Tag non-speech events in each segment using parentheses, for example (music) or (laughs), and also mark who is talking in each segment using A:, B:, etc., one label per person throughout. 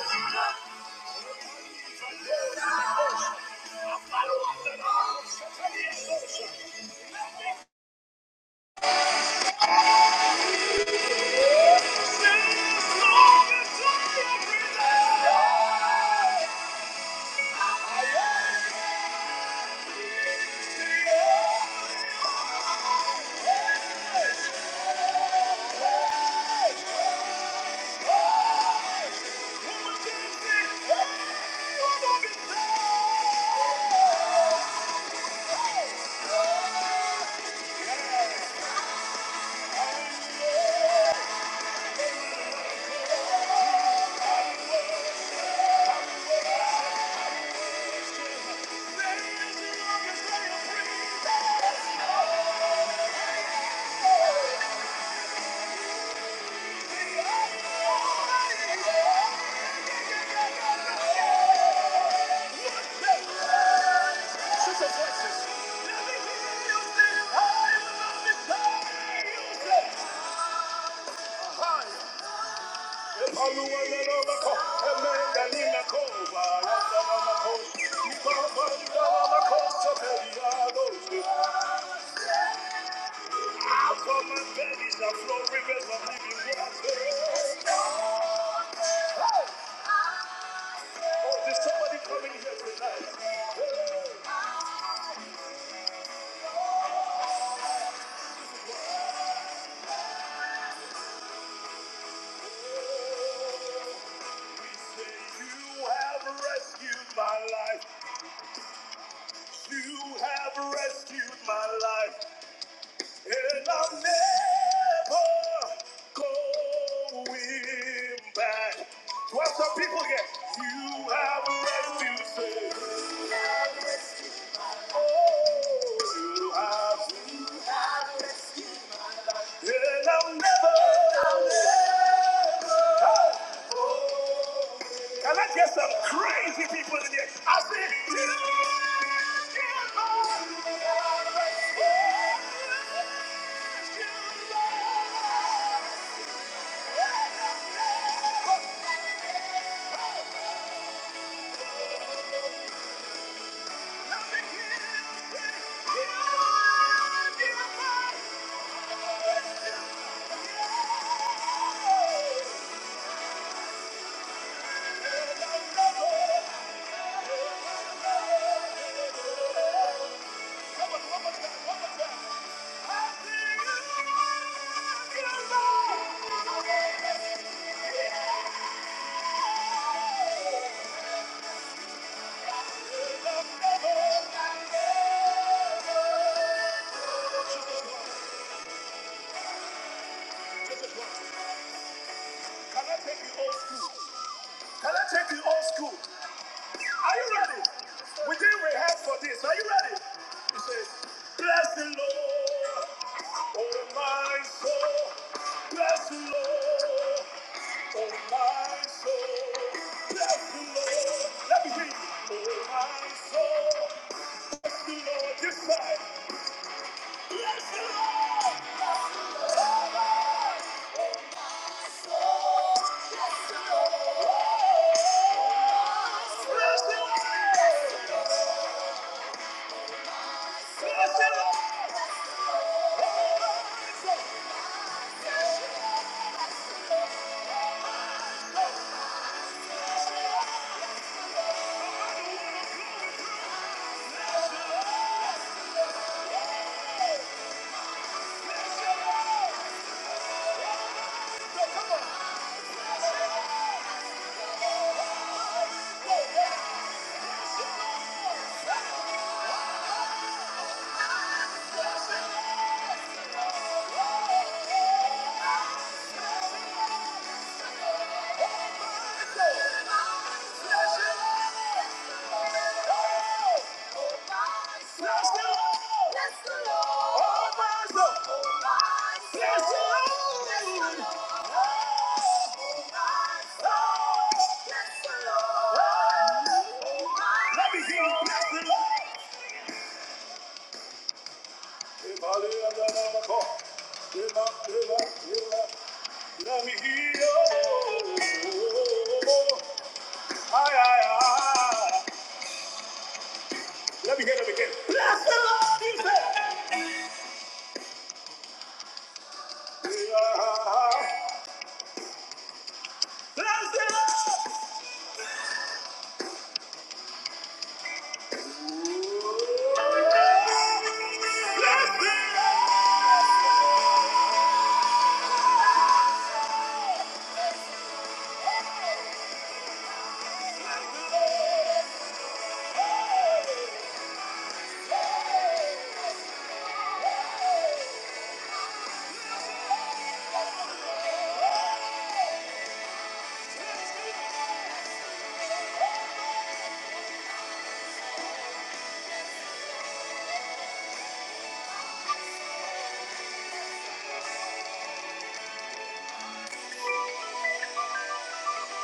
A: Thank you. Thank you. There's somebody coming here tonight. You have rescued my life, You have rescued my life, and I'm never going back. What's up, people? Get you have rescued, me. you have And I'll never. Can I get some crazy people in here? I said, "You give up." Come on, one more time, one more time. Can I take you old school? Can I take you old school? Are you ready? We didn't for this. Are you ready? He says, Bless the Lord, oh my soul. Bless the Lord. Bless the Lord! Bless the Lord! Let me hear you Let me hear you. Ay, ay, ay. Let me hear them again. Bless the Lord, he said. Yeah. Bless the Lord. Bless the Lord.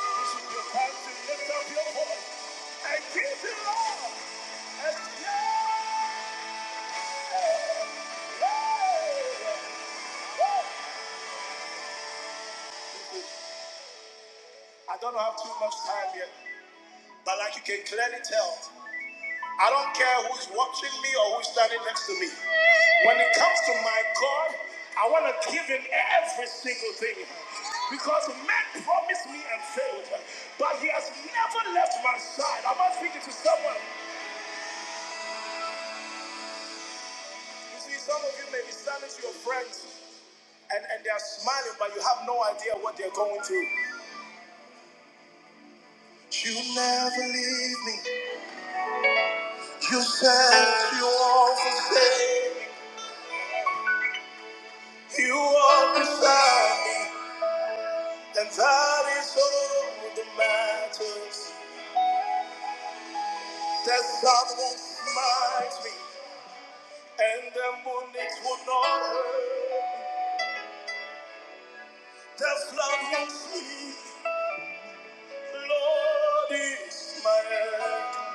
A: This is your time to lift up your voice and give the Lord a shout. I don't have too much time yet, but like you can clearly tell. I don't care who's watching me or who's standing next to me. When it comes to my God, I want to give him every single thing. Because men promised me and failed, but he has never left my side. I'm not speaking to someone. You see, some of you may be standing to your friends and, and they're smiling, but you have no idea what they're going through. You never leave me. You said you won't forsake. You won't beside me. And that is all that matters. The sun won't smite me, and the moon it will not hurt. The flood won't sleep. Lord is my help.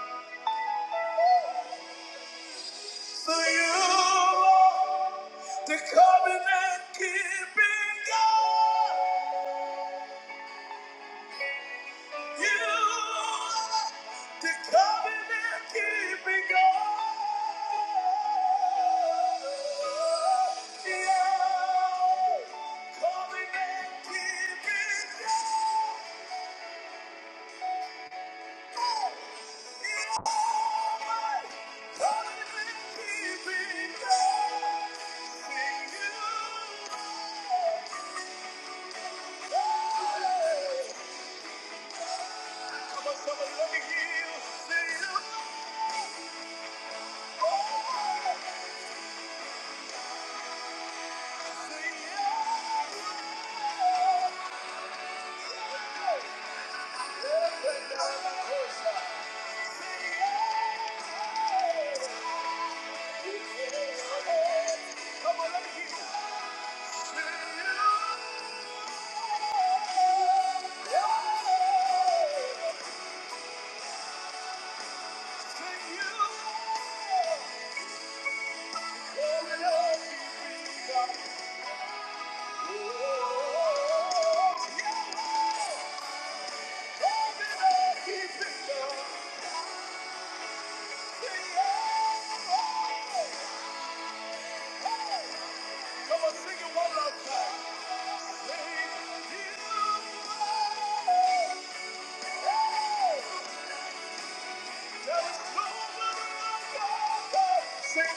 A: So you are the covenant keeping God. Come on. Thank you. Say, you know, Sing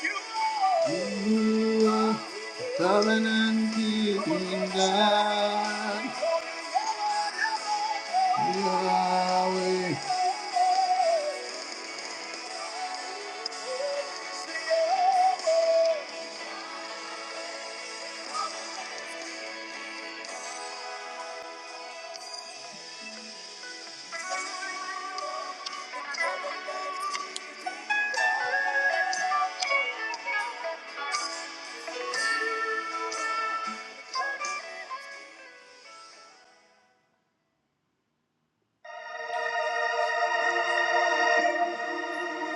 A: you. are Covenant keeping God, Yahweh.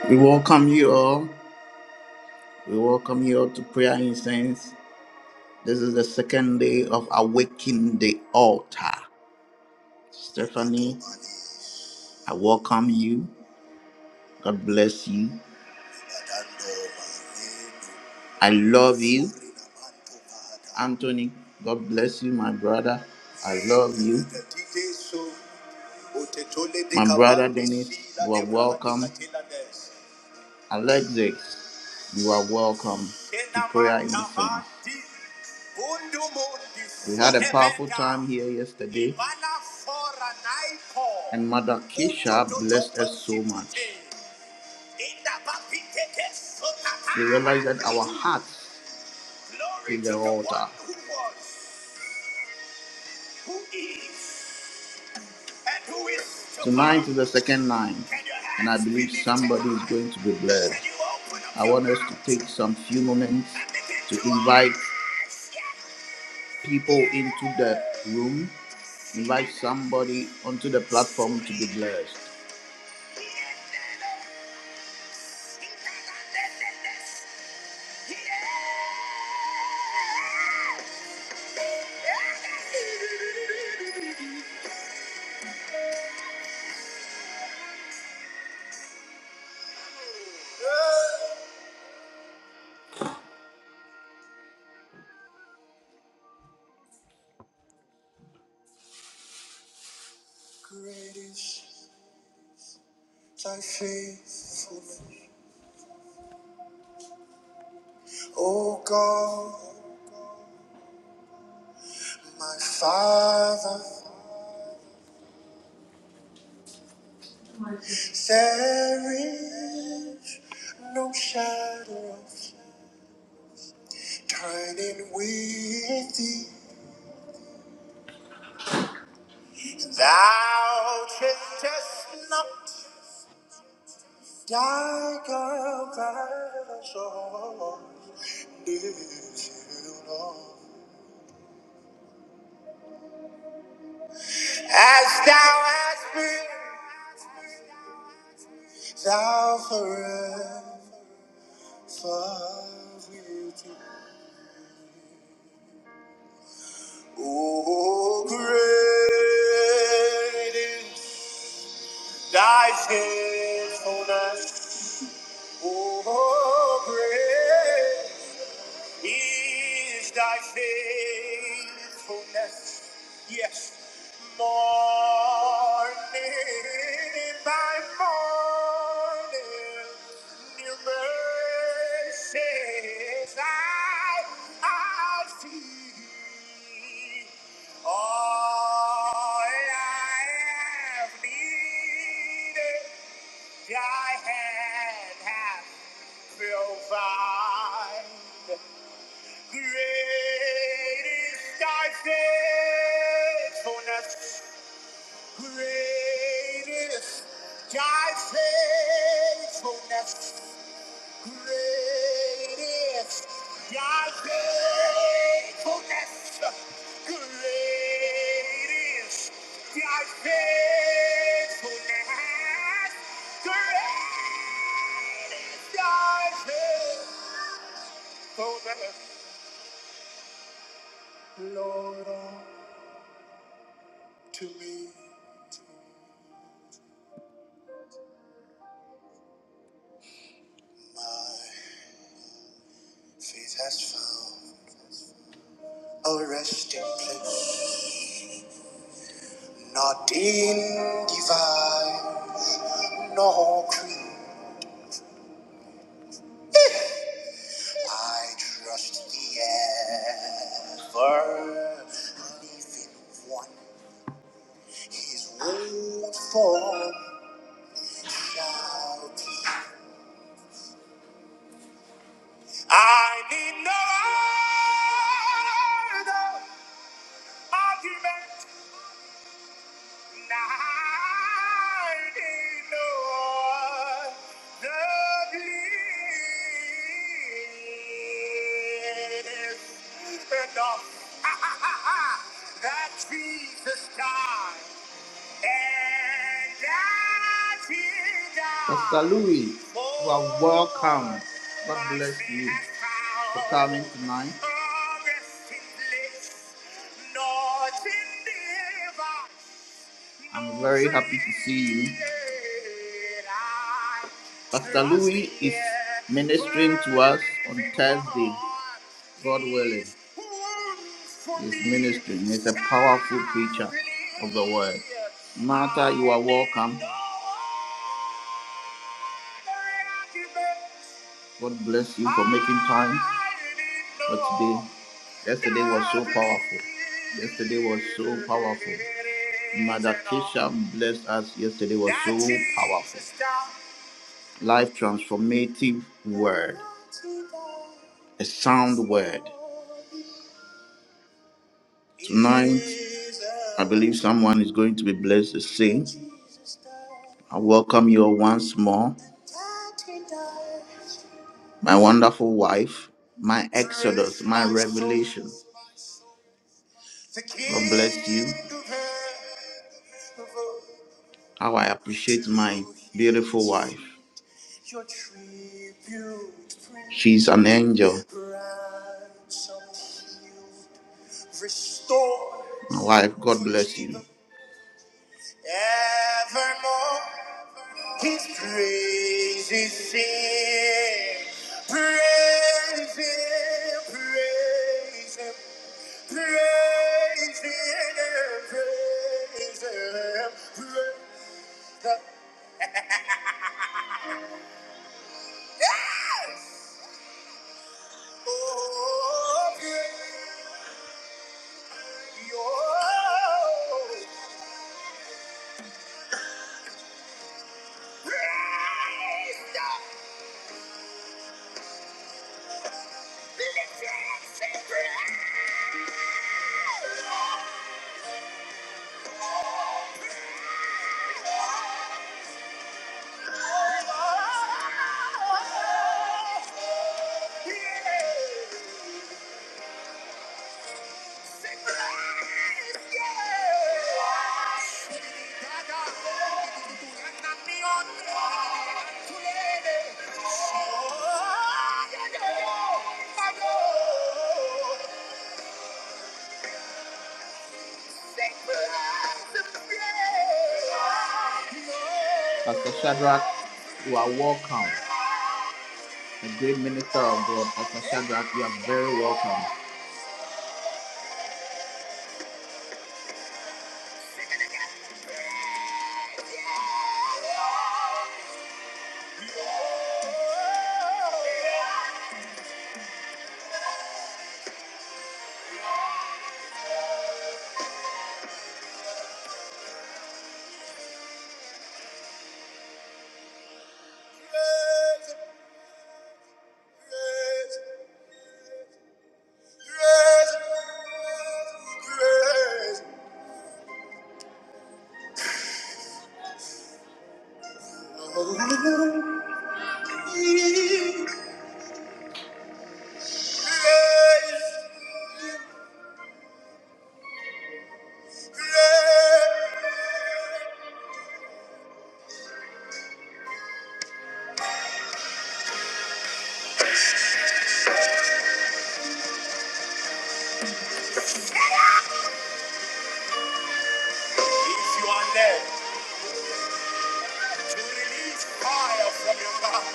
A: We welcome you all. We welcome you all to prayer incense. This is the second day of Awaken the Altar. Stephanie, I welcome you. God bless you. I love you. Anthony, God bless you, my brother. I love you. My brother Dennis, you are welcome. Alexis, you are welcome to prayer in the incense. We had a powerful time here yesterday, and Mother Keisha blessed us so much. We realized that our hearts is the altar. who is and Tonight is the second night, and I believe somebody is going to be blessed. I want us to take some few moments to invite people into the room, invite somebody onto the platform to be blessed. Thy faithfulness, O God, my Father, there is no shadow of turning with thee. Thou changest not thy compassion. As thou hast been, thou forever wilt be. O great is Thy faithfulness, oh great is thy faithfulness. Yes, Yes. morning by morning, new mercies I, I see. All I have needed. Thy hand hath provided. Great is thy faithfulness. Great is thy faithfulness. Great is thy faithfulness. Great is thy faithfulness. Great is thy faithfulness, Lord, unto me. Faith has found a resting place, not in device, nor creed. I trust the ever living one. His word form shall be. I need no other argument. And I no that Jesus died and that he died Pastor Louis, you are welcome. God bless you for coming tonight. I'm very happy to see you. Pastor Louis is ministering to us on Thursday, God willing. He's ministering. He's a powerful preacher of the word. Martha, you are welcome. God bless you for making time for today. Yesterday was so powerful. Yesterday was so powerful. Mother Keisha blessed us. Yesterday was so powerful. Life transformative word, a sound word. Tonight, I believe someone is going to be blessed to sing. I welcome you all once more my wonderful wife, my exodus, my revelation. God bless you. How I appreciate my beautiful wife. She's an angel. My wife, God bless you. His praise is here. Praise Him, praise Him, praise Him, praise Him, praise Him. Yes! Oh, praise Your praise the blessed praise. Pastor Shadrach, you are welcome. a great minister of God. Pastor Shadrach, you are very welcome. If you are led to release fire from your mouth,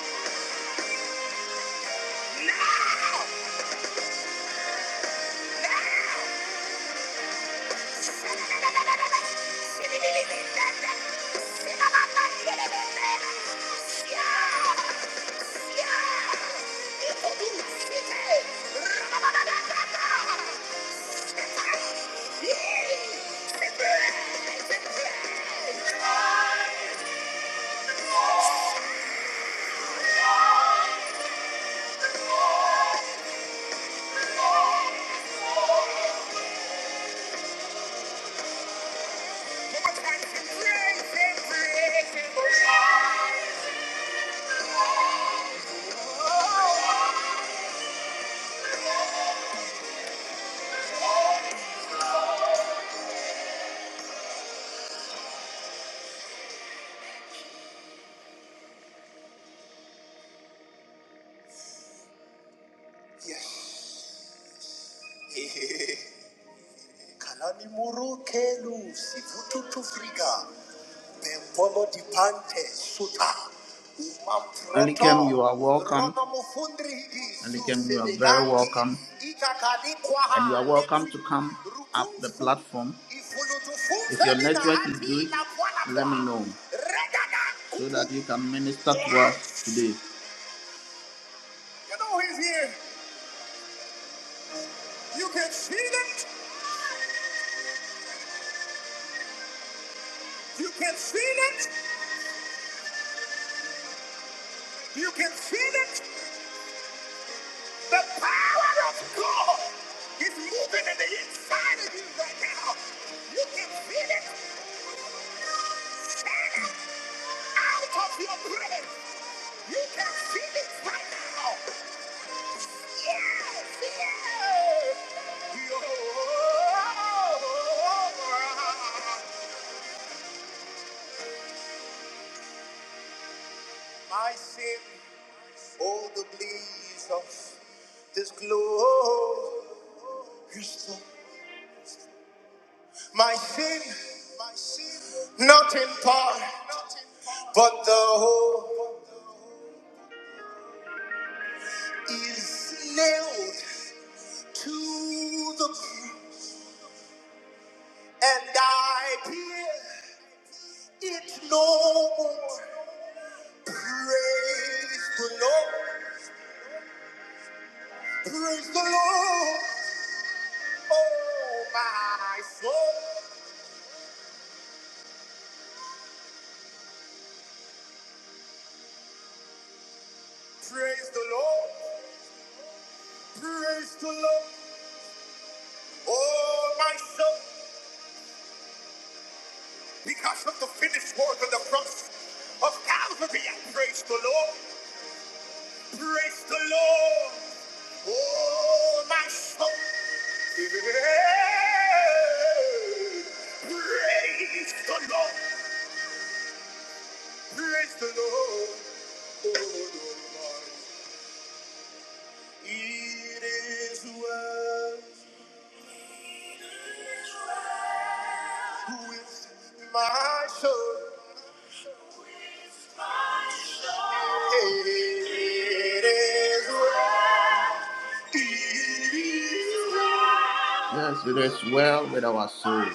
A: Yes. (laughs) Kalani muru kelu sivutu tufriga Bembolo Alikem, you are welcome. Rono mufundri Alikem, you are very welcome. And you are welcome to come up the platform. If your network is hati good, let me know so that you can minister to us today. Yes! You know he's here. You can feel it. You can feel it. You can feel it. The power of God is moving in the inside of you right now. You can feel it. Out of your brain. You can feel it right now. Yes, yes. My sin, all the bliss of this glory. My sin, my sin, not in part, but the whole is nailed to the cross, and I hear it no more. Praise the Lord. Praise the Lord, oh my soul. Praise the Lord, praise the Lord, oh my soul. Because of the finished work of the cross of Calvary, I praise the Lord, praise the Lord, oh my soul. Yeah. Praise the Lord, praise the Lord, oh Lord. It is well. Who is my soul? It is well. It is well. Yes, it is well with our soul.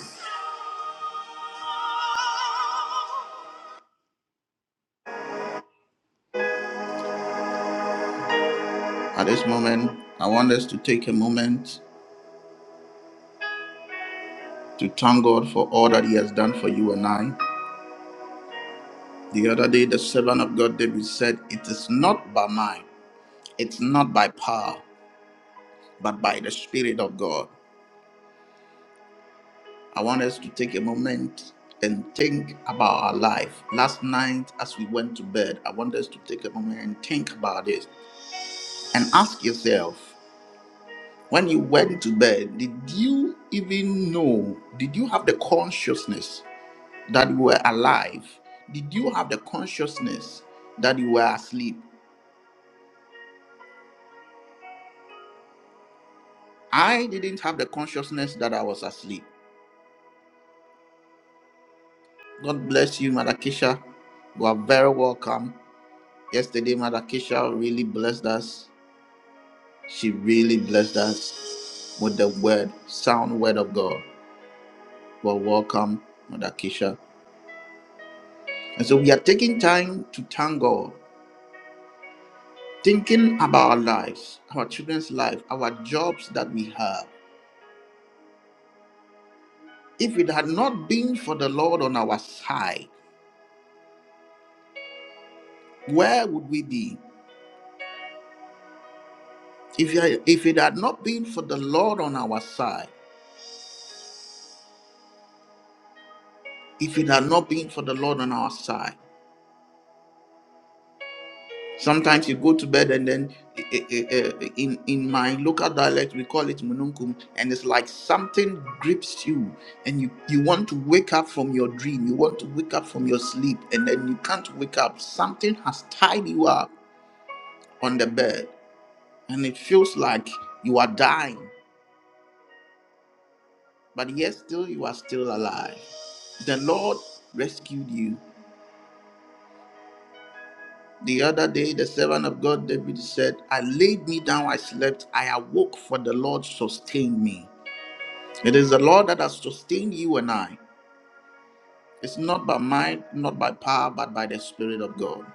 A: At this moment, I want us to take a moment to thank God for all that He has done for you and I. The other day, the servant of God David said, It is not by might, it's not by power, but by the Spirit of God. I want us to take a moment and think about our life. Last night, as we went to bed, I want us to take a moment and think about this and ask yourself when you went to bed, did you even know? Did you have the consciousness that you were alive? Did you have the consciousness that you were asleep? I didn't have the consciousness that I was asleep. God bless you, Mother Keisha. You are very welcome. Yesterday, Mother Keisha really blessed us She really blessed us with the word, sound word of God. Well, welcome, Mother Keisha. And so we are taking time to thank God, thinking about our lives, our children's life, our jobs that we have. If it had not been for the Lord on our side, where would we be? If, you- if it had not been for the Lord on our side, if it had not been for the Lord on our side. Sometimes you go to bed and then eh, eh, eh, eh, eh, in in my local dialect we call it mununkum, and it's like something grips you, and you you want to wake up from your dream, you want to wake up from your sleep, and then you can't wake up. Something has tied you up on the bed, and it feels like you are dying, but yet still you are still alive. The Lord rescued you. The other day, the servant of God David said, I laid me down, I slept, I awoke, for the Lord sustained me. It is the Lord that has sustained you and I. It's not by might, not by power, but by the Spirit of God.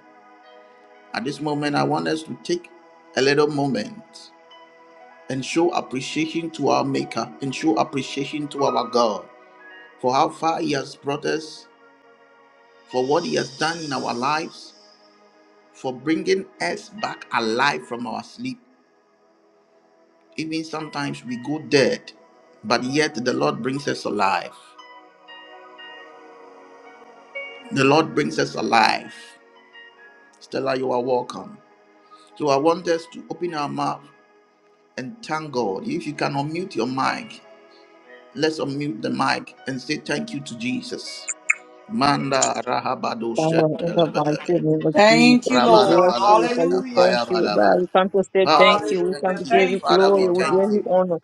A: At this moment, I want us to take a little moment and show appreciation to our Maker and show appreciation to our God for how far He has brought us, for what He has done in our lives, for bringing us back alive from our sleep Even sometimes we go dead, but yet the Lord brings us alive. The Lord brings us alive. Stella, you are welcome. So I want us to open our mouth and thank God. If you can unmute your mic, let's unmute the mic and say thank you to Jesus. Manda rahabado
B: Father, in the
A: shentelebelebe.
B: mighty name of Jesus,
C: Thank you,
B: we bless
C: Lord.
B: you. We say
A: Rabalabalaba,
B: you
C: Hallelujah,
B: thank you, oh God.
A: napayabalaba.
C: Jesus.
B: We come to say
A: Father,
B: thank
A: we
B: you. We come
C: Hallelujah.
B: to
A: thank you.
B: give you
C: Thank you,
A: Father, we
B: glory.
C: Lord
B: We
A: thank
B: give
C: God.
B: you
A: you.
B: honor.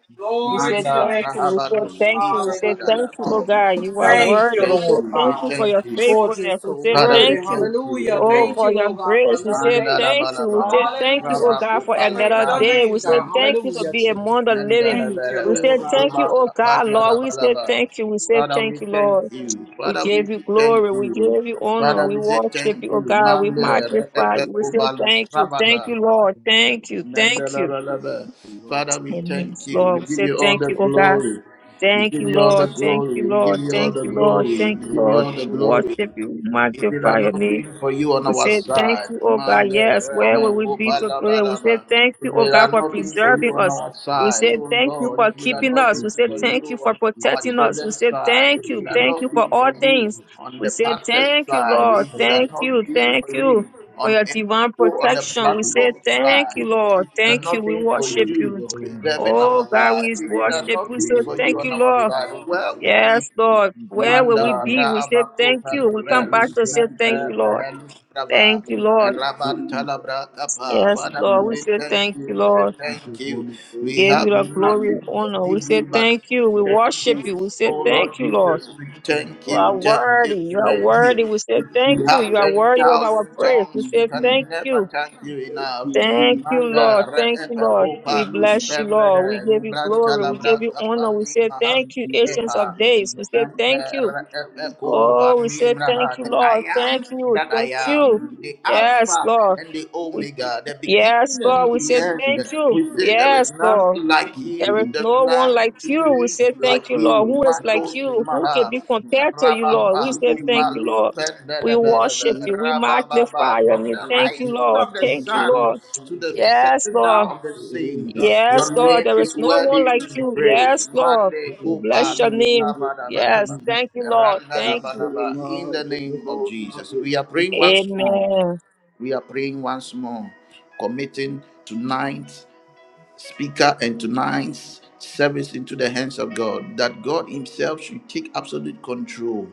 B: We
C: Glory
B: say
C: to your
A: Manda
C: name,
B: thank you. We say
C: Jesus.
A: rahabados
B: thank you. We say
C: Hallelujah,
A: ipabadala.
B: thank you, oh
C: God.
B: God. You are
A: Father,
C: Thank
B: worthy.
A: we
C: you,
B: We
A: thank
B: say
C: Lord
A: you. We
B: thank you
C: God.
B: for
A: thank
B: your
A: you.
C: For
B: faithfulness.
C: just
B: We
C: so
B: say
A: Father, we
C: worthy.
B: thank you.
A: thank you, O
C: Hallelujah.
B: Oh,
A: Lord.
C: Thank
B: for
C: you,
B: your
C: Lord God, for
B: grace, we
C: another
B: say
C: day.
A: Mandala
B: thank you. We say
A: balabalaba.
B: thank you, oh
C: Hallelujah,
A: Rabba
C: Jesus.
B: God, for
C: I
A: kupali
C: praise
B: another
C: your
B: day.
A: brahlis
C: name,
B: We say
C: God.
A: mente.
B: thank you to
C: Hallelujah,
B: be
C: Jesus.
B: among the living.
A: Mandala
C: Thank you,
B: We
A: belebe.
C: Lord
B: say thank you,
A: Ruba
C: God.
B: oh God,
A: kapadna
B: Lord. We say
A: labalaba.
B: thank you. We say
A: Father, we
B: thank you,
A: thank
B: Lord.
A: you.
B: We
A: Father, we
B: give you
A: thank
B: glory. We
A: you.
B: give you honor.
A: Father,
B: We
A: we say
B: worship
A: thank
B: you, oh
A: you.
B: God. We
A: Mande
B: magnify
A: reepe
B: you. We say
A: kubalus
B: thank you. Thank
A: rabada.
B: you, Lord. Thank you. Thank
A: Mandala
B: you.
A: balaba. Father, we
B: Amen.
A: thank you.
B: Lord, we
A: We give
B: say
A: you all
B: thank
A: the
B: you, oh God.
A: glory. We
B: Thank
A: give
B: you,
A: you all the
B: Lord. Thank
A: glory.
B: you,
A: We give
B: Lord.
A: you all
B: Thank
A: the
B: you,
D: Thank you.
B: Lord.
A: glory.
B: Thank
A: We
B: you,
A: give you
B: Lord.
A: all the
B: We worship
A: glory.
B: you. We
A: If it
B: magnify
A: had
B: your
A: not
B: name.
A: been for you on
B: We
A: our
B: say thank you,
A: side,
B: oh God.
A: man, the
B: Yes, where
A: rebel,
B: will we
A: oh,
B: be today? We say
A: balabalaba.
B: thank
A: If
B: you, oh
A: it
B: God,
A: had
B: for
A: not been for you
B: preserving
A: on
B: us.
A: our
B: We
A: side,
B: say
A: oh
B: thank you
A: Lord,
B: for
A: if it had
B: keeping
A: not
B: us. We
A: been
B: say
A: for
B: thank you
A: you
B: for
A: on our
B: protecting us. We
A: children's
B: say
A: side, if
B: thank you,
A: it had
B: thank you
A: not
B: for
A: been
B: all
A: for you
B: things.
A: on
B: We
A: the
B: say
A: pastor's
B: thank you,
A: side,
B: Lord.
A: if it had
B: Thank
A: not
B: you,
A: been
B: thank
A: for
B: you
A: you
B: for
A: on
B: your divine
A: people on the
B: protection. We say
A: platform
B: thank
A: side,
B: you, Lord.
A: if it had
B: Thank you.
A: not
B: We
A: been for
B: worship
A: you
B: you.
A: preserving
B: Oh
A: our
B: God,
A: lives,
B: we
A: if it had
B: worship.
A: not
B: We say
A: been for you
B: thank
A: on
B: you,
A: our
B: Lord.
A: side, where would we
B: Yes, Lord. Where will we
A: Manda
B: be? We say
A: raba
B: thank
A: kupa
B: you. We come back
A: levrens
B: to say
A: mente
B: thank you, Lord.
A: mehelus raba.
B: Thank you, Lord.
A: Raban talabra kapa.
B: Yes,
A: Father,
B: Lord. We
A: we
B: say
A: thank
B: thank
A: you,
B: you,
A: we
B: Lord.
D: We
A: thank
D: just want
A: you.
D: to say
A: We
B: Give you
D: thank
A: have
B: the
D: you,
B: glory and
A: nothing
D: Jesus.
A: to
B: honor. We
A: give
B: say
A: you but
B: thank
A: we
B: you. We
D: for your
A: thank
B: worship
D: love.
A: you.
B: you. We say
A: Oh
B: thank
A: Lord
B: you, Lord.
A: Jesus, we thank
B: You
A: you,
B: are
A: thank you,
B: worthy. You
D: We
B: are
A: thank
D: really
B: worthy.
A: you.
B: We say
A: If
B: thank
A: we
B: you.
A: have
B: You
D: appreciate it.
B: are worthy of our
A: 10,000
D: Thank
B: praise. We
A: tongues,
D: you,
A: we
B: say
D: Jesus. Thank
A: can
B: thank
A: never
B: you.
A: thank you
D: you, Jesus. Thank
A: enough.
D: you,
B: Thank
D: Jesus.
B: you,
A: Manda
B: Lord. Thank you,
A: re'epe
B: Lord.
D: Thank
B: We
A: kupa lus
B: bless you, Lord. We
A: pembele
B: give you
A: nubranta
B: glory. We give
A: labra
B: you honor.
A: kapa
B: We
A: ni
B: say
D: you, Jesus. Thank
B: thank you,
A: mahalus
D: you,
B: Ancients
D: Lord.
A: epa.
B: of
D: Thank you,
B: Days. We
D: Lord.
B: say thank you.
D: Thank you, Lord.
B: Oh, we say
D: Thank
B: thank you,
A: The
D: you,
A: I
D: Lord.
B: Lord. Thank
A: am
B: you.
A: that I
B: Thank you.
A: am,
D: Thank
A: the
D: you,
B: Yes,
A: Alpha
B: Lord.
A: and the
B: We.
A: Omega, the
B: Yes,
A: beginning and
B: Lord, we
A: the
B: say
D: Jesus. Thank
B: thank
A: end.
B: you.
A: We say there is
B: Yes,
A: none
B: Lord.
A: like
D: you,
B: There
A: you,
B: is
D: Jesus.
A: there's
B: no one like
A: none to
B: you. We
A: be
B: say
A: like
B: thank you,
D: Lord,
A: you.
B: Lord. Who is like
A: Mandos
B: you?
D: Spirit
B: Who
D: of
B: can
A: Maha,
B: be
D: God,
B: compared to you,
A: Rabba
B: Lord? We
D: thank
B: say thank
D: you.
B: you,
A: Kupalu
B: Lord. We
D: Thank
B: worship
D: you.
B: you. We
A: Rabba Baba,
B: magnify
D: In the
B: your
D: name
A: from
D: of
B: name.
A: the
D: the
B: Thank you,
D: Lord,
A: rising
B: Lord.
A: of the
D: in the
B: Thank
D: name of
B: you,
D: the
A: sun
D: Lord,
B: Lord.
A: to
D: in
A: the
B: Yes,
A: setting down
B: Lord.
A: of the
D: the
A: same,
D: name of
B: Yes,
A: your
B: Lord.
D: the
A: name
B: There
D: Lord.
B: is
A: is
B: no one
A: worthy
B: like
A: to be
B: you.
A: praised.
B: Yes, Lord.
A: Mande
B: We bless your
A: Upalu.
B: name. Yes.
A: Rabadabadaba.
B: Thank you, Lord. Thank you.
A: Randadabadaba. In the name of Jesus, we are praying once more.
B: Amen.
A: We are praying once more, committing tonight speaker and tonight's service into the hands of God, that God Himself should take absolute control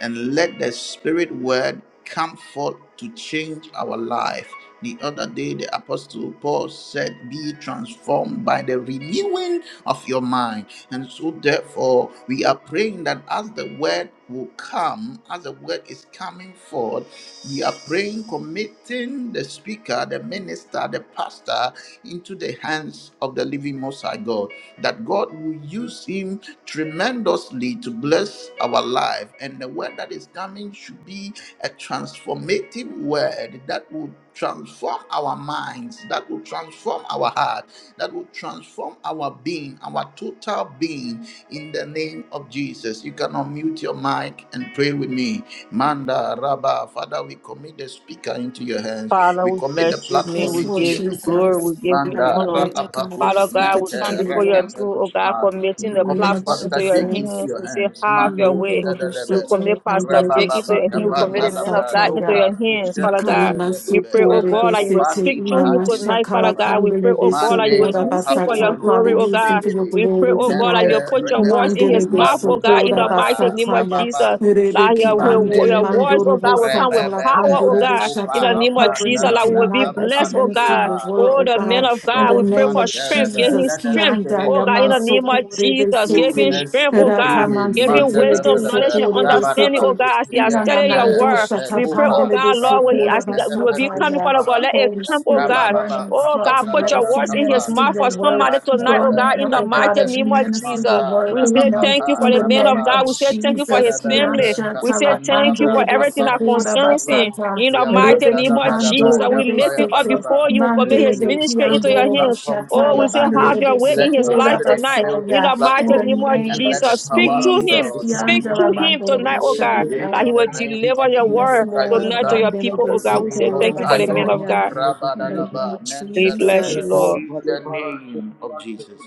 A: and let the Spirit Word come forth to change our life. The other day, the Apostle Paul said, Be transformed by the renewing of your mind. And so, therefore, we are praying that as the Word will come, as the Word is coming forth. We are praying, committing the speaker, the minister, the pastor into the hands of the living Most High God, that God will use him tremendously to bless our life. And the word that is coming should be a transformative word that will transform our minds, that will transform our heart, that will transform our our being, our total being, in the name of Jesus. You can unmute your mic and pray with me. Manda, Rabba, Father, we commit the speaker into your hands.
B: Father,
A: We
B: we
A: commit
B: bless
A: the
B: your name.
A: platform
E: Yes,
B: We
E: Lord
A: into
B: give
A: your
B: you
A: hands.
B: glory.
E: Jesus.
B: We give you
E: Have
A: Manda,
E: your
B: honor.
E: way, oh God, in the
B: Father
A: Ra'apakus,
B: God,
E: speaker
B: we
A: Mente,
B: come
E: today,
B: before your
E: Lord.
B: throne, oh God,
A: Ra'apakusma.
B: committing
A: We
B: the
E: In the name
A: commit
E: of
B: platform into
A: Pastor
B: your
A: Jake into
E: Jesus.
B: hands.
A: your
B: We say,
A: hands.
B: have your
A: Mando,
B: way.
E: Nandoro
B: We
E: Bishop,
A: Shadalebe,
B: commit Pastor
E: Mandere
B: Jake into
E: Bishop,
B: your
A: Rabababa,
B: hands. We commit the
A: Kapanda,
B: men of
A: Labra,
B: God into
E: Basataya.
A: Loka,
B: your hands, Father God. We
A: Kushentelebe,
B: pray, oh
E: Ikanamasukore
A: Rebe,
B: God, that you will
E: besete
B: speak
A: Ubani,
B: through him
A: Mahandi,
B: tonight, Father
E: inamashakala
B: God. We
A: Libriapa.
B: pray,
E: pandele
B: oh God, that
A: Mande
B: you will
E: besukora
B: use him for your
E: basata.
A: mokapolo
E: Father,
B: glory, oh
E: use
A: proste
E: them
B: God.
E: for your
A: bede
B: We pray,
E: glory
B: oh God, that
A: nante
E: tonight.
B: you'll put your
A: rebe
B: words in his
E: Mandele
A: kumba
B: mouth, oh God, in
E: besukora
B: the
A: livramada
B: mighty name of
E: basata ya.
B: Jesus.
A: rababando
B: like
E: Rebeki
B: your, your,
E: ande
B: your
A: skimandelebe
B: words, oh God,
E: mandorobo
B: will come
A: rebe
B: with
E: satala
B: power,
A: bebe
B: oh
E: pandorobo
B: God.
A: upa
B: In the
E: shata.
B: name of
E: Covering
A: labranda
B: Jesus,
E: him
B: that we
A: labra
B: will be
E: tonight as he
B: blessed, oh
A: ampani
E: ministers
B: God.
E: the
A: maha.
E: word,
B: Oh,
E: oh
B: the men
E: God,
A: Yes,
B: of
E: in
B: God,
E: the
B: we
A: Lord,
B: pray
E: name
B: for
E: of
B: strength.
A: mantelebe.
B: Give him
E: Jesus.
A: Let the
B: strength.
E: Kianda
A: Spirit
B: Oh
A: of
B: God, in the
A: God.
B: name of
E: yamansukore
B: Jesus, give him
A: Moving
E: besete.
A: us
B: strength, oh
A: through
B: God.
A: him.
B: Give him
E: Ratamansete le
A: Mandala
B: wisdom, knowledge, and
E: besukore
B: understanding,
A: Rabaraba.
B: oh
E: besete.
B: God, as he has
A: Yes,
B: studied your
E: Inanamando
B: word. We pray, oh
A: Repecopa,
E: Shatapandele de
B: God, Lord, when he,
A: Nubranda,
E: Sokora
B: as he will be coming,
A: Neependus
E: Masataya.
B: Father God,
A: Maha,
B: let it
E: Holy
B: come, oh
E: Spirit,
B: God.
E: burn in
A: Rababa,
E: his
B: Oh
E: heart
B: God,
A: Kapanda
B: put
E: tonight
B: your
A: Labra
E: as you
B: words in his
A: Kapa,
E: minister
B: mouth
E: your
B: for
E: word.
B: somebody
A: Rabat
B: tonight, oh
E: Burn
A: Alaba,
E: in
B: God, in
E: him,
B: the
E: oh God,
B: mighty
E: as you
B: name
A: Reependus
B: of
E: minister
B: Jesus.
E: your
A: Manta,
E: word
B: We
E: through
B: say
E: him
B: thank you for
E: in
A: Raapapa,
B: the
E: the
B: man of
E: name
A: Rababa,
B: God.
E: of
B: We say thank you for
E: Jesus.
B: his
E: Kian
B: family.
A: Telebelebe,
B: We say
E: shatala
A: Kapanda
B: thank you
A: Labra
B: for
E: pandelebe
B: everything that
E: sokora
B: concerns him.
A: Kapa,
E: basata.
B: In the
A: Dear
B: mighty
E: Rebe
B: name
A: Pandala
B: of
A: Badaba,
B: Jesus,
E: kiando
B: we
E: rebe
B: lift him
A: Yapaya
B: up
E: sete.
B: before
A: Balaba,
B: you. Commit his
E: Mandelebe
A: mm,
B: ministry
A: fill
B: into
A: this
B: your
E: kiando robo
B: hands.
A: platform with
B: Oh,
A: your
B: we
E: shatala
B: say,
A: spirit.
B: have your
E: bandelebe
B: way in
A: Let
B: his
A: your
B: life
E: sokora
A: spirit
B: tonight.
A: fill
B: In
A: this
E: basaya.
B: the mighty
E: In the
A: platform
B: name of
E: name
A: and
E: of
A: let
B: Jesus,
A: the
B: speak
A: power
B: to
A: of
B: him.
E: Jesus.
A: God
B: Speak
A: remove
E: Kiandala
B: to him
A: mightily
B: tonight,
E: mandorobo
B: oh God,
A: today
E: shaya.
B: that he
A: in the
B: will
A: name
B: deliver
A: of
B: your
A: Jesus
E: Yes,
B: word
A: Christ, the
E: Lord,
B: tonight to
A: Son
B: your
E: Mandela
A: of
B: people,
A: the
E: de
B: oh God. We
A: Living
B: say,
E: Socorro,
B: thank
A: Most
B: you for
A: High
B: the man
A: God.
B: of
E: Messiah,
B: God.
E: in the name
A: Rabadalaba,
E: of
B: We bless you,
A: Mentalabalaba,
E: Jesus.
B: Lord.
A: in the name of Jesus.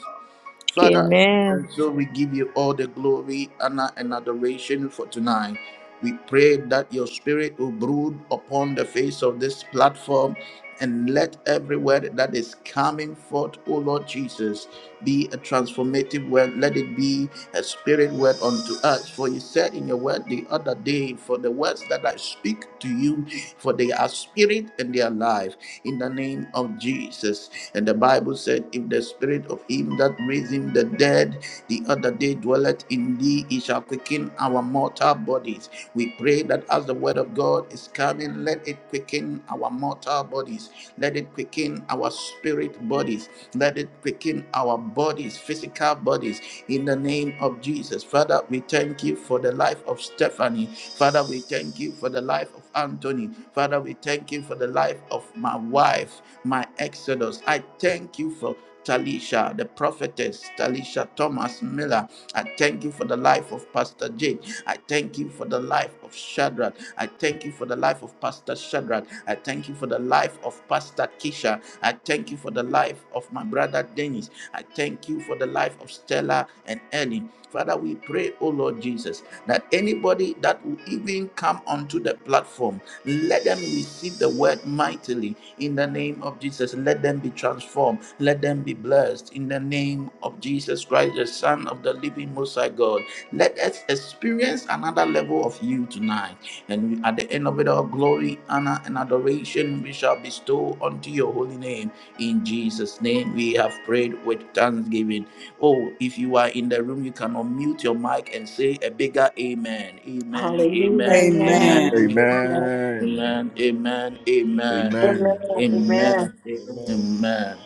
A: Father,
B: Amen.
A: and so we give you all the glory, honor, and adoration for tonight. We pray that your spirit will brood upon the face of this platform and let every word that is coming forth, O Lord Jesus, be a transformative word. Let it be a spirit word unto us. For you said in your word the other day, For the words that I speak to you, for they are spirit spirit and their life in the name of Jesus. And the Bible said, If the spirit of him that raised him the dead the other day dwelleth in thee, he shall quicken our mortal bodies. We pray that as the word of God is coming, let it quicken our mortal bodies, let it quicken our spirit bodies, let it quicken our bodies, physical bodies, in the name of Jesus. Father, we we thank you for the life of Stephanie. Father, we thank you for the life of Anthony. Father, we thank you for the life of my wife, my Exodus. I thank you for Talisha, the prophetess, Talisha Thomas Miller. I thank you for the life of Pastor Jake. I thank you for the life of Shadrach. I thank you for the life of Pastor Shadrach. I thank you for the life of Pastor Kisha. I thank you for you for the life of my brother Dennis. I thank you for the life of Stella and Ellen. Father, we pray, oh Lord Jesus, that anybody that will even come onto the platform, let them receive the word mightily in the name of Jesus. Let them be transformed. Let them be blessed in the name of Jesus Christ, the Son of the living Most High God. Let us experience another level of you tonight and at the end of it all, glory, honor, and adoration we shall bestow unto your holy name. In Jesus' name, we have prayed with thanksgiving. Oh, if you are in the room, you can unmute your mic and say a bigger amen. Amen,
E: Hallelujah,
A: amen,
E: amen.
A: amen,
C: Amen.
F: Amen.
E: Amen.
F: Amen.
G: Amen.
A: amen,
F: Amen.
A: amen,
F: Amen.
A: amen.
B: Amen.
G: Amen.
F: Amen.
B: Amen.
A: Amen.
H: Amen.
F: Amen.
A: Amen.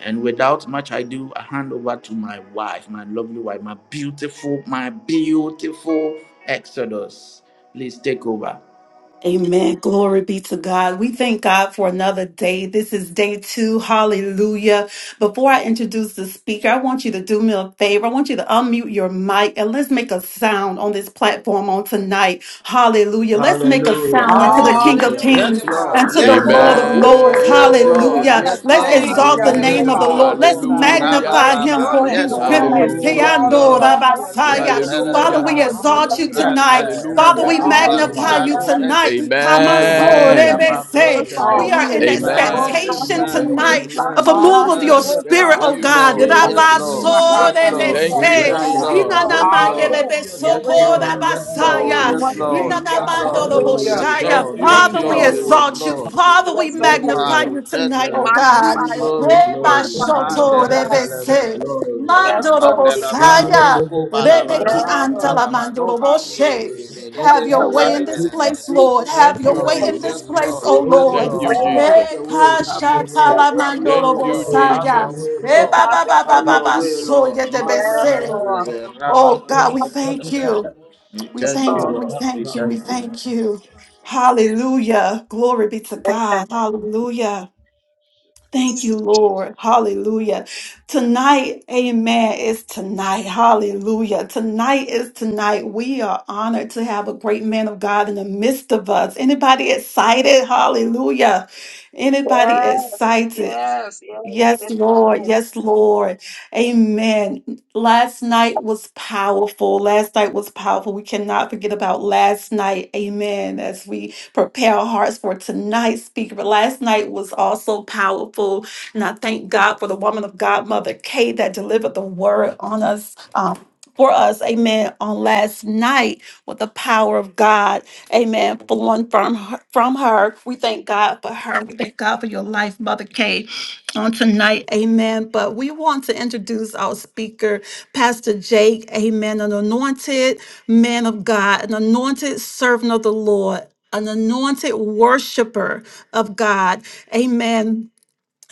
A: And without much ado, I hand over to my wife, my lovely wife, my beautiful, my beautiful Exodus. Please take over.
E: Amen. Glory be to God. We thank God for another day. This is day two. Hallelujah. Before I introduce the speaker, I want you to do me a favor. I want you to unmute your mic and let's make a sound on this platform on tonight. Hallelujah. Let's make a
A: Hallelujah.
E: sound unto
B: Amen.
E: the King of
A: Hallelujah. Yes,
C: Hallelujah,
E: Kings
C: God.
B: Thank
E: and
A: Lord.
E: to
B: you,
E: the
A: Yes,
E: Lord of
A: Lord.
C: Glory
B: Lord.
E: Lords.
C: to
A: Yes,
C: you.
H: Woo!
A: Lord.
E: Hallelujah.
B: Yes,
A: Yes,
G: Amen.
E: Let's
B: Father,
A: Lord.
B: we
C: Thank you,
E: exalt the
B: bless
C: Heavenly
B: your
E: name
A: Yes,
E: of
H: Hallelujah.
E: the
D: Hallelujah,
C: Father,
A: Lord.
E: Lord. Let's
C: Lord
F: Hallelujah.
C: God. We
B: name.
G: Hallelujah.
A: Rabba
D: hallelujah.
B: Yes,
E: magnify
F: Hallelujah.
C: praise
E: him
C: your
A: Baba.
E: for
C: name,
E: his
A: Yes,
C: God.
E: goodness.
A: Lord.
E: Hey,
F: Hallelujah.
H: Amen.
B: thank
A: Yes,
E: I
G: Hallelujah.
B: you,
E: know
A: Lord.
E: that
B: Father.
C: Hallelujah,
F: Hallelujah.
C: Jesus.
A: Yeah, hela
C: Good
A: da
E: Father,
B: forgiveness.
G: Hallelujah.
F: Hallelujah.
A: da
E: we
C: God.
A: da. Uh,
E: exalt you
C: Hallelujah.
F: Hallelujah.
A: ra-
B: Yes,
E: tonight.
B: Father,
A: uh,
E: Father,
A: Rabba
E: we
G: Hallelujah.
A: Kuba
E: magnify
C: Hallelujah,
A: Libra
F: Hallelujah.
E: you
C: Lord. We
A: Lucente.
E: tonight. Come
C: of
E: on,
A: Man
C: your
F: Hallelujah.
B: sanctify
C: holy
E: so
B: me
C: name.
A: Libria
G: Amen.
B: and
E: say,
B: purify
A: Pacushete.
C: All
E: We
F: Hallelujah.
E: are
B: me.
E: in
C: praises and honor
A: Amen.
F: Hallelujah.
B: Lord,
G: Amen.
B: have
C: belongs
B: your
E: expectation
C: to
B: way
A: Amen.
B: on this
C: you.
E: tonight
F: Hallelujah.
E: of
A: Amen.
E: a
B: platform,
E: move
B: have
E: of
B: your
E: your
A: Amen.
B: way
C: Hallelujah,
G: Thank
E: spirit,
C: God.
B: tonight.
E: oh
A: Yes,
G: you,
E: God.
A: Lord.
B: In
C: Yele
B: the
C: de
A: Yes,
C: si
B: mighty
C: ni
A: Lord.
C: ma
G: Jesus.
B: name of
C: ka
A: Yes,
C: sa le de
A: Lord.
C: di
G: Thank
H: We
C: si
B: Jesus,
G: you,
C: ni ma
A: Yes,
H: bless
E: Rabasorebese,
H: your
B: yes,
C: ya.
A: Lord.
H: name,
G: Jesus.
B: Lord,
A: Yes,
H: Lord.
B: have your
A: Lord.
B: way, have
C: Hallelujah,
B: your
A: Yes,
C: Jesus.
B: way.
F: Hallelujah.
A: Lord. Yes,
B: In
F: Hallelujah.
A: Lord.
B: the
E: inanamandelebesoko-rabasaya,
C: Glory
B: name
A: Yes,
C: to
B: of
C: your
F: Hallelujah. Hallelujah.
A: Lord.
C: name,
B: Jesus,
A: Yes,
C: God.
B: have
A: Lord.
B: your
F: Hallelujah. Hallelujah.
B: way.
C: Hallelujah.
A: Yes,
H: Glory,
E: inanamandoroboshaya.
G: Thank
A: Lord.
B: Yes,
G: you,
A: Yes,
H: hallelujah.
E: Father,
C: Thank you,
E: we
F: Hallelujah.
B: Lord,
A: Lord.
C: Lord
A: Yes,
G: Jesus.
H: Glory,
C: God.
E: exalt you.
A: Lord.
E: Father,
B: you
H: hallelujah.
B: are
E: we
B: sanctifying
F: Hallelujah.
H: Glory,
E: magnify
B: me.
A: Nepal,
E: you tonight,
B: You
E: oh
A: Shetala, we give
E: God.
A: you
B: magnify me,
A: glory
B: you
A: tonight.
H: glory,
F: Hallelujah.
B: glorify me, you
H: hallelujah.
A: Mandela,
B: God.
A: bela, bela,
E: Rebashotorebese.
H: Glory,
F: Hallelujah,
B: Yes,
A: bela.
F: hallelujah,
H: hallelujah.
B: Lord,
A: Rapandela, ba.
E: Mandorobosaya,
A: Eko, bala, bala.
F: hallelujah.
E: Rebeki
B: yes, Lord,
E: Antala
A: Atala, ba. No,
F: Rake
A: ba, mi, re, re, re,
E: Mandoroboshe.
A: re,
F: di
A: re,
D: Oh,
E: Have
A: be,
F: lava
E: your
B: the
A: ko,
B: way,
E: way
A: bala,
E: in
F: bandi
E: this
A: bela,
F: lava
A: bela.
E: place,
F: baba
E: Lord.
A: Yes,
E: Have
G: Thank
B: the
G: you,
E: your
F: baba.
E: way
B: way,
A: Lord.
E: in
A: Yes,
E: this
G: Jesus.
F: Hallelujah,
E: place,
A: Lord.
E: O
A: Yes,
E: Lord.
G: Thank
F: hallelujah,
G: you,
A: Lord. Have
G: Jesus.
A: your way. Have your
B: the
A: way.
E: Ekashatala
B: way,
A: Have
B: the
A: your
G: Thank
A: way,
B: way,
G: you,
A: Lord. Have your
E: Mandorobosaya.
G: Jesus.
A: way,
B: And
A: Lord. Have
B: Photography.
A: your way, Lord.
B: Yes,
E: Ebabababababasoyedebese.
F: hallelujah.
B: Lord.
A: Mandalabalaba,
E: Oh God, we thank
A: rabakoshadalabalaba.
E: you.
A: We
E: We
B: Yes,
A: thank you,
E: thank you.
B: Lord.
E: We
A: Lord. We
E: thank you. We
A: thank you.
E: thank you. Hallelujah. Glory be to God. Hallelujah. Thank you, Lord. Hallelujah. Tonight, amen, is tonight. Hallelujah. Tonight is tonight. We are honored to have a great man of God in the midst of us. Anybody excited? Hallelujah. Anybody
B: Yes,
E: excited?
B: yes, yes, yes.
E: Yes,
B: amen.
E: Lord. Yes, Lord. Amen. Last night was powerful. Last night was powerful. We cannot forget about last night. Amen. As we prepare our hearts for tonight's speaker. But last night was also powerful. And I thank God for the woman of God, Mother Kate, that delivered the word on us. Um, for us, amen, on last night with the power of God, amen, flowing from her, from her. We thank God for her. We thank God for your life, Mother Kate on tonight. Amen. But we want to introduce our speaker, Pastor Jake. Amen. An anointed man of God, an anointed servant of the Lord. An anointed worshiper of God. Amen.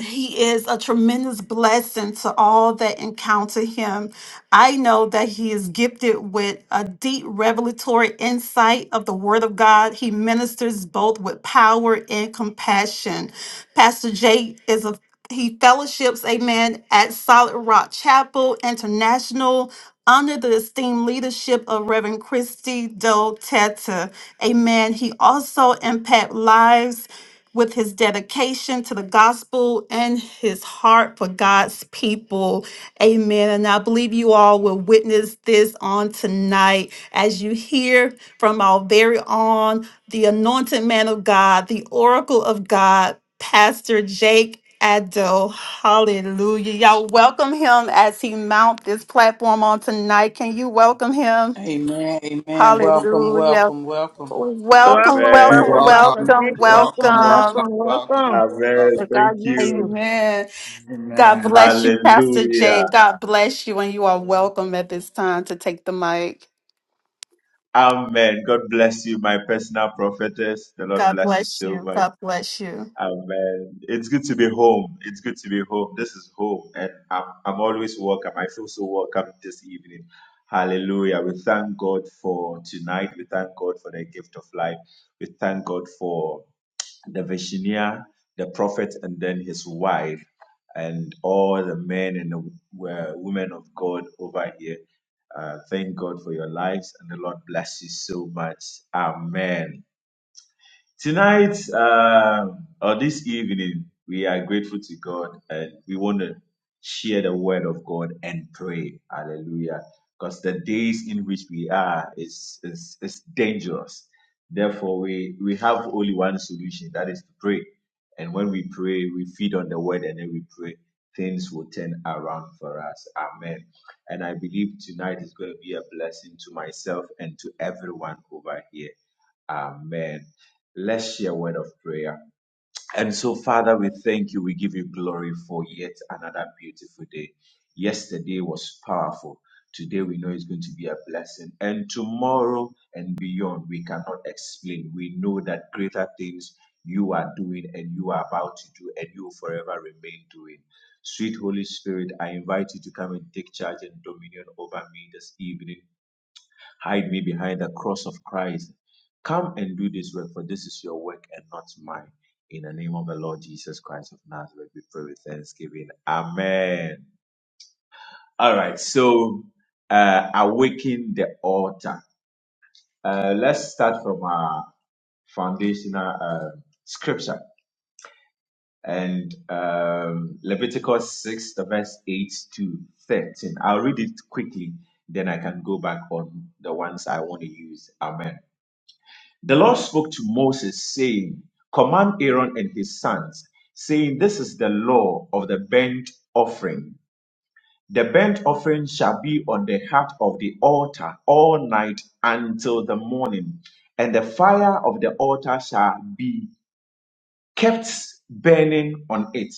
E: He is a tremendous blessing to all that encounter him. I know that he is gifted with a deep revelatory insight of the Word of God. He ministers both with power and compassion. Pastor Jay is a he fellowships, amen, at Solid Rock Chapel International under the esteemed leadership of Reverend Christy Doe Teta. Amen. He also impact lives with his dedication to the gospel and his heart for God's people. Amen. And I believe you all will witness this on tonight as you hear from our very own, the anointed man of God, the oracle of God, Pastor Jake. Addo, hallelujah. Y'all welcome him as he mount this platform on tonight. Can you welcome him?
C: Amen. Amen. Welcome,
E: Hallelujah.
C: welcome, welcome.
E: Welcome,
B: Welcome,
A: You
B: welcome,
E: welcome,
H: Amen.
B: Pastor
A: Welcome,
E: welcome,
B: Jake. Welcome,
A: welcome,
E: welcome.
A: welcome,
B: welcome,
A: welcome,
B: welcome.
A: welcome.
H: Amen.
B: May God
H: Thank
F: You're
B: use you.
H: you.
F: welcome.
E: Amen.
F: You're
E: God
F: welcome.
A: Amen.
E: bless you,
F: You're
E: Pastor
F: welcome.
E: Jay.
H: Hallelujah.
E: God bless you, and you are
F: You're welcome.
E: welcome at this time to take the mic.
H: Amen. God bless you, my personal prophetess. The Lord
E: God
H: bless you
E: bless
H: so
E: you.
H: much.
E: God bless you.
H: Amen. It's good to be home. It's good to be home. This is home, and I'm I'm always welcome. I feel so welcome this evening. Hallelujah. We thank God for tonight. We thank God for the gift of life. We thank God for the Virginia, the prophet, and then his wife, and all the men and the w- uh, women of God over here. Uh, thank God for your lives, and the Lord bless you so much. Amen. Tonight um, or this evening, we are grateful to God and we want to share the word of God and pray. Hallelujah. Because the days in which we are is, is, is dangerous. Therefore, we, we have only one solution that is to pray. And when we pray, we feed on the word and then we pray. Things will turn around for us. Amen. And I believe tonight is going to be a blessing to myself and to everyone over here. Amen. Let's share a word of prayer. And so, Father, we thank you. We give you glory for yet another beautiful day. Yesterday was powerful. Today we know it's going to be a blessing. And tomorrow and beyond, we cannot explain. We know that greater things you are doing and you are about to do and you will forever remain doing. Sweet Holy Spirit, I invite you to come and take charge and dominion over me this evening. Hide me behind the cross of Christ. Come and do this work, for this is your work and not mine. In the name of the Lord Jesus Christ of Nazareth, we pray with thanksgiving. Amen. All right, so uh, awaken the altar. Uh, let's start from our foundational uh, scripture and um, Leviticus 6, the verse 8 to 13. I'll read it quickly, then I can go back on the ones I want to use. Amen. The Lord spoke to Moses, saying, Command Aaron and his sons, saying, This is the law of the burnt offering. The burnt offering shall be on the heart of the altar all night until the morning, and the fire of the altar shall be kept burning on it.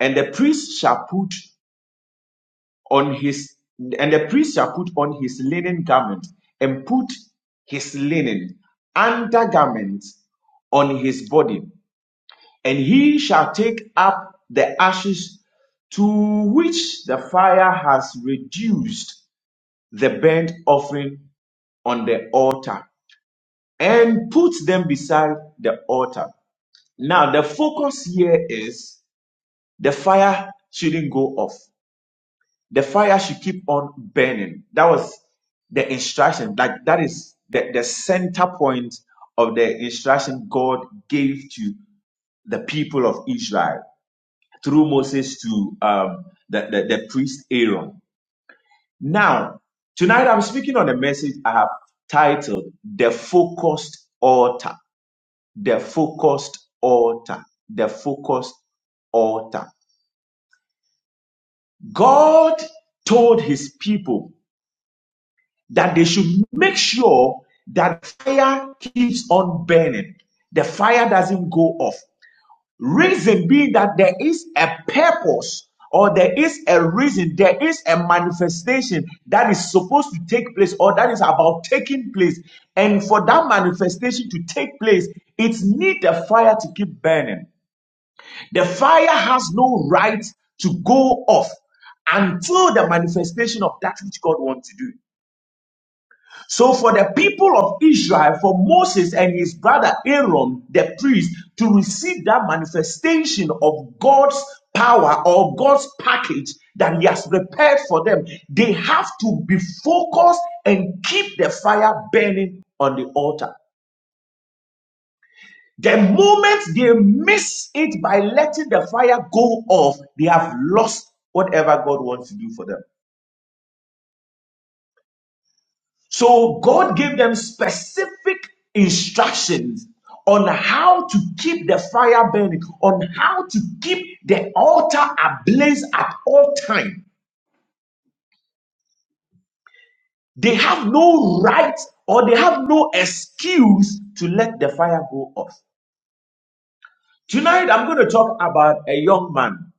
H: And the priest shall put on his and the priest shall put on his linen garment and put his linen undergarment on his body and he shall take up the ashes to which the fire has reduced the burnt offering on the altar and put them beside the altar. Now, the focus here is the fire shouldn't go off, the fire should keep on burning. That was the instruction, like that is the, the center point of the instruction God gave to the people of Israel through Moses to um, the, the, the priest Aaron. Now, tonight I'm speaking on a message I have titled The Focused Altar. The Focused Altar. The Focused Altar. God told his people that they should make sure that fire keeps on burning. The fire doesn't go off. Reason being that there is a purpose or there is a reason, there is a manifestation that is supposed to take place or that is about taking place. And for that manifestation to take place, it needs a fire to keep burning. The fire has no right to go off until the manifestation of that which God wants to do. So, for the people of Israel, for Moses and his brother Aaron, the priest, to receive that manifestation of God's power or God's package that he has prepared for them, they have to be focused and keep the fire burning on the altar. The moment they miss it by letting the fire go off, they have lost whatever God wants to do for them. So God gave them specific instructions on how to keep the fire burning, on how to keep the altar ablaze at all time. They have no right or they have no excuse to let the fire go off. Tonight I'm going to talk about a young man.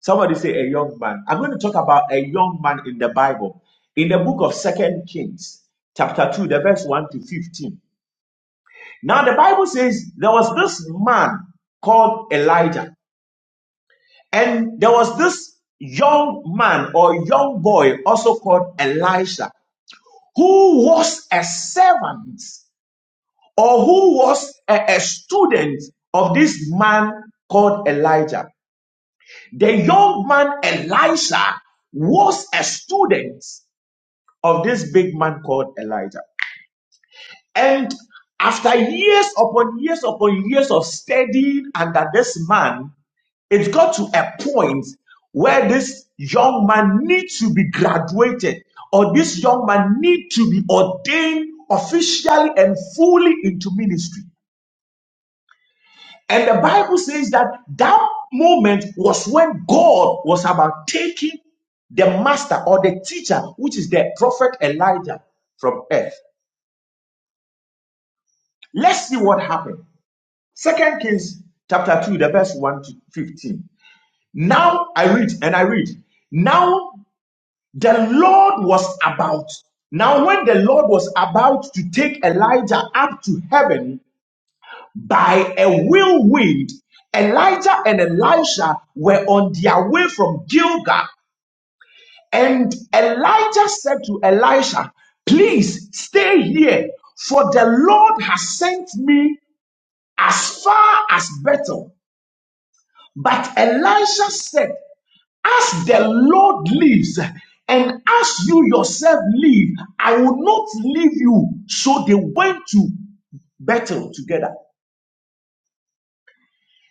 H: Somebody say a young man. I'm going to talk about a young man in the Bible. In the book of Second Kings, chapter 2, the verse 1 to 15. Now, the Bible says there was this man called Elijah, and there was this young man or young boy also called Elisha, who was a servant or who was a, a student of this man called Elijah. The young man Elisha was a student of this big man called Elijah. And after years upon years upon years of studying under this man, It got to a point where this young man needs to be graduated, or this young man needs to be ordained officially and fully into ministry. And the Bible says that that moment was when God was about taking the master or the teacher, which is the prophet Elijah from earth. Let's see what happened. Second Kings chapter 2, the verse 1 to 15. Now I read and I read. Now the Lord was about. Now, when the Lord was about to take Elijah up to heaven by a whirlwind, Elijah and Elisha were on their way from Gilgal. And Elijah said to Elisha, Please stay here, for the Lord has sent me as far as Bethel. But Elisha said, as the Lord lives, and as you yourself live, I will not leave you. So they went to battle together.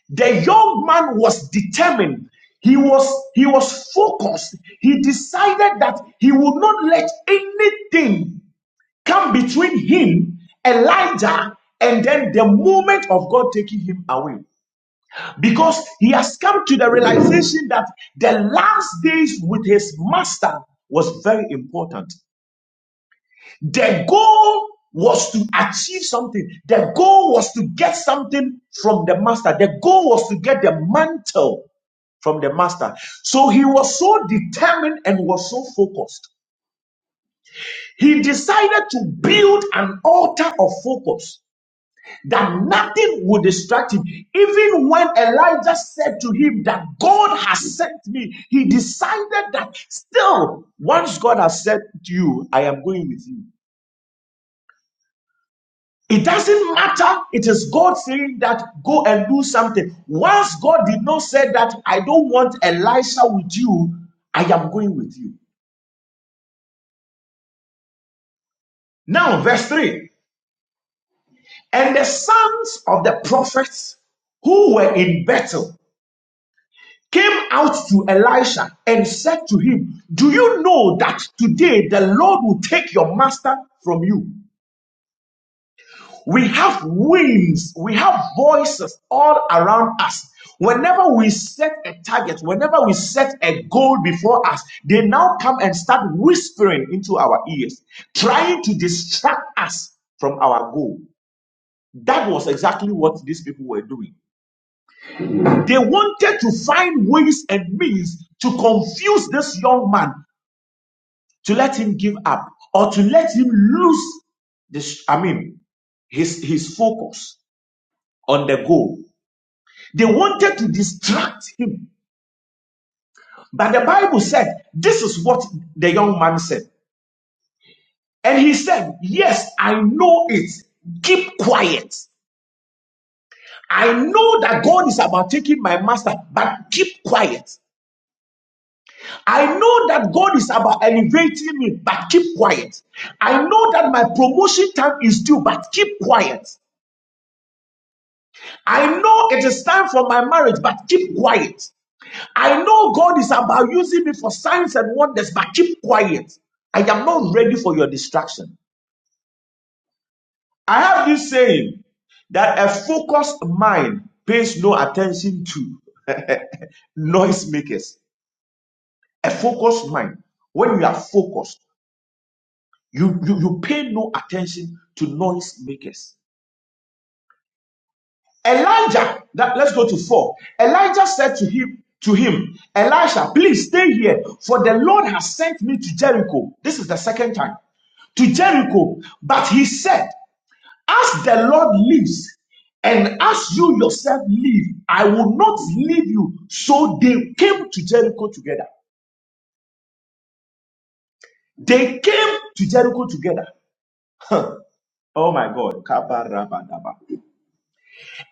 H: The young man was determined. He was he was focused. He decided that he would not let anything come between him, Elijah, and then the moment of God taking him away. because he has come to the realization that the last days with his master was very important. The goal was to achieve something, the goal was to get something from the master, the goal was to get the mantle from the master. So he was so determined and was so focused. He decided to build an altar of focus that nothing would distract him. Even when Elijah said to him that God has sent me, he decided that still, once God has said to you, I am going with you. It doesn't matter. It is God saying that go and do something. Once God did not say that I don't want Elisha with you, I am going with you. Now, verse 3 And the sons of the prophets who were in Bethel came out to Elisha and said to him, Do you know that today the Lord will take your master from you? We have wings, we have voices all around us. Whenever we set a target, whenever we set a goal before us, they now come and start whispering into our ears, trying to distract us from our goal. That was exactly what these people were doing. They wanted to find ways and means to confuse this young man to let him give up or to let him lose this i mean his his focus on the goal they wanted to distract him but the bible said this is what the young man said and he said yes i know it keep quiet i know that god is about taking my master but keep quiet i know that god is about elevating me but keep quiet i know that my promotion time is due but keep quiet I know it is time for my marriage, but keep quiet. I know God is about using me for signs and wonders, but keep quiet. I am not ready for your distraction. I have this saying that a focused mind pays no attention to (laughs) noisemakers. A focused mind, when you are focused, you, you, you pay no attention to noisemakers. Elijah, that, let's go to four. Elijah said to him, to him, Elisha, please stay here, for the Lord has sent me to Jericho. This is the second time to Jericho. But he said, As the Lord lives, and as you yourself live, I will not leave you. So they came to Jericho together. They came to Jericho together. Oh my God.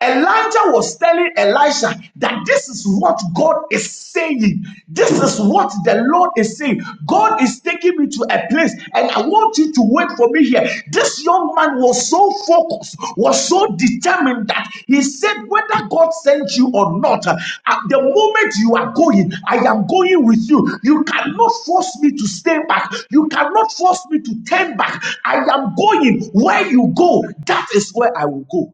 H: Elijah was telling Elisha that this is what God is saying. This is what the Lord is saying. God is taking me to a place and I want you to wait for me here. This young man was so focused, was so determined that he said, whether God sent you or not, uh, at the moment you are going, I am going with you. You cannot force me to stay back. You cannot force me to turn back. I am going where you go. That is where I will go.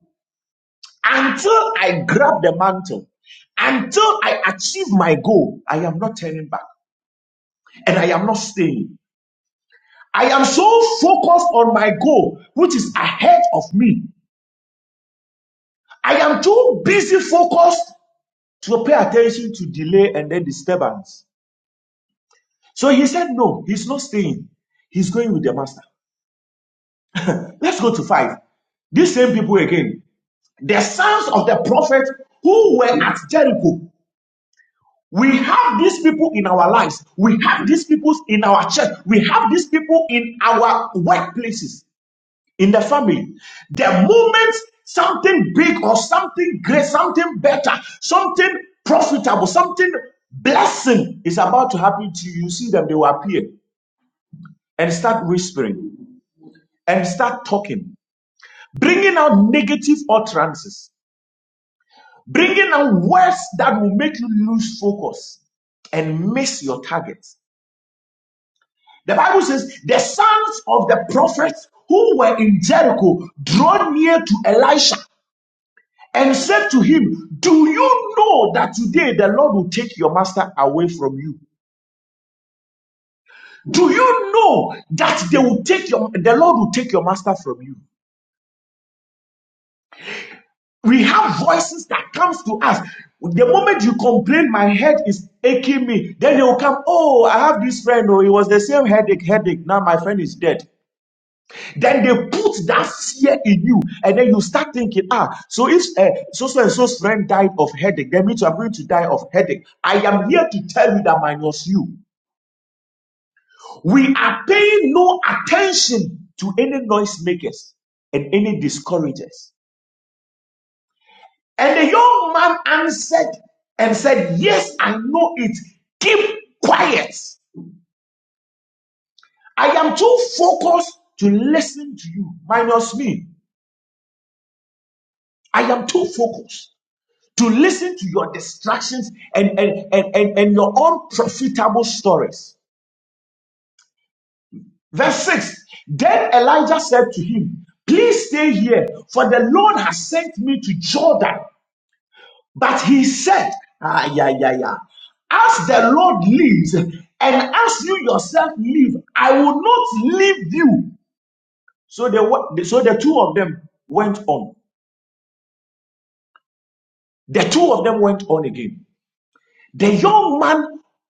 H: Until I grab the mantle, until I achieve my goal, I am not turning back and I am not staying. I am so focused on my goal, which is ahead of me. I am too busy focused to pay attention to delay and then disturbance. So he said, No, he's not staying. He's going with the master. Let's go to five. These same people again. The sons of the prophet who were at Jericho. We have these people in our lives. We have these people in our church. We have these people in our workplaces, in the family. The moment something big or something great, something better, something profitable, something blessing is about to happen to you, you see them, they will appear and start whispering and start talking, bringing out negative utterances, bringing out words that will make you lose focus and miss your target. The Bible says the sons of the prophets who were in Jericho drew near to Elisha and said to him, Do you know that today the Lord will take your master away from you? Do you know that they will take your the Lord will take your master from you? We have voices that comes to us. The moment you complain, my head is aching me. Then they will come. Oh, I have this friend. Oh, it was the same headache, headache. Now my friend is dead. Then they put that fear in you, and then you start thinking, ah, so if uh, so so and so's friend died of headache, then me too, I'm going to die of headache. I am here to tell you that minus you, we are paying no attention to any noisemakers and any discouragers. And the young man answered and said, Yes, I know it. Keep quiet. I am too focused to listen to you, minus me. I am too focused. to listen to your distractions and, and, and, and, and your unprofitable stories. Verse 6 Then Elijah said to him, Please stay here, for the Lord has sent me to Jordan. But he said, Ah, yeah, yeah, yeah. As the Lord lives, and as you yourself live, I will not leave you. So the, so the two of them went on. The two of them went on again. The young man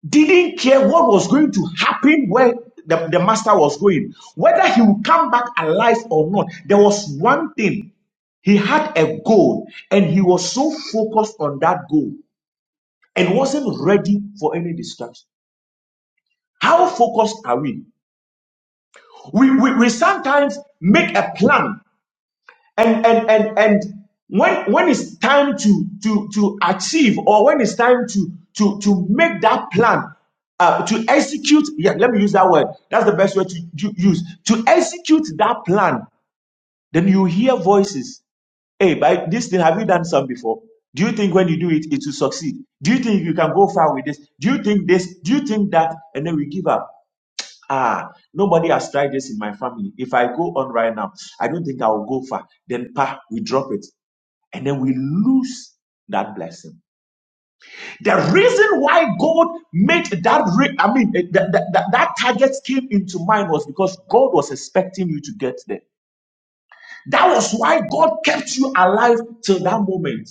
H: didn't care what was going to happen where the, the master was going, whether he would come back alive or not. There was one thing he had a goal, and he was so focused on that goal and wasn't ready for any distraction. How focused are we? We, we, we sometimes make a plan and and and and when when it's time to to to achieve or when it's time to to to make that plan uh, to execute yeah let me use that word that's the best word to u- use to execute that plan then you hear voices hey by this thing have you done some before do you think when you do it it will succeed do you think you can go far with this do you think this do you think that and then we give up ah nobody has tried this in my family if i go on right now i don't think i will go far then pa we drop it and then we lose that blessing. The reason why God made that, re- I mean, eh, that, that, that, target came into mind was because God was expecting you to get there. That was why God kept you alive till that moment.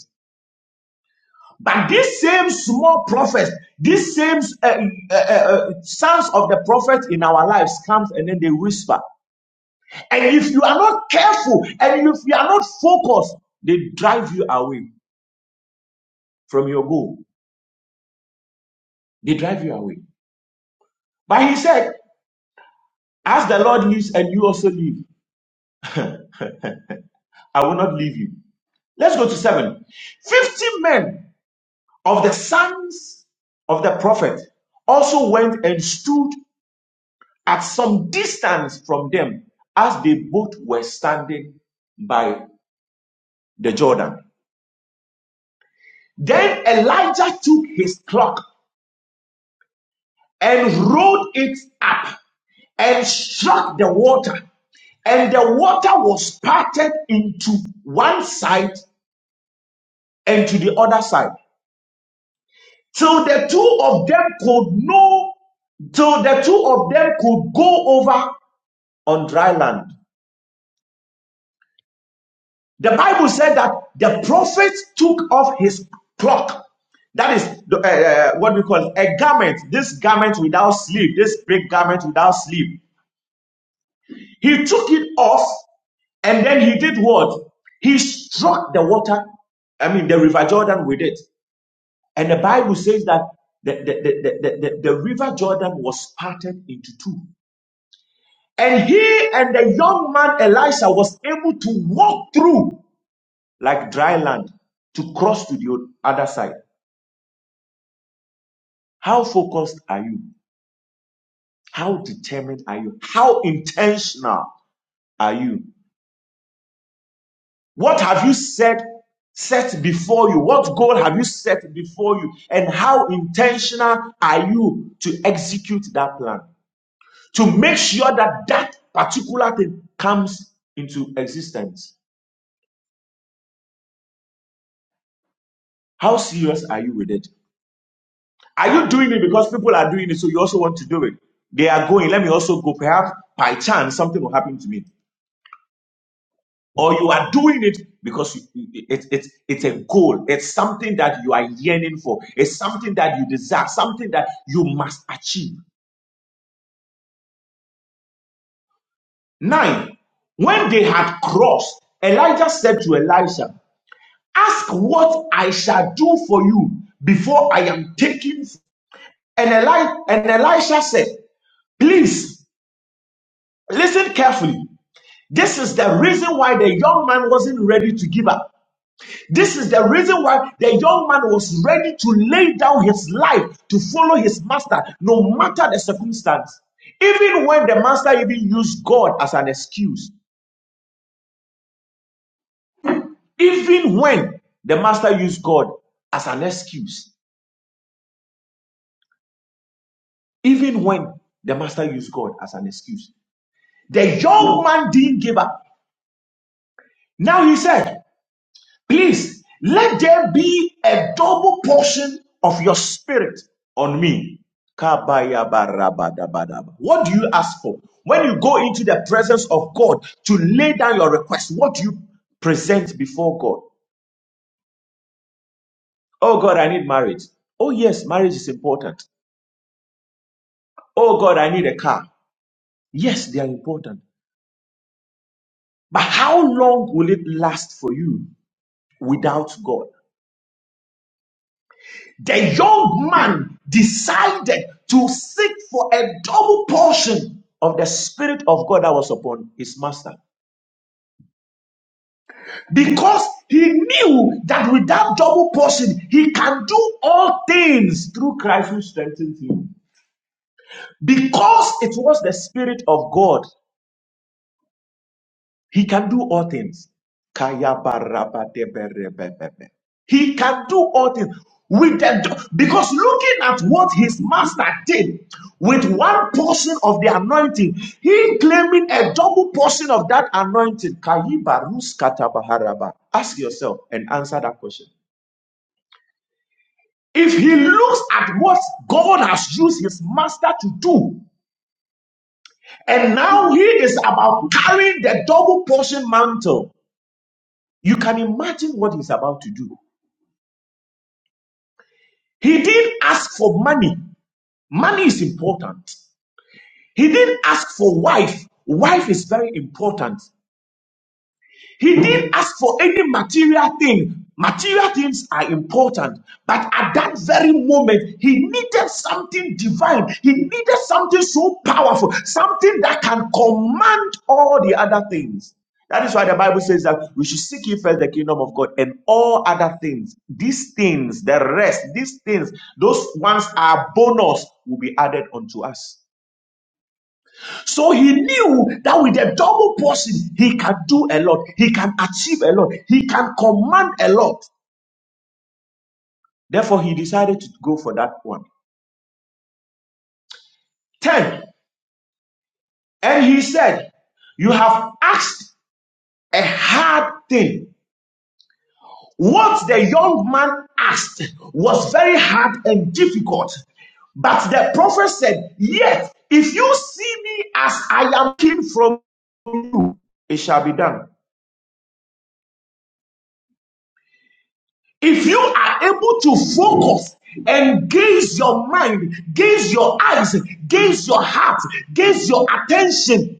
H: But these same small prophets, these same uh, uh, uh, sons of the prophets in our lives comes and then they whisper. And if you are not careful and if you are not focused, they drive you away from your goal. They drive you away. But he said, As the Lord lives and you also live, I will not leave you. Let's go to seven. Fifty men of the sons of the prophet also went and stood at some distance from them as they both were standing by the Jordan. Then Elijah took his cloak and rolled it up and struck the water, and the water was parted into one side and to the other side. till the two of them could know, till the two of them could go over on dry land. The Bible said that the prophet took off his cloak. That is the, uh, uh, what we call a garment, this garment without sleeve, this big garment without sleeve. He took it off and then he did what? He struck the water, I mean, the River Jordan with it. And the Bible says that the, the, the, the, the the River Jordan was parted into two. And he and the young man Elisha was able to walk through like dry land to cross to the other side. How focused are you? How determined are you? How intentional are you? What have you set set before you? What goal have you set before you? And how intentional are you to execute that plan? To make sure that that particular thing comes into existence. How serious are you with it? Are you doing it because people are doing it, so you also want to do it? They are going, let me also go. Perhaps by chance, something will happen to me. Or you are doing it because you- you- it's it's it's a goal. It's something that you are yearning for. It's something that you desire, something that you must achieve. Nine, when they had crossed, Elijah said to Elisha, Ask what I shall do for you before I am taken. And, Eli- and Elisha said, Please listen carefully. This is the reason why the young man wasn't ready to give up. This is the reason why the young man was ready to lay down his life to follow his master, no matter the circumstance. Even when the master even used God as an excuse, even when the master used God as an excuse, even when the master used God as an excuse, the young man didn't give up. Now he said, Please let there be a double portion of your spirit on me. What do you ask for? When you go into the presence of God to lay down your request, what do you present before God? Oh God, I need marriage. Oh yes, marriage is important. Oh God, I need a car. Yes, they are important. But how long will it last for you without God? The young man decided to seek for a double portion of the Spirit of God that was upon his master because he knew that with that double portion, he can do all things through Christ who strengthens him. Because it was the Spirit of God He can do all things. Kayabarabadeberebebebe. He can do all things with the because looking at what his master did with one portion of the anointing, he claiming a double portion of that anointing. Kayibaruskatabaharaba. Ask yourself and answer that question. If he looks at what God has used his master to do, and now he is about carrying the double portion mantle, You can imagine what he's about to do. He didn't ask for money. Money is important. He didn't ask for wife. Wife is very important. He didn't ask for any material thing. Material things are important, but at that very moment, he needed something divine. He needed something so powerful, something that can command all the other things. That is why the Bible says that we should seek ye first the kingdom of God and all other things. These things, the rest, these things, those ones are bonus will be added unto us. So he knew that with a double portion, he can do a lot, he can achieve a lot, he can command a lot. Therefore, he decided to go for that one. 10. And he said, You have asked a hard thing. What the young man asked was very hard and difficult. But the prophet said, Yet, if you see me as I am king from you, it shall be done. If you are able to focus and gaze your mind, gaze your eyes, gaze your heart, gaze your attention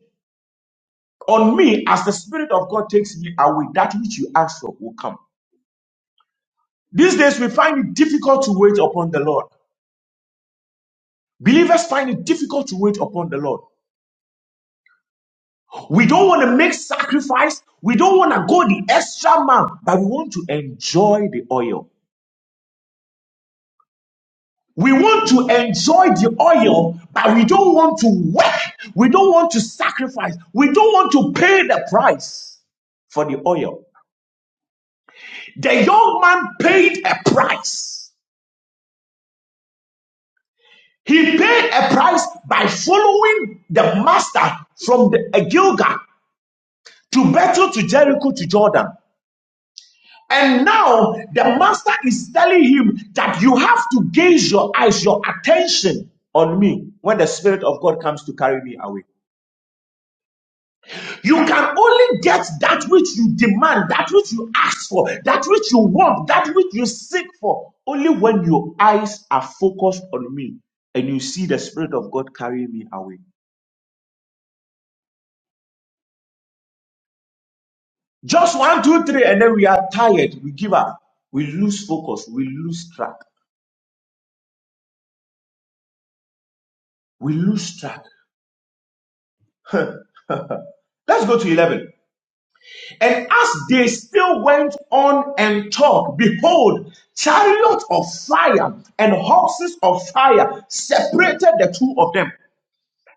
H: on me as the Spirit of God takes me away, that which you ask for will come. These days we find it difficult to wait upon the Lord. Believers find it difficult to wait upon the Lord. We don't want to make sacrifice. We don't want to go the extra mile, but we want to enjoy the oil. We want to enjoy the oil, but we don't want to work. We don't want to sacrifice. We don't want to pay the price for the oil. The young man paid a price. He paid a price by following the master from the uh, Gilgal to Bethel to Jericho to Jordan. And now the master is telling him that you have to gaze your eyes, your attention on me when the Spirit of God comes to carry me away. You can only get that which you demand, that which you ask for, that which you want, that which you seek for, only when your eyes are focused on me and you see the Spirit of God carrying me away. Just one, two, three, and then we are tired. We give up. We lose focus. We lose track. We lose track. Let's go to 11. And as they still went on and talked, behold, chariots of fire and horses of fire separated the two of them.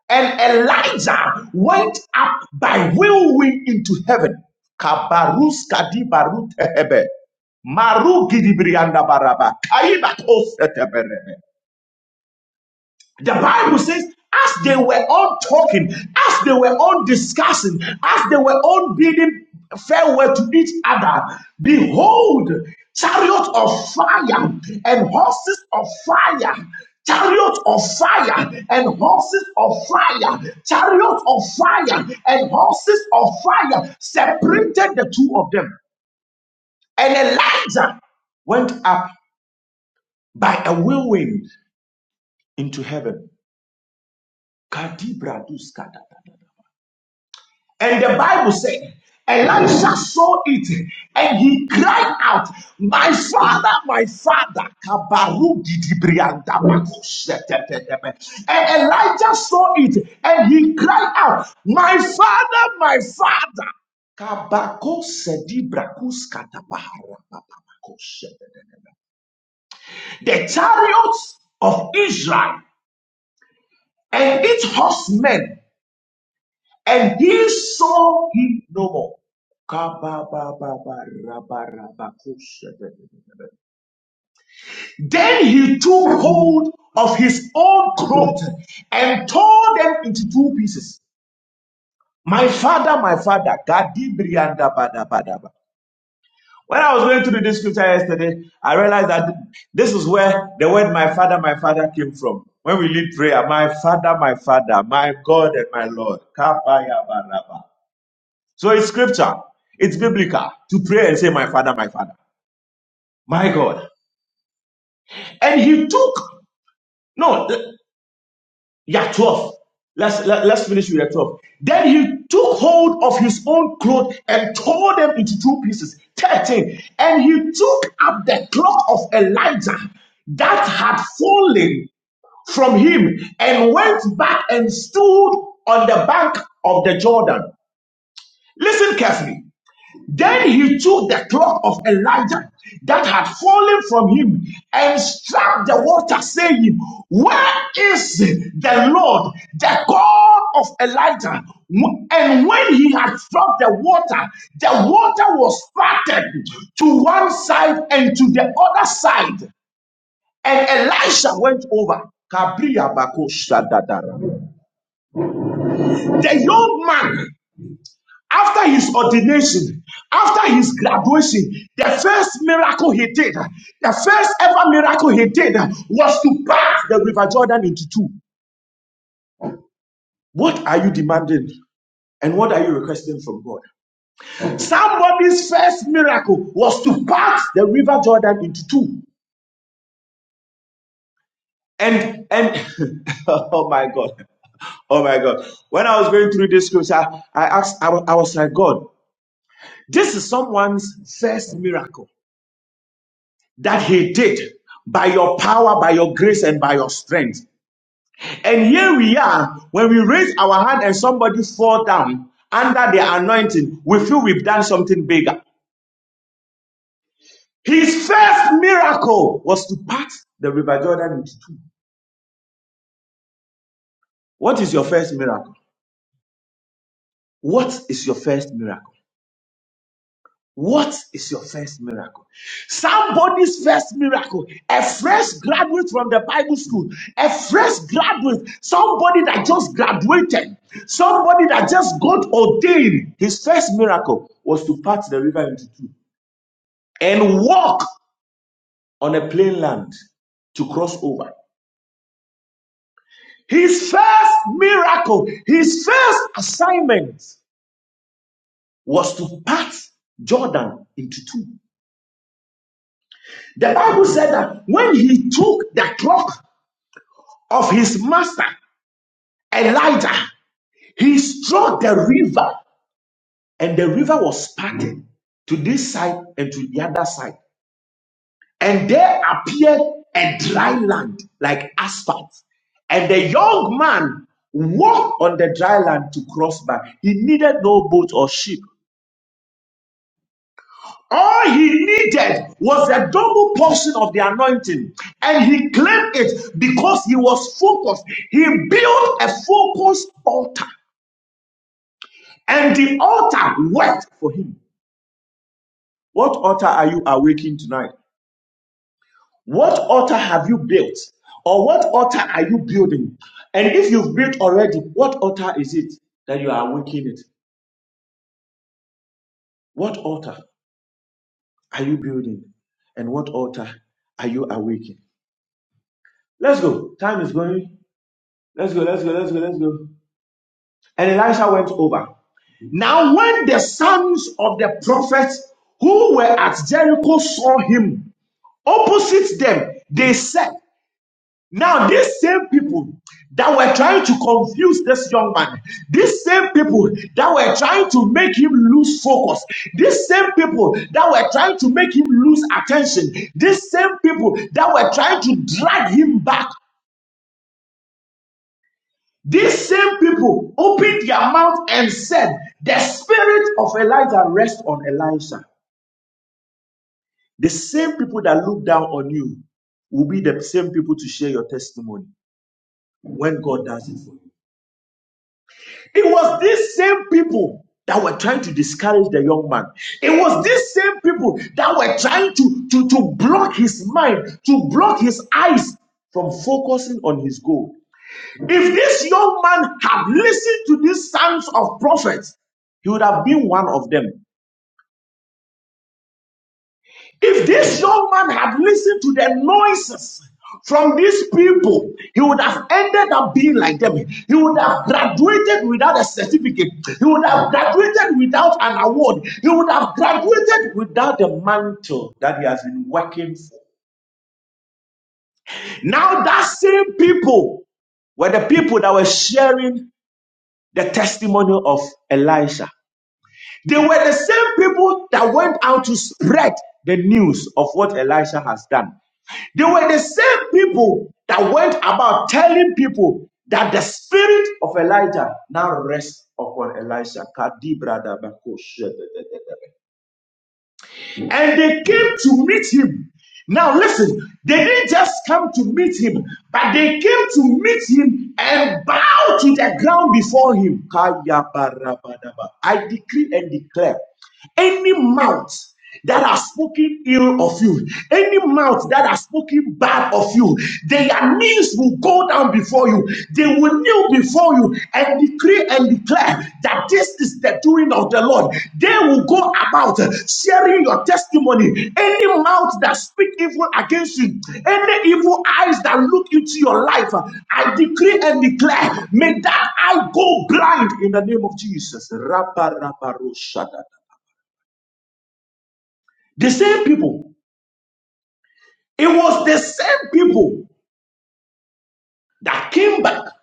H: And Elijah went up by whirlwind into heaven. Kabarus kadibarut hebe. Maru gidibrianda baraba. Kaiba koseteberebe. The Bible says, as they were all talking, as they were all discussing, as they were all bidding farewell to each other, behold, chariots of fire and horses of fire. Chariots of fire and horses of fire, chariots of fire and horses of fire separated the two of them. And Elijah went up by a whirlwind into heaven. Kadibra dus kadada. And the Bible said, Elisha saw it and he cried out, My father, my father. And Elijah saw it and he cried out, My father, my father. The chariots of Israel and its horsemen And he saw him no more. Then he took hold of his own throat and tore them into two pieces. My father, my father, When I was going through this scripture yesterday, I realized that this is where the word my father, my father came from. When we lead prayer, my father, my father, my God and my Lord. So it's scripture, it's biblical to pray and say, My Father, my Father, my God. And he took, no, th- yeah, 12. Let's, let, let's finish with the 12. Then he took hold of his own cloth and tore them into two pieces. 13. And he took up the cloth of Elijah that had fallen from him and went back and stood on the bank of the Jordan. Listen carefully. Then he took the cloak of Elijah that had fallen from him and struck the water, saying, Where is the Lord, the God of Elijah? And when he had struck the water, the water was parted to one side and to the other side. And Elisha went over. The young man after his ordination, after his graduation, the first miracle he did, the first ever miracle he did was to pass the River Jordan into two. What are you demanding? And what are you requesting from God? Somebody's first miracle was to part the River Jordan into two. And and (laughs) oh my God. Oh my God. When I was going through this scripture, I asked, I wa- I was like, God, this is someone's first miracle. that he did by your power, by your grace, and by your strength. And here we are, when we raise our hand and somebody fall down under the anointing, we feel we've done something bigger. His first miracle was to part the River Jordan into two. What is your first miracle? What is your first miracle? What is your first miracle? Somebody's first miracle, a fresh graduate from the Bible school, a fresh graduate, somebody that just graduated, somebody that just got ordained. His first miracle was to part the river into two and walk on a plain land to cross over. His first miracle, his first assignment was to part Jordan into two. The Bible said that when he took the clock of his master Elijah, he struck the river, and the river was parted to this side and to the other side. And there appeared a dry land like asphalt. And the young man walked on the dry land to cross by. He needed no boat or ship. All he needed was a double portion of the anointing. And he claimed it because he was focused. He built a focused altar And the altar wept for him. What altar are you awaking tonight? What altar have you built? Or what altar are you building? And if you've built already, what altar is it that you are awakening it? What altar are you building? And what altar are you awakening? Let's go. Time is going. Let's go, let's go, let's go, let's go. And Elisha went over. Now, when the sons of the prophets who were at Jericho saw him opposite them, they said, Now, these same people that were trying to confuse this young man, these same people that were trying to make him lose focus, these same people that were trying to make him lose attention, these same people that were trying to drag him back, these same people opened their mouth and said, The spirit of Elijah rests on Elisha. The same people that look down on you will be the same people to share your testimony when God does it for you. It was these same people that were trying to discourage the young man. It was these same people that were trying to, to, to block his mind, to block his eyes from focusing on his goal. If this young man had listened to these sons of prophets, he would have been one of them. If this young man had listened to the noises from these people, he would have ended up being like them. He would have graduated without a certificate. He would have graduated without an award. He would have graduated without the mantle that he has been working for. Now, that same people were the people that were sharing the testimony of Elisha. They were the same people that went out to spread the news of what Elisha has done. They were the same people that went about telling people that the spirit of Elijah now rests upon Elisha. Kadibra da bako and they came to meet him. Now, listen, they didn't just come to meet him, but they came to meet him and bow to the ground before him. Kayabarabadaba. I decree and declare any mouth that are spoken ill of you, any mouth that are spoken bad of you, they are newsworthy will go down before you. They will kneel before you and decree and declare that this is the doing of the Lord. They will go about sharing your testimony. Any mouth that speak evil against you, any evil eyes that look into your life, I decree and declare, may that eye go blind in the name of Jesus. The same people, it was the same people that came back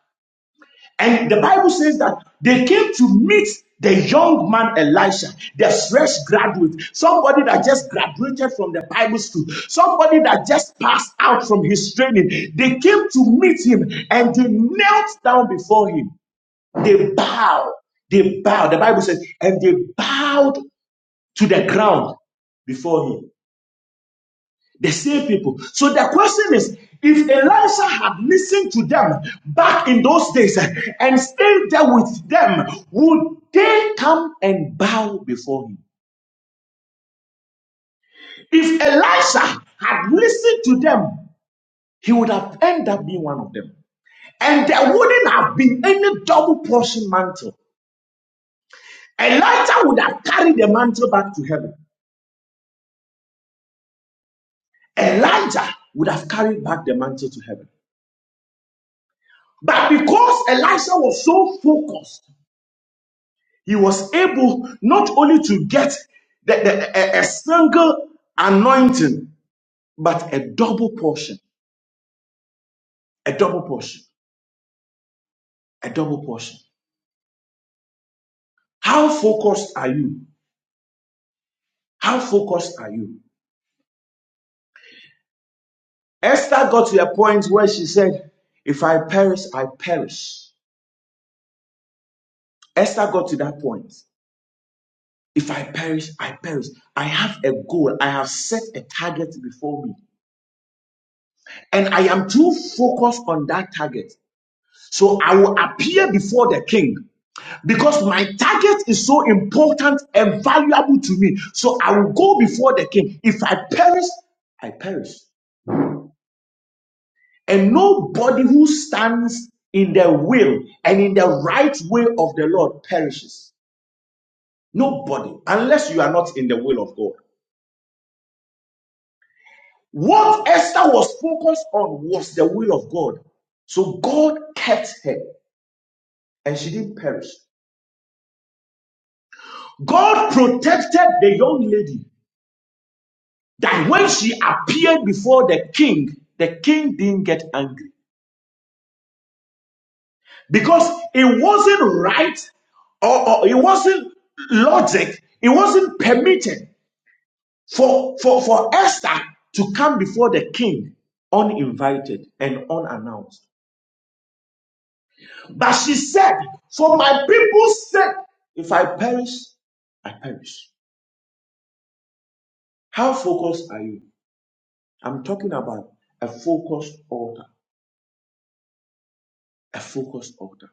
H: And the Bible says that they came to meet the young man Elisha, the fresh graduate, somebody that just graduated from the Bible school, somebody that just passed out from his training. They came to meet him and they knelt down before him. They bowed. They bowed. The Bible says, and they bowed to the ground before him. The same people. So the question is, if Elisha had listened to them back in those days eh, and stayed there with them, would they come and bow before him? If Elisha had listened to them, he would have ended up being one of them. And there wouldn't have been any double portion mantle. Elijah would have carried the mantle back to heaven. Elijah would have carried back the mantle to heaven. But because Elisha was so focused he was able not only to get the, the- a, a single anointing, but a double portion, a double portion, a double portion. How focused are you? How focused are you? Esther got to a point where she said, If I perish, I perish. Esther got to that point. If I perish, I perish. I have a goal. I have set a target before me. And I am too focused on that target. So I will appear before the king. because my target is so important and valuable to me. So I will go before the king. If I perish, I perish. And nobody who stands in the will and in the right way of the Lord perishes. Nobody, unless you are not in the will of God. What Esther was focused on was the will of God. So God kept her and she didn't perish. God protected the young lady that when she appeared before the king, the king didn't get angry because it wasn't right or, or it wasn't logic, it wasn't permitted for, for, for Esther to come before the king uninvited and unannounced. But she said, For my people's sake, if I perish, I perish. How focused are you? I'm talking about a focused altar. A focused altar.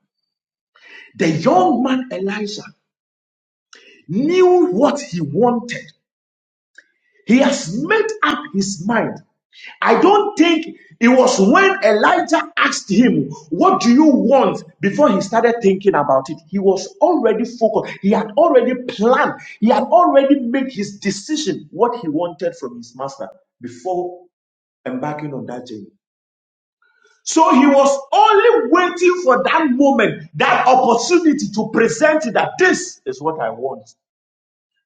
H: The young man Elisha knew what he wanted. He has made up his mind. I don't think it was when Elijah asked him, What do you want? before he started thinking about it. He was already focused. He had already planned. He had already made his decision what he wanted from his master before embarking on that journey. So he was only waiting for that moment, that opportunity to present it that this is what I want.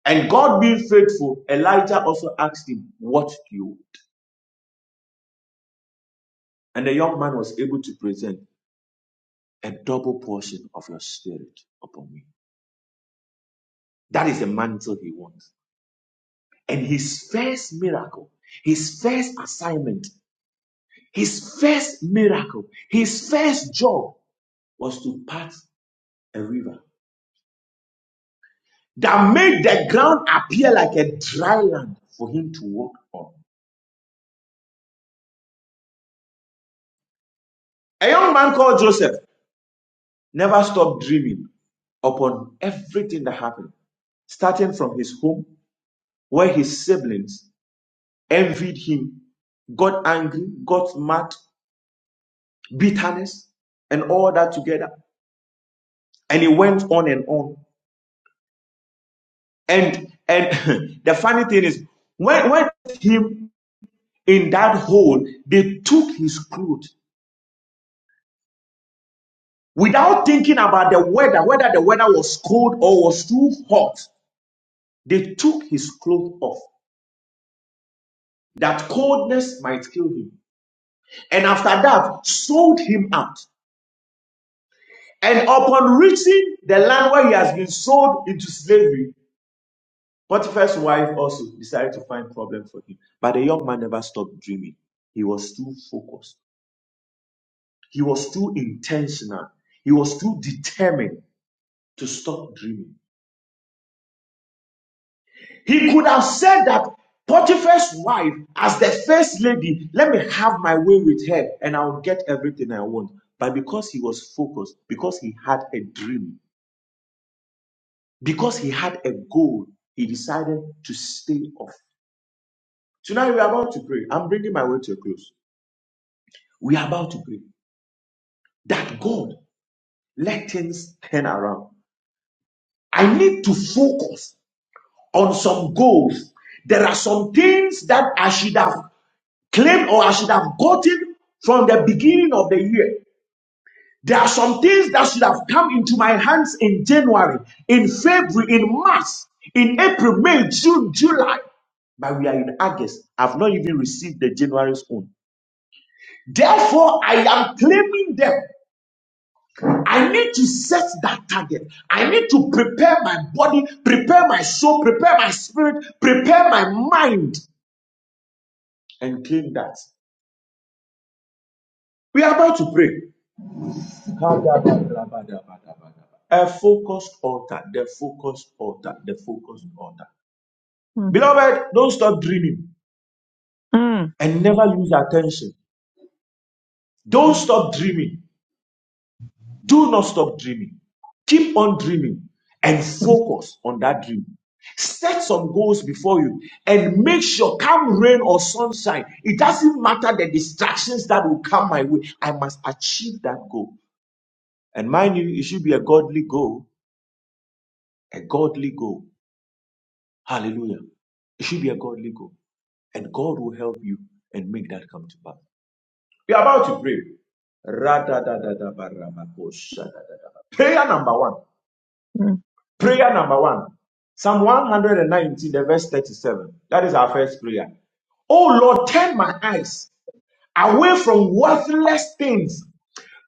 H: And God being faithful, Elijah also asked him, What do you want? And the young man was able to present a double portion of your spirit upon me. That is the mantle he wants. And his first miracle, his first assignment, his first miracle, his first job was to part a river that made the ground appear like a dry land for him to walk on. A young man called Joseph never stopped dreaming upon everything that happened. starting from his home, where his siblings envied him, got angry, got mad, bitterness, and all that together. And he went on and on. And and (laughs) the funny thing is, when when they put him in that hole, they took his clothes without thinking about the weather, whether the weather was cold or was too hot. They took his clothes off. That coldness might kill him. And after that, sold him out. And upon reaching the land where he has been sold into slavery, Potiphar's wife also decided to find problem for him. But the young man never stopped dreaming. He was too focused. He was too intentional. He was too determined to stop dreaming. He could have said that Potiphar's wife, as the first lady, let me have my way with her and I'll get everything I want. But because he was focused, because he had a dream, Because he had a goal, he decided to stay off. Tonight we are about to pray. I'm bringing my word to a close. We are about to pray that God let things turn around. I need to focus on some goals. There are some things that I should have claimed or I should have gotten from the beginning of the year. There are some things that should have come into my hands in January, in February, in March, in April, May, June, July. But we are in August. I've not even received the January's own. Therefore, I am claiming them. I need to set that target. I need to prepare my body, prepare my soul, prepare my spirit, prepare my mind, and claim that. We are about to pray. A focused altar, the focused altar, the focused altar.
B: Mm,
H: Beloved, don't stop dreaming.
B: mm,
H: and never lose attention. Don't stop dreaming. Do not stop dreaming. Keep on dreaming and focus on that dream. Set some goals before you and make sure, come rain or sunshine, it doesn't matter the distractions that will come my way. I must achieve that goal. And mind you, it should be a godly goal, a godly goal. Hallelujah. It should be a godly goal. And God will help you and make that come to pass. We are about to pray. Prayer number one.
B: mm.
H: Prayer number one Psalm 119, the verse 37. That is our first prayer. Oh Lord, turn my eyes away from worthless things.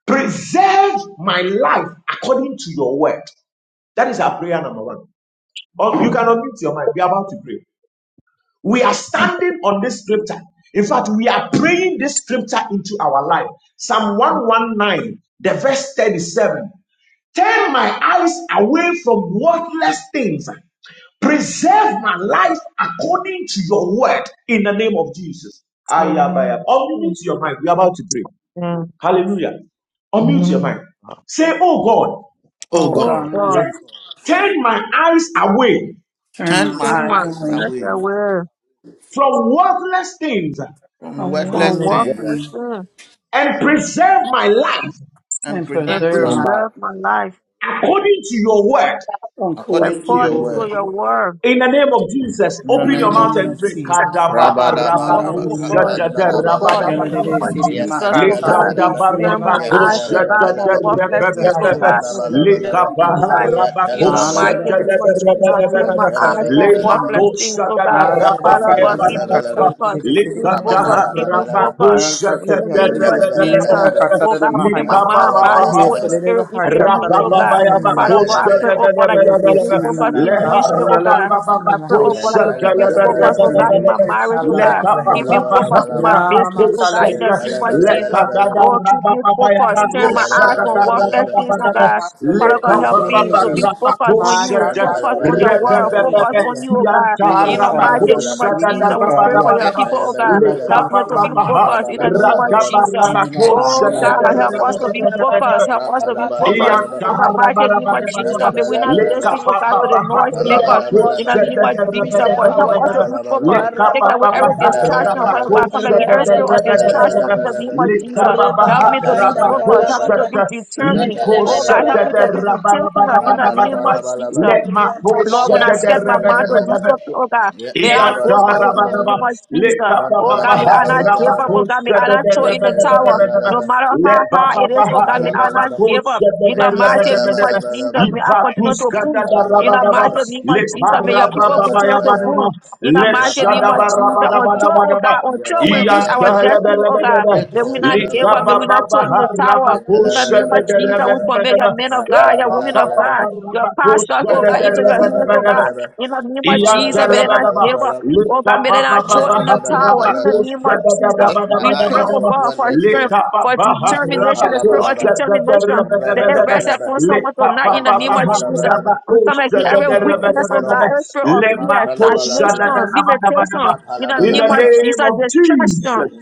H: Preserve my life according to your word. That is our prayer number one. Oh, you cannot mute your mind. We are about to pray. We are standing on this scripture. In fact, we are praying this scripture into our life. Psalm 119, the verse 37. Turn my eyes away from worthless things Preserve my life according to your word in the name of Jesus. Ayabaya.
B: Amen.
H: Unmute your mind. We're about to pray.
B: Yes,
H: Hallelujah. Unmute your
B: amen.
H: mind. Say, Oh God,
A: Oh
C: Oh
B: Oh
A: God,
C: God,
B: God,
H: turn turn my eyes away
C: turn
A: turn
C: my
A: my
B: turn
C: eyes
B: my
A: eyes
C: away
B: eyes
A: away
B: away
H: from worthless things
A: from
C: from
B: from
A: worthless
C: one little
B: worthless
A: things
C: thing
B: sin
H: and preserve my life
A: and
C: and
B: and
A: present
C: preserve
A: my
C: my
A: life
B: preserve my life
H: according to your word
A: according
C: according
A: to
C: to
A: your
C: your
B: according to
A: word.
B: your
C: word.
B: word.
H: In the name of Jesus,
A: In the
H: open your
C: In
A: name
C: the
H: mouth
A: of
C: name
H: and
C: of
H: pray.
A: Jesus.
C: Jesus.
B: sanctify
A: Rabba
B: my
A: dabba
B: God,
A: dabba.
B: oh
C: Hallelujah,
B: God,
C: Jesus.
A: Rabba
B: oh
A: dabba
B: God,
A: dabba
B: in
C: Yala
B: the
A: dabba.
B: name
C: dede
B: of
C: sirine
A: Yep,
B: Jesus,
C: maka,
A: dabba
B: oh
C: kala
A: dabba
B: God.
C: dede
A: dabba.
C: sirine
B: Turn my
A: Yep,
C: mahaya.
B: eyes,
A: dabba
B: oh
A: dabba
B: God,
A: dabba.
B: from
C: Dede
B: worthless
C: dede
B: things,
A: Yep,
B: oh
C: haya,
A: dabba
B: God,
A: dabba
C: kala
B: into
A: dabba
C: dede
B: this,
A: dabba.
B: my
C: sirine dede.
B: life.
A: Yep,
B: In the
A: dabba
C: Ala
A: dabba
B: mighty
C: dede
A: dabba.
B: name of
C: kasirine
B: Jesus,
C: mahaya,
B: turn
A: Yep,
B: my
A: dabba
C: kala
B: eyes
C: dede
A: dabba
B: from
C: sirine
A: dabba.
C: dede.
B: worthless things, oh God.
C: Ala
A: Yep,
C: dede
B: Father
A: dabba
B: God,
C: sirine
B: keep
A: dabba
B: me
C: maka,
A: dabba.
C: kala
B: focused,
C: dede
B: keep me
C: sirine
A: Rabba
C: dede
B: focused,
A: dabba
C: nala.
B: keep
A: dabba
B: me
A: dabba.
B: focused.
C: Ala kacha
B: In the
C: jala
A: Yep,
B: name
C: dede
B: of
A: dabba
C: sirine
A: dabba
C: dede na,
B: Jesus,
A: dabba.
C: kala
B: oh
C: dede
B: God, commit my
A: Man,
C: mahaya.
B: mind,
A: dabba
B: body,
A: dabba
B: soul,
C: Yes,
B: and
A: dabba.
C: dede
B: spirit into
C: baha,
B: your hands,
C: kala
B: oh
A: Yep,
C: dede
B: God.
C: sirine
A: dabba
B: Father
C: mahaya.
B: God, I
A: dabba
B: pray,
A: dabba.
B: oh God, that you
C: Elere
B: keep me
A: Rabba
B: focused
C: sinini
A: dabba
B: in
A: dabba
C: tata
B: ministry, oh
A: dabba.
B: God.
C: yaları sini
B: I pray, oh
C: mahaya.
B: God,
A: Yan,
B: that you keep me
C: Elere
B: focused, oh God,
C: sinini
A: halabalabalaba.
B: in
C: ne
B: my marriage, oh
C: ketalara
A: Yan,
B: God. Keep
C: bahiya.
B: me focused in
A: halabalabalaba.
B: my
C: Na mama
B: business, oh God, in
A: Yan,
B: the
C: taları
B: name of
C: sinini
B: Jesus.
A: halabalabalaba.
B: Oh, keep me focused.
A: Yan,
B: Turn my eyes from worthless
A: halabalabalaba. Yan,
B: things,
C: mahaya
B: oh
C: ya
B: God.
C: ya
B: Father God,
C: taları
B: help me
C: sinini
B: to
C: je.
B: be
A: Yapambalabalabalaba. Yantalabalabalaba.
B: focused on
C: Ma
B: you, focused on
C: kataları
B: your word,
C: sinini ne
A: Yantalabalabalaba.
B: focused on
C: haya.
B: you, oh God.
C: Haya
B: In the
C: taları
B: mighty name
A: Yapalabalabalaba.
B: of Jesus,
C: sinini
B: we pray
C: kaya.
B: for your people, oh God.
A: Yantalabalabalaba.
C: Taları
B: Help me to be
C: sinini
B: focused in the name of
A: Yapalabalabalaba.
B: Jesus.
C: ne
B: Oh
C: mahaya.
B: God, help us
A: Yatalabalabalaba.
B: to
H: Rabba
I: Father,
B: be
I: turn
B: focused. Help us to be
I: my
H: let
B: focused.
I: children
A: Rabalabalaba.
B: In
I: life
B: the mighty name of
I: away
B: Jesus, may
I: from
B: we not
I: waters,
A: Yantalabalabalaba.
B: listen, oh
I: things,
B: God, to the
I: Lord,
B: noise
I: in the
B: makers.
I: name of
B: In
A: Rapalabalabalaba. Yantalabalabalaba.
B: the name
I: Jesus,
B: of
I: and
A: Yapalabalabalaba.
B: Jesus,
I: preserve
B: Lord, help
I: our
B: us to
H: Lekabababaharabakosebedebedebedebedebe.
I: life.
B: be
A: Yapambalabalabalaba.
B: focused. Take
I: Baraba,
B: away every
I: shaka,
B: distraction,
I: rababa,
B: Father
A: Yapalabalabalaba.
B: God. Come against every
I: rebede,
B: spirit of
I: bede, bede, bede,
B: distraction in
H: Lekabababaharabakosedebedebedebedebe.
B: the
A: Yatalabalabala,
B: name of Jesus. Help me to
I: rebababa,
B: be
I: shaka,
B: focused. Help
A: mantalabalabala,
B: me to
I: rabada,
B: be
H: Lekababaharabakoset-
B: determined.
I: rebede,
B: Oh
I: bede,
B: God,
A: yatalabalabala,
B: help
I: bede,
B: me to be
I: bede, bede,
B: intentional in the name
I: rabababa,
B: of
H: likosedebedebedebedebe.
A: mandalabalabalaba,
B: Jesus. Lord, when
I: rabababa,
B: I set my mind to do
A: yatalabalabalaba,
H: Lemakosedebedebedebedebe.
B: something, oh God, may I go for it in the
H: Iyakarababa,
A: yatalabalabalaba,
B: name of Jesus. Oh God, may
H: lekababaha,
B: I not give up.
A: mantalabalabalaba,
B: Oh God, may I not throw in the tower.
H: rabakoshadadadadadadadadada,
B: No
A: yatalabalabalaba,
B: matter how hard it is, oh
H: lebababaha,
B: God, may I not
A: mantalabalabalaba,
B: give up. In the mighty name of
H: rabakoshadadadadadadadada,
A: yatalabalabalaba,
B: Jesus, may I continue to push. In the
H: ivatuskadadadabadaba,
A: mantalabalabalaba,
B: mighty name of Jesus, may your people continue to
A: yatalabalabalaba,
H: lekarabababayabadaba,
B: push. In the mighty name of Jesus,
A: rababalabalaba,
B: until, oh
H: leshadabarabadabadabadaba,
B: God, until we reach our
A: yabalabalabalaba,
B: destiny, oh God,
H: iyankalabadabadaba,
B: may we not give up. May we not
A: Yakalabalabalaba.
B: throw in
H: lekabababaha,
B: the tower. In the name of Jesus, we
A: Yetalabalabalaba.
B: commit your
H: rabakoshadadadadadadada,
B: men of
H: eh,
B: God, your women of
A: Yapalabalabalaba.
B: God.
H: babababa,
B: Your pastors, oh God, into your hands, oh
H: rabakoshadadadadadadada,
B: God.
A: Yetayabalabalaba.
B: In the name of Jesus, may they not
H: Iyantarabadaba,
B: give up.
A: Wandalabalabalaba.
B: Oh God, may they not throw in the tower. In the
A: Rebalabalabalaba.
B: name of Jesus,
A: Take my
B: we pray,
A: eyes
B: oh
H: lekapapapapahabrabakushadadabadabadabadaba,
A: off
B: God,
A: what
B: for
A: lets in.
B: strength, for
A: Mako
B: determination, the spirit of
A: palabalaba.
B: determination. May it
H: lekapapapahabrabakushadadabadabadaba,
B: rest
A: Rebalabalaba.
B: upon someone tonight in the name of Jesus.
A: Yantalabalabalaba.
B: We come against
A: Yes,
B: every
A: Lord.
B: weakness,
A: Yes,
B: oh God,
H: lekapapapahabrabakushadadabadabadaba,
A: Lord.
B: every spirit of fear, stagnation,
A: Matalabalabalaba.
B: limitation.
H: lemakushadadabadabadaba.
B: In the
H: In
B: name
H: the
B: of
A: Rapalabalabalaba.
H: name
B: Jesus,
H: of Jesus.
B: destruction.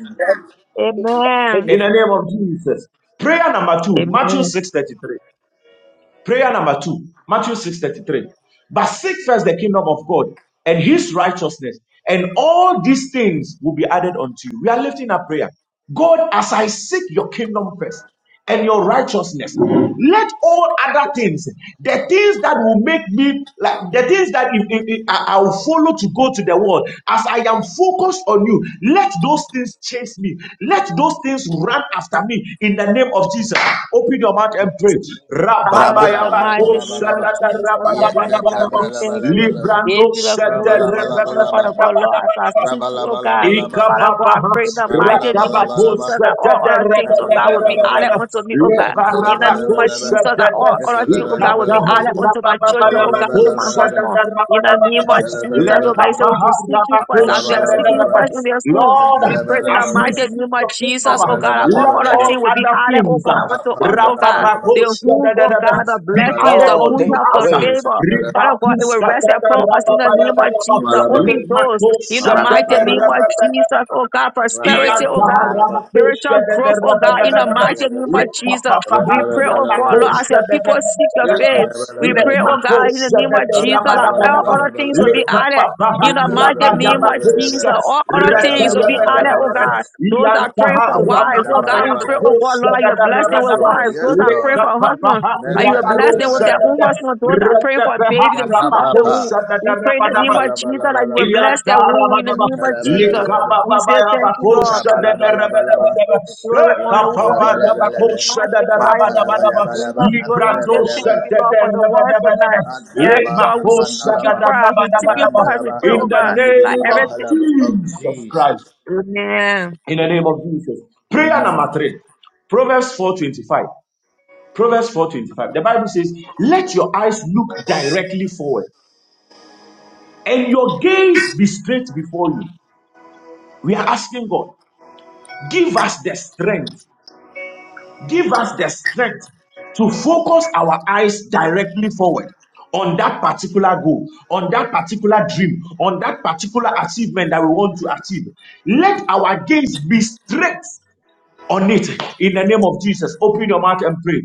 B: Amen.
H: In the name of Jesus. Prayer number two, Matthew
B: Amen.
H: 6:33. Prayer number two, Matthew 6 33. But seek first the kingdom of God and his righteousness, and all these things will be added unto you. We are lifting up prayer. God, as I seek your kingdom first and your righteousness, let all other things, the things that that will make me like the things that if, if, if I- will follow to go to the world. As I am focused on you, let those things chase me. Let those things run after me in the name of Jesus. Open your mouth and pray.
B: Father, in the
H: oh,
B: mighty name of
A: Rabalabalabalaba.
B: Jesus, I bless you. I tell you, thank you.
A: Yepandalabalabalaba.
H: librando,
B: Give you the glory, give you honor,
A: Rabalabalabalaba.
B: Father God, Lord, as I seek you, oh God.
A: Rabalabalabalaba.
B: Father God, I
H: Ikababaha,
B: pray in the mighty name of Jesus
A: Rabalabalabalaba.
H: Rakabakusa,
B: that all
H: Dada,
B: other things,
H: Rada,
B: oh God,
H: Dada,
B: will be
H: Rada,
B: added
H: Dada,
A: Rabalabalabalaba.
B: unto me, oh God. In the name of
A: Yantalabalabalaba.
H: Lebarabakusa,
B: Jesus, that
H: Dada,
B: all other things, oh God, will be
H: Ikataha,
A: Yatalabalabalaba.
B: added unto my children, oh God, unto my
H: Rabababayabakusa,
A: Rabalabalabalaba.
B: husband.
H: Dada, Raba,
B: In the
H: Daba,
B: name
H: Daba,
B: of Jesus, oh God, you
A: Yantalabalabalaba.
B: say we
H: Lekabaha,
B: should seek you first. As we are seeking you
A: Apalabalabalaba.
B: first in this room, we
H: Lord,
B: pray in
H: as
B: the
H: we
A: Yantalabalabalaba.
B: mighty
H: seek
B: name of
H: the kingdom,
B: Jesus,
H: uh,
B: oh God, that
H: let
B: all other
A: Yantalabalabalaba.
H: all
B: things will be
H: other
B: added, oh
H: things
B: God,
H: uh,
B: unto us, oh God
A: Rapapandalabalaba.
B: the whom, oh
H: rapapakoshadadadada,
B: God, the
H: be
B: blessings,
H: added
B: the
A: Rabalabalaba.
B: good
H: unto
D: take it
B: help, the
H: us. uh,
D: away.
B: favor. Father
A: Yantalabalabalaba.
B: God, it will rest
H: ribatuskatata
B: upon us in the name of
H: rababayabadaba,
B: Jesus. Open doors in the
A: Yes,
B: mighty name of
H: lemakoshadadadadadada,
B: Jesus, oh God, prosperity, oh God. Spiritual growth, oh God, in the mighty name of Jesus. We pray, oh God, Lord, as your people seek your face. We pray, oh God, in the name of Jesus, that all other things will be added. In the mighty name of Jesus, all other things will be added, oh God. Those are praying for wives. Oh God, we pray, oh God, Lord, that you bless them with
A: Lord.
B: wives. Those
A: Yes,
B: are praying
A: Lord.
B: for husbands, that you bless them with their
A: Mentalabalabalaba.
B: own husbands. Those are praying for babies, the fruit of the
A: Rapapapa.
B: womb. We pray in the name
H: Rabba
B: of Jesus that you will
A: Rabalabalaba.
B: bless their womb in the name of Jesus.
A: Mentalabalabalaba.
B: We say thank you, Lord.
A: Rabalabalaba.
B: Glory on the worship. that We
A: Yantalabalaba.
B: magnify you. In
A: Yapalabalabalaba.
B: the glory, we say thank
A: Apayabalabalaba.
B: you, Lord, for the word tonight. Yes,
A: Antalaba.
B: Lord, we should seek you
A: Apanalaba.
B: for us. We seek you for us. We
A: Randalaba.
B: pray,
H: in
B: oh
H: the
B: God, like
A: Apandibri.
H: name of
B: everything.
A: Yapalaba. Of
H: Jesus Christ.
A: Jesus.
B: Amen.
H: In the name of Jesus. Prayer
A: Amen.
H: number three. Proverbs 4:25. Proverbs 4:25. The Bible says, "Let your eyes look directly forward, and your gaze be straight before you. We are asking God, give us the strength, give us the strength to focus our eyes directly forward on that particular goal, on that particular dream, on that particular achievement that we want to achieve. Let our gaze be straight on it in the name of Jesus. Open your mouth and pray.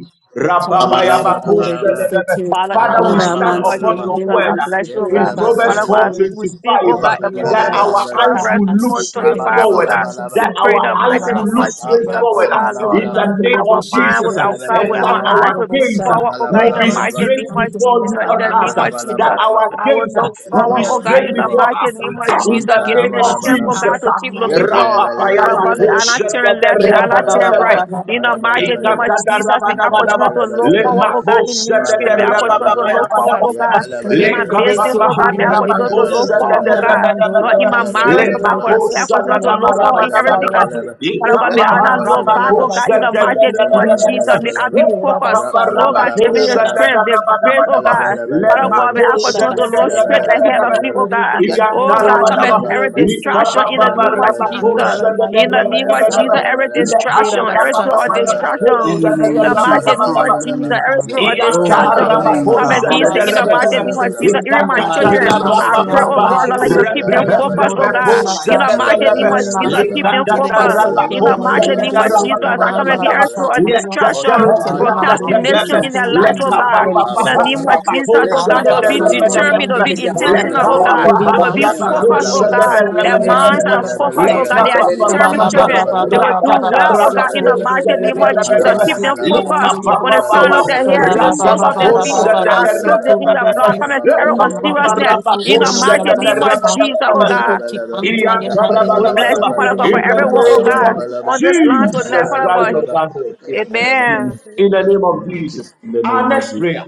A: Rabalabalaba.
H: Rababayabakoshadadada.
B: Father, in the
H: Father, we
B: mighty
H: stand
B: name of
H: upon
A: Rabalabalaba.
H: your
B: Jesus, I
H: word uh,
B: bless you, oh
H: in
B: God.
H: Proverbs
B: Father
H: 4:25
B: God,
A: Yepalabalaba.
B: we stand, oh
H: uh,
B: God, and post
H: that
B: for
H: our
A: Yepalabalaba.
H: eyes
B: Proverbs
H: will look
B: 4
H: straight
B: 25, oh
H: forward, uh,
B: God.
A: Rabalabalaba.
B: We
H: that
B: pray
H: our
B: in the
H: eyes
B: mighty
A: Rap,
H: will
B: name
H: look
A: rap,
B: of
A: rap,
H: straight
B: Jesus,
A: rap,
H: forward,
B: oh
H: uh, forward
A: handa,
B: God,
H: uh,
A: laba,
B: Lord.
H: in the
A: laba.
H: name
B: Our
H: of
A: Yet,
B: mind
H: Jesus,
B: with
H: uh,
B: our
A: laba,
B: God,
H: and
A: laba,
B: with
H: that
B: our
A: laba.
H: our
B: eyes will be
H: gaze uh,
A: Rap,
B: forward, oh
A: laba,
B: God, in
H: will
B: the
H: be
A: laba, laba.
B: mighty
H: straight
B: name of
H: before you
B: Jesus, in
H: and
B: the
A: Rap,
H: us,
B: name
H: uh,
B: of
A: laba, laba,
E: (laughs)
H: that
B: Jesus.
A: laba.
H: our
B: I will
H: gaze uh,
B: look
A: Yes,
H: will be
B: forward, oh
A: Lord.
B: God,
A: Yes,
H: straight
B: in the
A: Lord.
H: before
B: mighty
H: us
B: name of
H: uh, in
B: Jesus.
H: the
B: Give me
H: name
B: the
H: of
B: strength, oh
A: Vantarabalaba.
H: Jesus.
B: God, to
H: uh.
B: keep looking forward. Father God, may
A: Yetelebelebelebelebe.
B: I not turn left, may I not turn right.
A: Rentelebelebe.
B: In the mighty name
A: Kapayabelebelebe.
B: of Jesus, may I
H: Ikatatarabanabadaba,
B: continue to look forward,
A: Yantelebelebelebelebe.
B: oh God, in ministry. May I continue to
A: Rabalabalabalaba.
B: look forward, oh
H: lemakoseteterababababababa,
B: God, in my business,
A: Yetelebelebelebelebe.
B: oh God. May I continue to look forward, oh
A: Yeteyabelebelebelebe.
B: God. Lord,
H: lekapapaharabakosetaterabadabadaba,
B: in my marriage, oh God.
A: Yetelebelebelebelebe.
B: May I continue to look forward in everything
H: lemakosadadabarabadabadaba,
B: I do.
A: Yetelebelebelebelebe.
B: Father God, may I not look back,
A: Yeteyabelebelebe.
B: oh God, in the mighty name of
E: Rinansi
H: ikapaharabakoseteterabadabadaba,
B: Jesus. May I
A: Yentelebelebelebelebe.
B: be
E: andora
B: focused, oh
E: basaya,
B: God, give me the
A: Rabalabalabalaba.
B: strength, the faith, oh
H: ikapaparabakosetaterabadabadaba,
B: God. Father God,
A: Yantelebelebelebelebe.
B: may I
E: Dora
B: continue to look
E: Basata,
B: straight ahead of
H: lemakoseteterabadabadaba.
B: me, oh
A: Yetelebelebelebelebe.
B: God.
E: Rebeti
A: Cause
B: Oh God,
E: Andora
B: come at
H: Iyantarabadaba,
B: every
E: Mandolo Besu,
B: distraction in the name of
E: Rebeti
B: Jesus.
E: Andala
B: In the
E: Mandolo
B: name of
H: litabababarabakosadadarabadabadaba,
B: Jesus,
E: Bosaya,
B: every distraction,
E: Vera
B: every spirit of
E: Basataya,
C: In
B: distraction,
C: the
E: Rebeti
C: name
B: in the
C: of
E: Andu,
C: Jesus,
B: mighty name of
H: leharababababakosadadarabadabadaba,
B: Jesus,
C: hallelujah,
B: every
C: God.
B: spirit of
C: Glory to your
B: distraction,
E: Rababa
C: name,
E: Baba
B: come
C: God.
B: against
E: Baba
B: it in the
C: Hallelujah,
B: mighty
H: iyantaharabakosadadarabadaba,
E: Suturi
B: name of
C: Jesus.
B: Jesus,
E: Besu,
B: even
C: In
B: my
C: the mighty
E: Puri
B: children.
C: name of
E: Masi
C: Jesus,
B: I pray,
C: your
B: oh
H: ikatatarabababa,
E: Andele
B: God,
C: power,
B: Lord, that you
E: Besu,
B: keep
C: hallelujah.
B: them
E: Puri
C: Jesus.
B: focused,
E: Andora
B: oh God.
C: Flow like
B: In
E: Bosata,
C: never
B: the mighty
C: before,
B: name
H: rebeherebekosadadalaba,
B: of
E: Puri
B: Jesus,
C: hallelujah,
E: Masi
B: keep
C: God.
B: them
E: Andele
B: focused.
E: Besu,
C: In
B: In the
E: Puri
C: the
B: mighty
C: name
E: Andele
C: of
B: name of
C: Jesus,
E: Besu,
B: Jesus,
E: Puri
B: I come
E: Andala
B: against
C: hallelujah,
H: likatatarabakosadadarabadabadabadaba,
B: every
C: Jesus.
B: spirit
E: Basata,
B: of distraction,
E: Puri
A: our
C: Healing,
A: eyes
E: Andala
A: to
C: God,
E: Mandolo
A: focus.
H: letataharabadabadaba,
B: procrastination
E: Besu,
C: hallelujah,
B: in their
E: Puri
C: Jesus.
B: lives, oh
A: Monday,
E: Andele
B: God.
A: oh,
B: In
C: Release
B: the
C: your
B: name of
A: palabalaba.
C: power, your
B: Jesus, oh God,
C: blessings,
B: they will be
E: Arabaso
H: lekabababaharabakosadadarabadabadaba,
C: hallelujah.
H: in the
B: determined,
E: Korean
B: they
A: Rapalabalabalaba.
C: We
B: will be
C: give you
H: name
C: honor
E: Delegation,
C: and
B: intentional, oh
A: Yapalabalaba.
B: God.
C: glory,
B: They will be
C: hallelujah.
E: Urimansian
B: focused, oh
A: Yapalabalaba.
B: God.
E: Delegation,
B: Their
C: Yelere
E: Korean
B: minds
C: sirene
B: are
E: Dora
B: focused, oh
C: bahaya
B: God.
E: Basata,
B: They
A: Yapalabalaba.
B: are
C: katalere
B: determined
C: sirene
E: Rababa baba
B: children. They will
E: baba
B: do
C: bahaya.
E: baba
B: well, oh God, in the
E: Sotorian
A: Yapalabalaba.
B: mighty
C: Yelere
A: Yapalabalaba.
B: name of Jesus.
C: sirene
B: Keep
E: Delegation,
B: them
C: bahaya.
A: Rapalabalabalaba.
E: Korean
B: focused from the
E: Delegation,
B: crown of
C: Glory
B: their
C: to
A: Yapalabalaba.
C: your
B: hair to the
A: Yapalabalaba.
C: name,
E: Rababa
B: soles of
E: baba
B: their
C: Jesus.
E: baba
B: feet.
E: baba
B: I
C: Hallelujah.
B: soak
A: Yapalabalaba.
B: them in your blood. Come and do
A: Yapalabalaba.
B: everyone
C: Glory
E: Unanama
A: Yapalabalaba.
C: to you.
B: seriousness.
E: Delegation, Delegation
B: In the
C: Thank
E: Korean Dora
C: you,
B: mighty name
C: Lord.
B: of
E: Basata,
I: shaka,
B: Jesus, oh
I: rababa,
B: God.
E: Rebe
A: Yapalabalaba.
E: Chikanda,
I: rebede,
E: Yaman
I: bede,
B: We
I: bede,
B: bless
E: Delegation,
B: you, Father
I: bede,
A: Yapalabalaba.
B: God,
E: Korean
B: for
E: Dora
I: bede,
B: everyone, oh
H: of
B: God,
E: Boshata,
I: reba,
B: on this
I: shaka,
B: land tonight,
H: Jesus
A: Yapalabalaba.
I: rababa,
B: Father
H: Christ
B: God.
H: of Nazareth.
I: rebede, bede,
B: Amen.
A: Yapalabalaba.
H: In the
I: bede,
H: name of Jesus.
A: In the
H: Our
A: name of
H: next
A: Jesus.
H: prayer.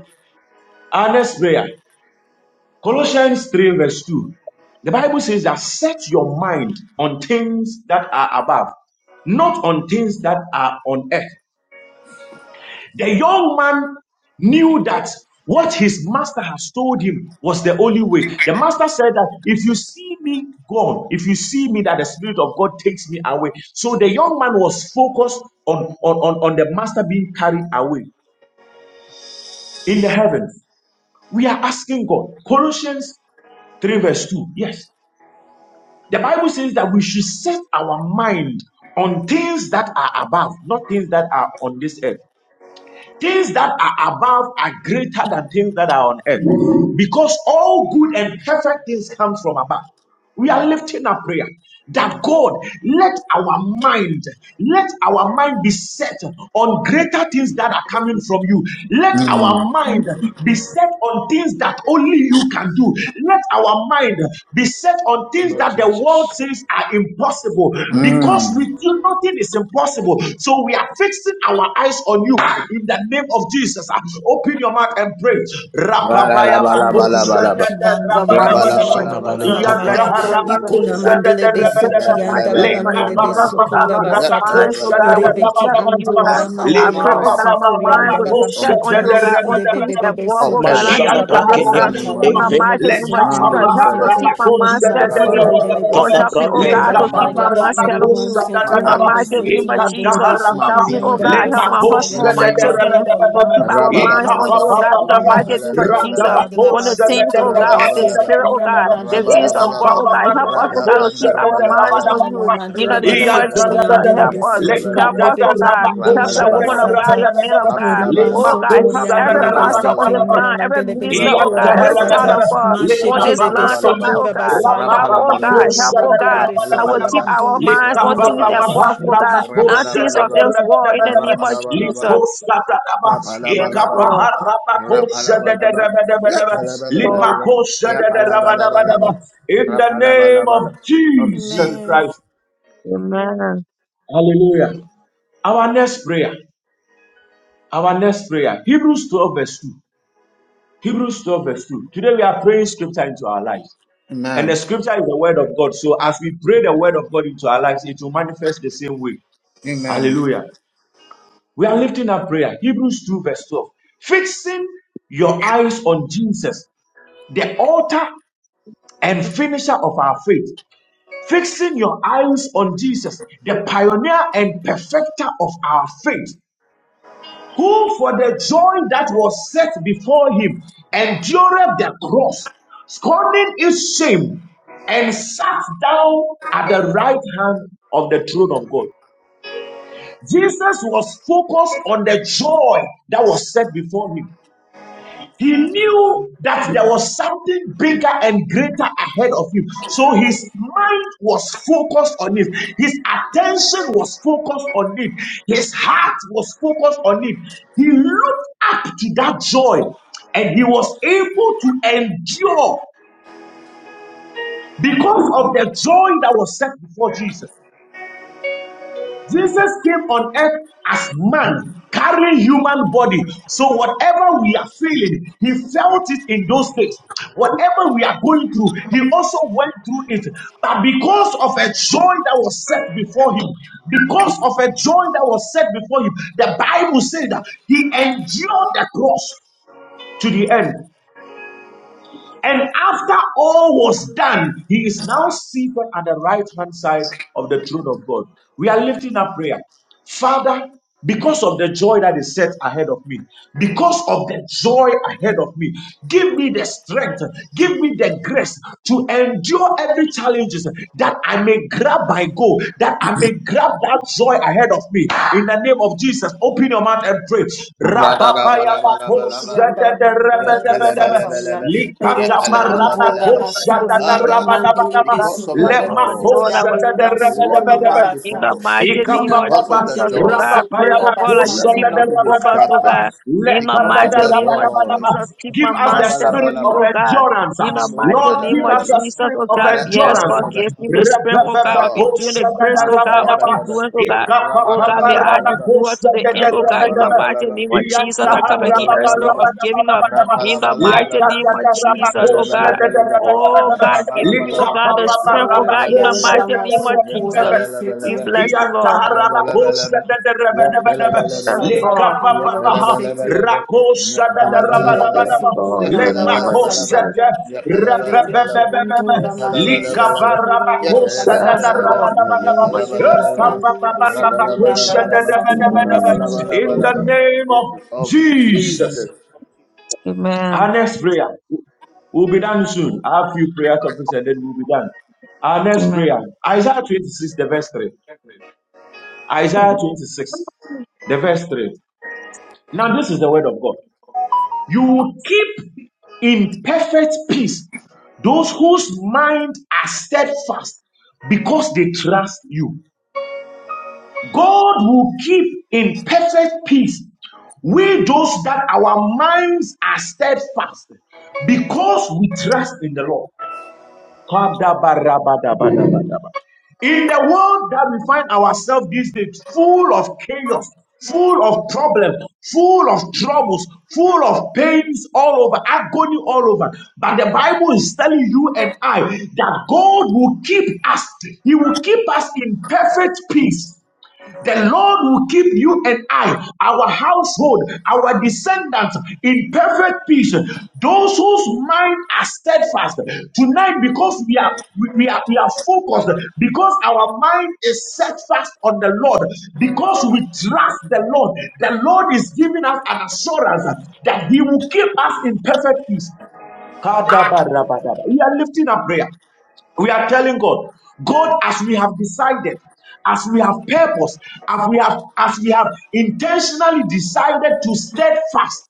H: Our next prayer. Colossians 3, verse 2. The Bible says that set your mind on things that are above, not on things that are on earth. The young man knew that what his master has told him was the only way. The master said that if you see me gone, if you see me, that the Spirit of God takes me away. So the young man was focused on, on, on, on the master being carried away in the heavens. We are asking God. Colossians 3, verse 2. Yes. The Bible says that we should set our mind on things that are above, not things that are on this earth. Things that are above are greater than things that are on earth. Because all good and perfect things come from above. We are lifting up prayer that God let our mind, let our mind be set on greater things that are coming from you. Let our mind be set on things that only you can do. Let our mind be set on
D: Name
H: things
D: of
H: that the world
D: Jesus.
H: says are impossible because
A: Mm.
H: with you nothing is impossible. So we are fixing our eyes on you in the name of Jesus. Ah, Open your mouth and pray. Rapabayaba,
E: Mandele be
A: Ra-la-la-ba-la-ba-la-ba-la-ba.
B: In
H: Mosadada,
B: the
E: kiandele
B: mighty
D: Name of
B: name
H: Rabadabadaba.
B: of
D: Son
E: mansukura
D: of Ali
B: Jesus,
A: Ra-ba-la-ba-la-ba-la-ba.
B: we
E: basata
D: Kappa.
B: bless
E: ya
B: you with every sense,
E: ikuna
B: oh God.
A: Ka-pa-di-di-di-di-di-di.
E: mandele
B: We
E: be
B: pray in
H: Iyantaharabakosadadaradadada.
B: the
E: sukianda
B: mighty
E: la
B: name of
E: bandele be
B: Jesus,
A: Ra-ba-la-ba-la-ba-la-ba-la-ba.
B: oh God,
E: sukura
B: Lord, our
E: basata
B: minds, oh God, will be
A: Ya-ba-la-ba-la-ba-la-ba.
E: rebe ki
B: set on you, oh God.
E: andora
A: Cause our
B: I
E: mandele
B: pray,
E: be
B: oh
A: mind
B: God, that my
A: to be
B: mind
E: sukurianda
B: will
E: la
B: be
A: fixed on
B: set on you,
E: basata
B: oh God,
A: things
B: on
E: lebe
B: things
E: be be be
B: above,
A: of
B: oh
E: suku
B: God,
E: ba
B: on
A: heaven.
E: ba
B: things
D: Mashana
B: of this
A: In the
D: Brakenim.
B: earth.
E: basata
A: name
E: la
A: of
B: In the
D: Evita
A: Jesus.
E: mandele be
B: mighty name of
E: sukure
A: Mando
B: Jesus,
E: be
B: help to
E: sete
B: keep
A: Shadadabe.
B: my mind set
E: rimansi
B: on you.
E: andele
A: Rabalabalaba.
E: be
B: Oh,
D: Tana
B: help me, oh
A: Fix
B: God,
E: sukurianda
D: Brake.
A: my
E: la
B: to keep
A: mind
B: my
A: on
E: baya
B: mind
A: you.
B: set on you.
A: Fix
E: rimanso
A: my
B: In the
A: heart
E: ture
A: on
E: be
B: mighty
A: you.
B: name
E: seti
B: of
E: andele be
B: Jesus,
A: Fix my
B: help me,
A: being
B: oh
A: on
E: sukurianda la
B: God,
A: you.
B: help my
E: basata
A: In
B: husband,
A: the
B: my
A: name of
E: Father, let
B: children,
A: Jesus.
E: our
B: to keep
E: minds,
B: our
E: let our
B: minds
E: gaze
B: on
E: be
B: you,
A: Rabalabalaba.
B: oh
E: set
B: God, in the
E: upon
A: Ya
B: mighty
E: those
B: name of
E: things, oh
B: Jesus
A: alabalabalaba.
E: God, that
B: on the
E: about
A: Ya
E: so
B: things, oh
E: to the
B: God, of
E: base,
B: the
A: alabalabalaba.
B: Spirit, oh
E: Yana
B: God, the
E: Mandela
B: things of
E: Beso
B: God,
A: Rabalabalaba.
B: oh God. Help
E: Koryandala
B: us, oh
E: by
B: God, to keep our minds
A: Rapapandalabalabalaba.
B: on
H: Lekapaparabakosadadarabadabadaba.
E: Yana
B: you. In the
E: Mandela
B: name of
E: Beso
A: Rabalabalaba.
B: Jesus,
H: Iyadarabadaraba.
E: Koryandela
B: help
A: Ya
B: us.
E: Besete,
B: Help
A: talabalaba.
B: us, oh
E: Rebecca
B: God. Help the
E: Andora
B: woman
A: Rapalabalaba.
B: of God,
E: Basata.
B: your man of
H: Lekapaparabakosadadarabadabadaba.
B: God.
E: Rima
A: Rapalabalaba.
B: Oh God,
E: sotori
B: help every
E: besete.
B: pastor
E: bese
B: on
E: ke
B: this
A: Rabalabalaba.
H: Lemakosadadarabadarabadaba.
E: inana
B: line, every
H: In
E: beso
B: minister,
H: the
B: oh
E: kora
B: God, every
A: Rapalabalaba,
B: child
E: basata
B: of God
E: mashe
B: on this line
E: beso
A: rapalabalaba,
B: tonight, oh
E: kora
B: God.
E: basaya
B: Help, oh
A: rapalabalaba,
B: God,
E: inana
B: help, oh
E: mandele
B: God.
E: beso
B: I will
E: kori
B: keep
A: rapalabalaba,
B: our
E: andu
B: minds on things
E: yurobo
A: rapalabalaba, rapalabalaba, rapalabalaba,
B: above, oh God,
E: sande.
B: not things of
A: rapalabalabalaba,
B: this world in the name of
A: rapalabalaba,
B: Jesus. Yes, Lord.
A: yapalabalabalaba,
B: So,
A: yapalabalabalaba,
B: mm,
H: name of
A: rapalabalabalaba. Of
H: Jesus
E: Amen.
H: Christ.
A: Jesus.
B: amen.
H: Hallelujah. Our next prayer. Our next prayer. Hebrews 12, verse 2. Hebrews 12, verse 2. Today we are praying scripture into our lives. And the
A: Amen.
H: scripture is the word of God. So as we pray the word of God into our lives, it will manifest the same way.
A: Amen.
H: Hallelujah. We are lifting up prayer. Hebrews 2, verse 12. Fixing your eyes on Jesus, the author and finisher of our faith. Fixing your eyes on Jesus, the pioneer and perfecter of our faith. who for the joy that was set before him endured the cross, scorning its shame, and sat down at the right hand of the throne of God. Jesus was focused on the joy that was set before him. He knew that there was something bigger and greater ahead of him. So his mind was focused on it. His attention was focused on it. His heart was focused on it. He looked up to that joy and he was able to endure because of the joy that was set before Jesus. Jesus came on earth as man, carrying human body. So whatever we are feeling, he felt it in those days. Whatever we are going through, he also went through it. But because of a joy that was set before him, because of a joy that was set before him, the Bible says that he endured the cross to the end. And after all was done, he is now seated at the right hand side of the throne of God. We are lifting up prayer. Father, because of the joy that is set ahead of me, because of the joy ahead of me, give me the strength, give me the grace to endure every challenge challenges that I may grab my goal, that I may grab that joy ahead of me. In the name of Jesus, open your mouth and pray.
E: Reki
A: Ra-da-da-ba-la-ba-la-ba-la-ba.
E: andala mandora do sataya,
A: Yantalabalabalaba,
E: Reki
B: Father, in
E: andora
A: yantalabalabalaba.
B: the mighty name of
E: basataya,
A: Father,
B: Jesus,
E: mandele
B: God,
A: because of
B: because
A: the
E: besukura,
B: of the
A: joy,
E: siti
B: joy that was
E: andele
B: set before
A: let my
B: you.
E: masukura
A: mind be
B: In the
E: basa,
A: focused.
B: mighty name of
E: Inanna
A: Because of
H: Ikapapapa,
A: the
B: Jesus,
E: mandele
B: oh
A: joy,
B: God, I pray,
H: rapapayaba,
E: besukura
B: oh God, that you
A: let me
B: keep
A: not
B: me
E: basataya.
A: be
B: focused, oh
H: kosadadabadabadaba,
A: distracted.
B: God. In the
A: Because of
B: mighty
A: the
B: name of
A: joy.
H: lekadadabadabadaba.
B: Jesus, keep
H: Give
B: my
H: us
B: mind
H: the
B: set on
H: spirit
B: you,
H: of
B: oh God.
H: endurance.
B: In the
A: Mando
B: mighty
H: Lord,
B: name
H: give
B: of
H: us the
A: Shadalaba,
B: Jesus,
H: spirit
B: oh
H: of
B: God, yes,
H: endurance.
B: God,
A: Rapalabalaba,
B: give me the strength,
A: Yes,
B: oh
H: Rabababa,
B: God, of
A: God.
B: enduring the grace, oh God, of
H: kosadadabadaba,
A: Mantalabalaba,
B: endurance, oh God. Oh God,
H: ikapapapa,
B: may I
A: Rabalabalabalaba,
B: endure to the end, oh God, in the
H: rabakosadadabadaba.
B: mighty
A: Yapalabalabalaba,
B: name of Jesus. I
H: Iyantaha,
B: come against every spirit
A: Yapalabalabalaba,
B: of giving up.
H: rabababababababa,
B: In the mighty
A: Rapalabalabalaba,
B: name of Jesus, oh God.
A: Yentalabalabalaba,
B: Oh
H: lekadadabadabakosadadabadaba,
B: God, give me. oh
A: Rapalabalaba,
B: God, the
E: Yes,
B: strength, oh
E: Lord,
B: God, in the
E: Kiandala
A: Yapalabalabalaba,
B: mighty name of
E: Masukura
B: Jesus.
H: likapapaparabakosadadarabadaba.
B: We
A: Yapalabalabalaba,
E: Besete,
B: bless you, Lord.
A: Yapalabalabalaba, Ya
H: Yataharabakosadadarabadabadaba.
E: Mandura
B: Yes,
A: kalabalabalaba,
E: Satala
B: Lord.
A: ya
H: Likapapapaha.
E: Pandela
A: kalabalabalaba, ya
E: Mandele
B: Yes,
A: kalabalabalaba,
H: Rakosadadarabadarabadaba.
E: besu
A: ya
B: Lord, in the
E: kurianda la
B: name of
A: kalabalabalaba,
B: Jesus.
H: Lemakosada.
E: basataya.
A: ya
E: Yede beki
A: kalabalabalaba,
H: Rababababababa.
A: ya
E: andura mandele besu
A: kalabalabalaba, ya
E: kurianda la
B: Yes,
A: kalabalabalaba,
E: basataya.
B: Lord, in the
A: ya
H: Likabarabakosadadarabadabadaba.
B: name of
E: Yede besi
A: kalabalabalaba,
B: Jesus.
E: andele besu kurianda la
A: rabalabalabalaba,
H: Epapapaparabakosadadabadabadaba.
B: Amen.
E: basataya.
H: In the
A: rabalabalabalaba.
H: name of
A: Yes, Of
H: Jesus.
A: Jesus,
B: Amen.
H: Our next prayer. We'll be done soon. I have a few prayer topics and then we'll be done. Our next
B: Amen.
H: prayer. Isaiah 26, the verse 3. Isaiah
B: Amen.
H: 26, the verse 3. Now, this is the word of God. You will keep in perfect peace those whose mind are steadfast because they trust you. God will keep in perfect peace we those that our minds are steadfast because we trust in the Lord. In the world that we find ourselves these days, full of chaos, full of problems, full of troubles, full of pains all over, agony all over. But the Bible is telling you and I that God will keep us, He will keep us in perfect peace the Lord will keep you and I, our household, our descendants in perfect peace. Those whose minds are steadfast. Tonight, because we are we are we are focused, because our mind is set fast on the Lord, because we trust the Lord, the Lord is giving us an assurance that He will keep us in perfect peace. We are lifting up prayer. We are telling God, God, as we have decided, as we have purpose, as we have, as we have intentionally decided to steadfast,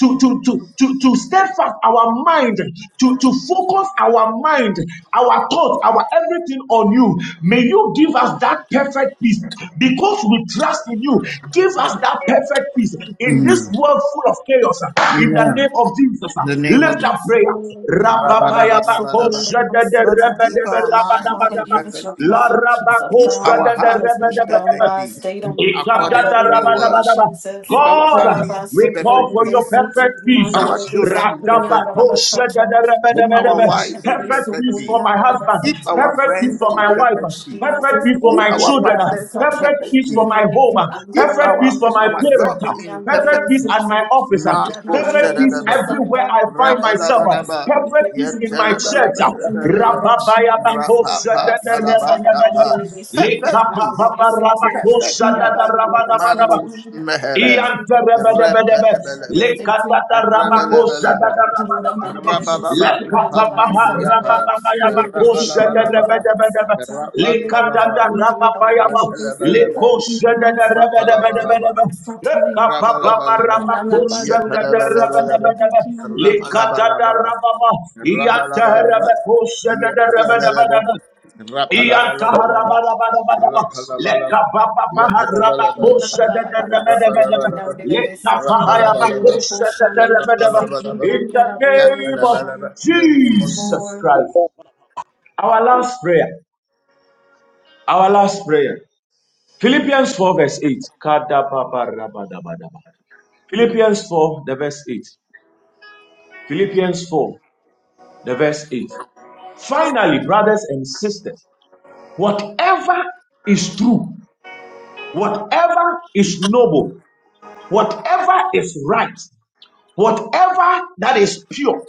H: to, to, to, to, to steadfast our mind, to, to focus our mind, our thoughts, our everything on you. May you you give us that perfect peace because we trust in you. Give us that perfect peace in this world full of chaos. uh, In the
A: Amen.
H: name of Jesus,
A: In
H: uh,
A: the name of
H: lift up
E: Yes,
H: prayer.
E: Lord, Lord, it's so full of
A: Rabalabalaba.
E: nonsense,
A: Father,
E: oh,
A: keep
E: Lord.
A: our minds
E: Father,
A: in
H: Rababayabakosadadarabadabarabadabadaba.
E: give us
A: perfect
E: your
H: La
A: peace.
E: perfect peace, oh
A: Keep
E: God,
A: our hearts
E: as we
A: in
E: keep our
A: perfect
E: minds
A: peace,
E: stayed on you,
A: according
E: Father, in
A: to
E: the
A: your
E: name of
A: word.
E: Jesus.
A: Keep our
E: Let
H: God,
E: our
A: families
E: bodies
H: we
A: in
E: so
H: call
E: full
A: perfect
E: of
H: for your
A: peace.
E: this, it's a
H: perfect
A: Keep
H: peace.
E: Monday,
A: our
E: the rest
A: children
E: of
A: in
E: the day, and the
A: perfect
E: rest
A: peace. Keep
E: In the
A: our
E: name of the
A: wives
E: Lord,
A: in
E: it's
H: Perfect
E: so
A: perfect
E: full
H: peace
E: of
A: peace.
H: for my
E: the
H: husband,
E: rest of
A: Keep
E: the time.
A: our
H: perfect
E: In
H: peace
A: friends
E: the
H: for
A: in
H: my
E: name
H: wife,
E: of
A: perfect peace.
H: perfect
E: Jesus,
H: peace
E: in
H: for
A: Keep
E: the
H: my
E: name of
A: our
H: children,
E: the
A: pastors
E: rest of
A: in
E: the time.
H: perfect
A: perfect
H: peace
E: In
H: for
A: peace.
E: the
H: my
E: name of
H: home,
E: the
A: Keep
H: perfect peace
A: our
H: for my
A: our
E: so
H: parents,
A: jobs
H: uh,
A: in
H: perfect
E: the
A: perfect
H: peace at
A: peace.
H: my office, uh,
A: Marco
H: perfect peace
A: Shadadaba.
E: rest of the
H: everywhere
E: time.
H: I find
E: Father, we
H: myself, uh,
E: bless
A: Rabalabadaba.
E: you, we
H: perfect
E: thank
H: peace in my
E: oh
H: church.
E: God,
H: uh,
E: in the name
A: Yetalabalabalabalaba.
E: of Jesus, in
A: Rapapa talaba tapa.
E: we so
A: Perfect peace
E: you,
A: perfect peace.
E: about Mandela, we say to
A: Mandos
E: you,
A: mehere,
E: Mandela, we
A: the
E: say to
H: Iyanterebedebedebe.
E: you, Mandela, we
A: rebelebelebe,
E: say to you,
A: the
E: we will keep
A: rebelebelebe,
E: on doing the
H: Lekatatarabakosadadarabadabadaba.
E: Mandela, we say to
A: rabababa
E: and the
A: kapani
E: other songs, my God.
A: libriapa,
E: We
A: the
E: will keep the
A: rabalabalaba,
E: other
H: Lekapapaharabakabayabakosadadarabedebedebe.
A: the
E: songs, uh, we will keep
A: rabalababa,
E: on the
A: the
H: Lekatadarababayaba.
E: Mandela, we say to
A: rebelebelebe,
E: you, we will
A: the
E: answer the
H: Lekosadadarebedebedebedebe.
A: rapalabalaba,
E: other songs, uh,
A: Rabba laba laba,
E: and I'm not
A: Yep,
E: doing the Mandela, we
A: laba
E: say
A: laba,
E: to you, we
A: laba
E: will
H: Lekapapaparabakosadadarebedebedebe.
E: keep on
A: Rabba
E: doing
A: laba, laba
H: Lekatadarababa.
A: Rabba laba, laba Yep, laba, laba
H: Iyanterebekosadadarabedebedebe. In
A: Rabba laba,
H: the
A: laba, Rabalabalaba. laba, Rabalabalaba. Rabalabalaba. laba,
E: Yes,
A: Rapalabalabalaba. Rapalabalaba. laba, Rapalabalaba. Rapalabalaba. laba laba, Rabba laba laba. Yep,
H: name
A: laba
H: of
A: laba. In the name of
H: Jesus
A: Jesus.
E: Lord.
H: Christ. Our last prayer. Our last prayer. Philippians 4, verse 8. Philippians 4, the verse 8. Philippians 4, the verse 8. Finally, brothers and sisters, whatever is true, whatever is noble, Whatever is right, whatever that is pure,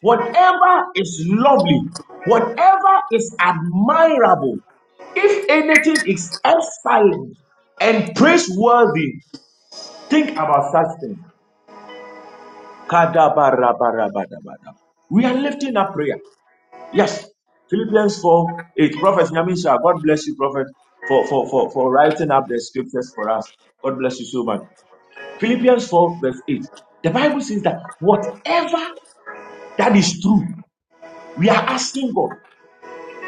H: whatever is lovely, whatever is admirable, if anything is excellent and praiseworthy, think about such things. Kadabarabarabarabara. We are lifting up prayer. Yes. Philippians 4 8. Prophet Nyamisha, God bless you, Prophet, for, for, for, for writing up the scriptures for us. God bless you so much. Philippians 4, verse 8. The Bible says that whatever that is true, we are asking God.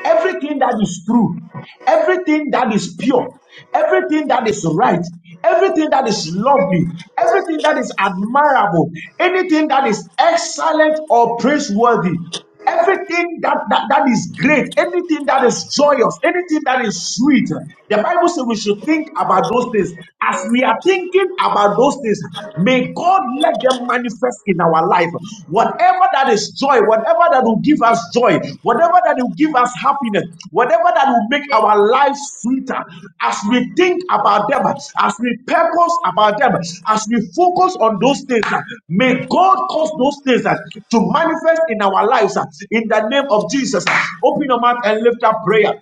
H: Everything that is true, everything that is pure, everything that is right, everything that is lovely, everything that is admirable, anything that is excellent or praiseworthy, Everything that, that, that is great, anything that is joyous, anything that is sweet, the Bible says we should think about those things. As we are thinking about those things, may May God let them manifest in our life. Whatever that is joy, whatever that will give us joy, whatever that will give us happiness, whatever that will make our lives sweeter, as we think about them, as we purpose about them, as we focus on those things, uh, may God cause those things uh, to manifest in our lives uh, in the name of Jesus. Open your mouth and lift up prayer.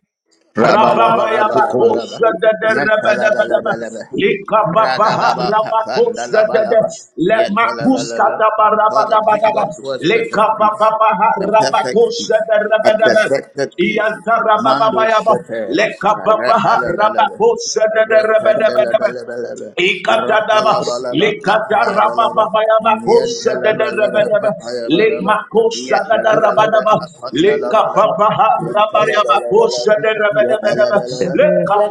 H: Rababaya
D: Vikoma.
A: Rabalabalabalabalaba.
H: Bakosha de Rabadabadaba,
A: Yatalabalabalaba.
H: Likababaha Rabakosha de
A: Radalabakapandalabalaba.
H: Lemakuska
A: Yatalabalaba.
H: da
A: Father, bring
H: Barabadabadaba,
A: unto us perfect peace
H: Likababaha
A: a perfect peace,
H: Rabakosha de
A: a
H: Rabadaba,
A: perfected peace.
H: Ianta
A: Mando
H: Rababaya,
A: shete,
H: Lekababaha
A: repelebelebe,
H: rabakosa de rabadabadaba.
A: rependelebelebelebe,
H: Ikatadaba,
A: rapalabalaba, apayabalaba,
H: likatarabababa,
A: yentelebelebe,
H: kosadadadabadaba,
A: apayabalaba, yetelebelebe,
H: lemakosadadabadaba,
A: apandalabalaba,
H: likababaha, rabayaba,
A: yentelebelebelebe,
H: kosadadabadabadaba,
A: yepelebelebe,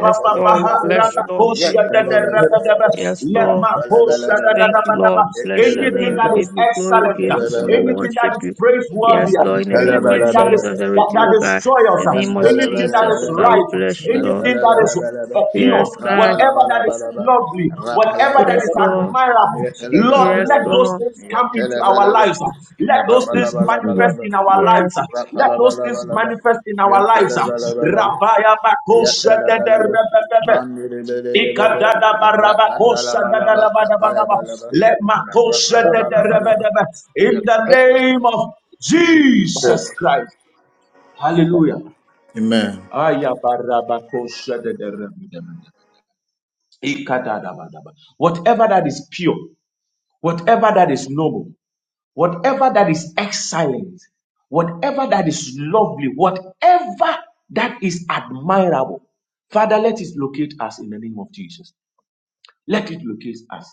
B: Yes, Lord. We bless you, Lord. We give you glory.
H: rabakosadadabadaba,
A: yetelebelebelebe,
B: Yes, Lord.
A: mantelebelebelebe,
B: Thank you,
H: lemakosadadabadaba.
B: Lord. We Bless your
H: Anything
B: name.
H: that
A: yetelebelebe,
B: We
H: is
B: Give you glory. We
H: excellent,
B: Give you honor. We
A: yetelebelebe,
H: anything that
B: Worship
H: is
B: you.
H: praiseworthy,
B: Yes,
A: Nan
B: Lord, in the
A: tala
B: name of
H: anything
A: bala
H: that
A: bala
H: is
B: Jesus.
A: bala.
H: that,
B: Everything,
H: that
B: oh
H: is
B: God.
H: joyous,
B: In the
A: Yan
B: name of
A: tala
H: anything
A: bala
H: that
B: Jesus,
H: is
B: oh
A: bala bala.
B: God, we
H: right,
B: bless you,
A: Nan
B: Lord.
A: tala
H: anything that
A: bala
H: is
A: bala bala.
H: uh, pure,
B: Yes,
A: Ra
B: God.
A: bala
H: whatever
A: bala
H: that is
A: bala bala.
H: lovely,
A: Ra bala
H: whatever that
A: bala
B: Yes,
H: is
A: bala bala.
B: Lord.
H: admirable.
A: Ye tala bala
H: Lord,
A: bala
B: Yes,
H: let
A: bala.
H: those
B: Lord.
H: things
A: Ye
H: come into
A: tala bala
H: our
A: bala.
H: lives. uh. Let
A: Ra
H: those
A: bala
H: things
B: Yes,
A: bala bala
H: manifest
B: Lord.
A: bala.
H: in our
B: Yes,
H: lives. uh.
A: Ra
H: Let
A: bala
H: those
A: bala
H: things
A: bala bala.
H: manifest in
A: Ye
H: our lives.
A: tala
H: uh.
A: bala bala bala.
H: Rabaya
A: Ye
H: bakosha
A: tala
H: de de
A: bala bala.
H: rebebebe.
A: Man bala bala bala bala.
H: Ikadada
A: Ra
H: baraba
A: bala
H: kosha da
A: bala
H: da
A: bala.
H: da ba
A: Ra bala bala bala.
H: Let my
A: Ra
H: kosha
A: bala
H: de de
A: bala bala bala.
H: rebebebe. In
A: Ye
H: the
A: tala bala bala.
H: name of
A: Jesus.
H: Jesus Christ. Hallelujah.
A: Amen.
H: Aya baraba kosha de de rebebebe. Ikadadabadaba. Whatever that is pure, whatever that is noble, whatever that is excellent, whatever that is lovely, whatever that is admirable, Father, let it locate us in the name of Jesus. Let it locate us.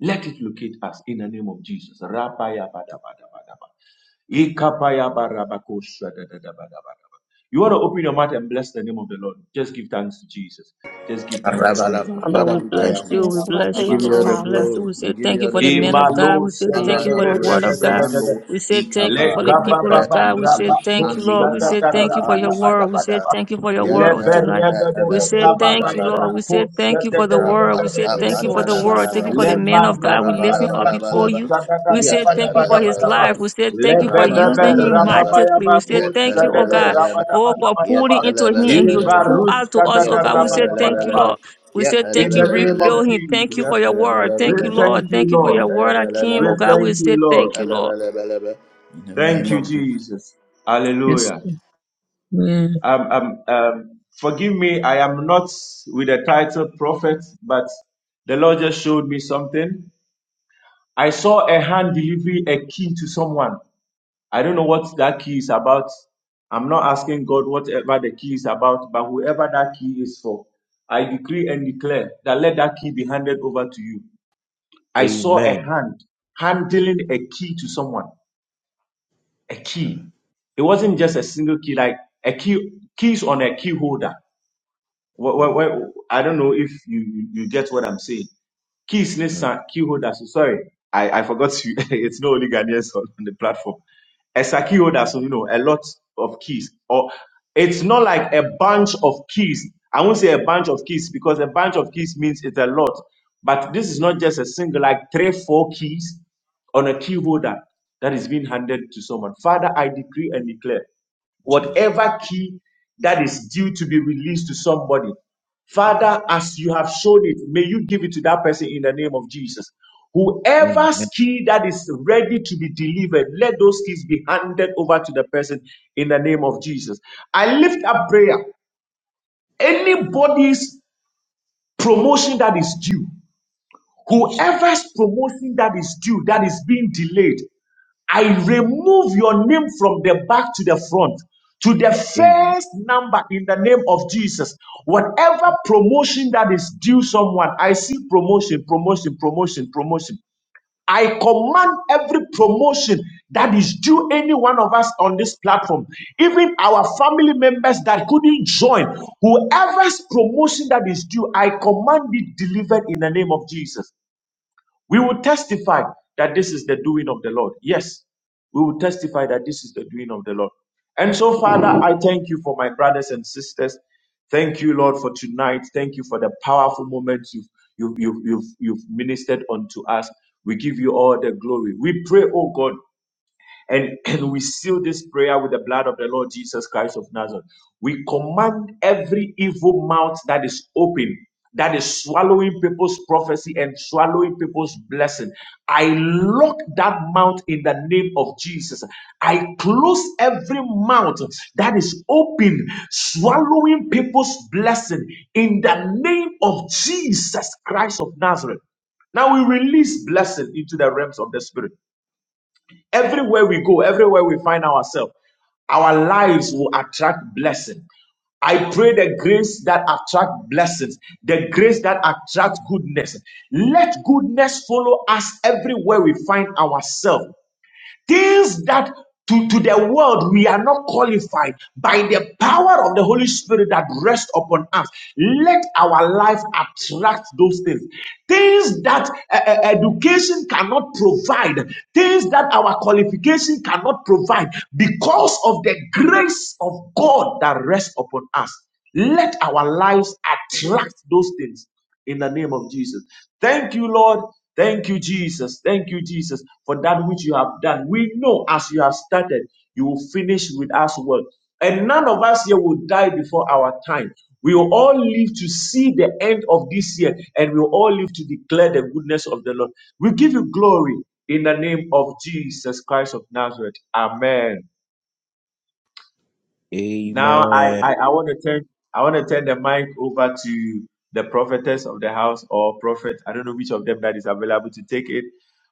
H: Let it locate us in the name of Jesus. You want to open your mouth and bless the name of the Lord. Just give thanks to Jesus. Just give thanks to Jesus.
A: Rabalaba.
B: Father,
A: Father,
B: we
A: we
B: bless
A: thank you.
B: you. We
E: Yes, Lord.
B: bless
A: We
B: you,
A: give
E: Thank you,
A: you all
B: Lord.
A: the
B: We bless
E: Father.
B: you.
A: glory.
B: We
A: We
B: say
A: give
B: thank
A: you
B: you
A: all
B: for
A: the
B: the men
A: glory.
B: of God. We
H: Imalo
B: say thank
A: Honor
E: Thank
B: you
A: and
E: you,
B: for the
H: sedelebe
E: Lord
B: word of
A: adoration.
B: God.
H: rebedebedebe.
E: Jesus.
A: Mando
B: We say thank you for
A: ikapa
B: the people
A: mebre
B: of God. We say
A: ipalus
B: thank you, Lord.
A: mandi
B: We say thank you for your
A: makapalus
B: word. We say
A: ravada.
B: thank you for your word on
A: Yada
B: tonight. We
A: ebe
B: say
A: koba
B: thank you, Lord. We
A: ravada.
B: say thank you for the word. We say thank
E: Yes,
B: you for
E: Lord
B: the word. Thank you
A: Rapakapanda
B: for the
E: Jesus.
B: men of God. We lift him up before
A: Rabalabalaba.
B: you. We say thank you for his
A: Yatalabalabalaba.
B: life. We say thank you for using him
A: Rabalabalabalaba.
B: mightily. We say thank you, oh God,
A: Yatalabalabalaba.
B: oh, for pulling into him and you
A: Yatalabalabalaba.
B: pull out to us, oh God. We say thank you, Lord.
A: Yatalabalabalaba.
B: We say
H: In
B: thank you,
H: the name
A: Yatalabalabalaba.
B: refill
H: of
B: him. Thank you
H: Jesus,
B: for your word.
H: we
B: Thank you,
A: Yatalabalabalaba.
H: thank
B: Lord.
H: you,
B: Thank you for
H: Lord.
B: your word, Akim.
H: We
B: Oh
A: Yatalabalabalaba.
B: God, we
H: thank you,
B: say thank
H: Lord.
B: you, Lord.
A: Yatalabalabalaba. In the
H: Thank
A: name
H: you,
A: of Jesus.
H: Jesus.
B: Yes.
H: Hallelujah.
B: Amen.
H: Um, um, um, forgive me, I am not with the title prophet, but the Lord just showed me something. I saw a hand delivering a key to someone. I don't know what that key is about. I'm not asking God whatever the key is about, but whoever that key is for, I decree and declare that let that key be handed over to you. I saw a hand handling a key to someone. a
D: Mm,
H: key. It wasn't just a single key, like a key keys on a key holder. Wh- wh-
D: mm,
H: wh- I don't know if you, you you get what I'm saying. Keys
D: mm.
H: Nessa, key holders. Sorry, I, I forgot to, (laughs) it's not only Ghanaians on, on the platform. As a key holder, so you know, a lot of keys. Or it's not like a bunch of keys. I won't say a bunch of keys because a bunch of keys means it's a lot. But this is not just a single, like three, four keys on a key holder that is being handed to someone. Father, I decree and declare
D: Jesus.
H: whatever key that is due to be released to somebody.
D: Jesus.
H: Father, as you have shown it, may you give it to that person in the name of Jesus.
D: Mm,
H: Whoever's key that is ready to be delivered, let those keys be handed over to the person in the name of Jesus. I lift up
D: mm,
H: prayer. Anybody's promotion that is due,
D: Jesus.
H: whoever's promotion that is due, that is being delayed, I
D: Jesus.
H: remove your name from the back to the front to the first number in the name of Jesus. Whatever promotion that is due someone, I see promotion, promotion, promotion, promotion. I command every promotion that is due any one of us on this platform, even our family members that couldn't join, whoever's promotion that is due, I command it delivered in the name of Jesus. We will testify that this is the doing of the Lord. Yes, we will testify that this is the doing of the Lord. And so, Father, I thank you for my brothers and sisters. Thank you, Lord, for tonight. Thank you for the powerful moments you've, you've, you've, you've, you've ministered unto us. We give you all the glory. We pray, oh God, and, and we seal this prayer with the blood of the Lord Jesus Christ of Nazareth. We command every evil mouth that is open, that is swallowing people's prophecy and swallowing people's blessing. I lock that mouth in the name of Jesus. I close every mouth that is open, swallowing people's blessing in the name of Jesus Christ of Nazareth. Now we release blessing into the realms of the spirit. Everywhere we go, everywhere we find ourselves, our lives will attract blessing. I pray the grace that attract blessings, the grace that attract goodness. Let goodness follow us everywhere we find ourselves. Things that to, to the world we are not qualified by the power of the Holy Spirit that rests upon us. Let our life attract those things things that uh, uh, education cannot provide, things that our qualification cannot provide, because of the grace of God that rests upon us. Let our lives attract those things in the name of Jesus. Thank you, Lord. Thank you, Jesus. Thank you, Jesus, for that which you have done. We know as you have started, you will finish with us well. And none of us here will die before our time. We will all live to see the end of this year and we will all live to declare the goodness of the Lord. We give you glory in the name of Jesus Christ of Nazareth. Amen. Now I,
D: Amen.
H: I, I want to turn I want to turn the mic over to the prophetess of the house or prophet. I don't know which of them that is available to take it.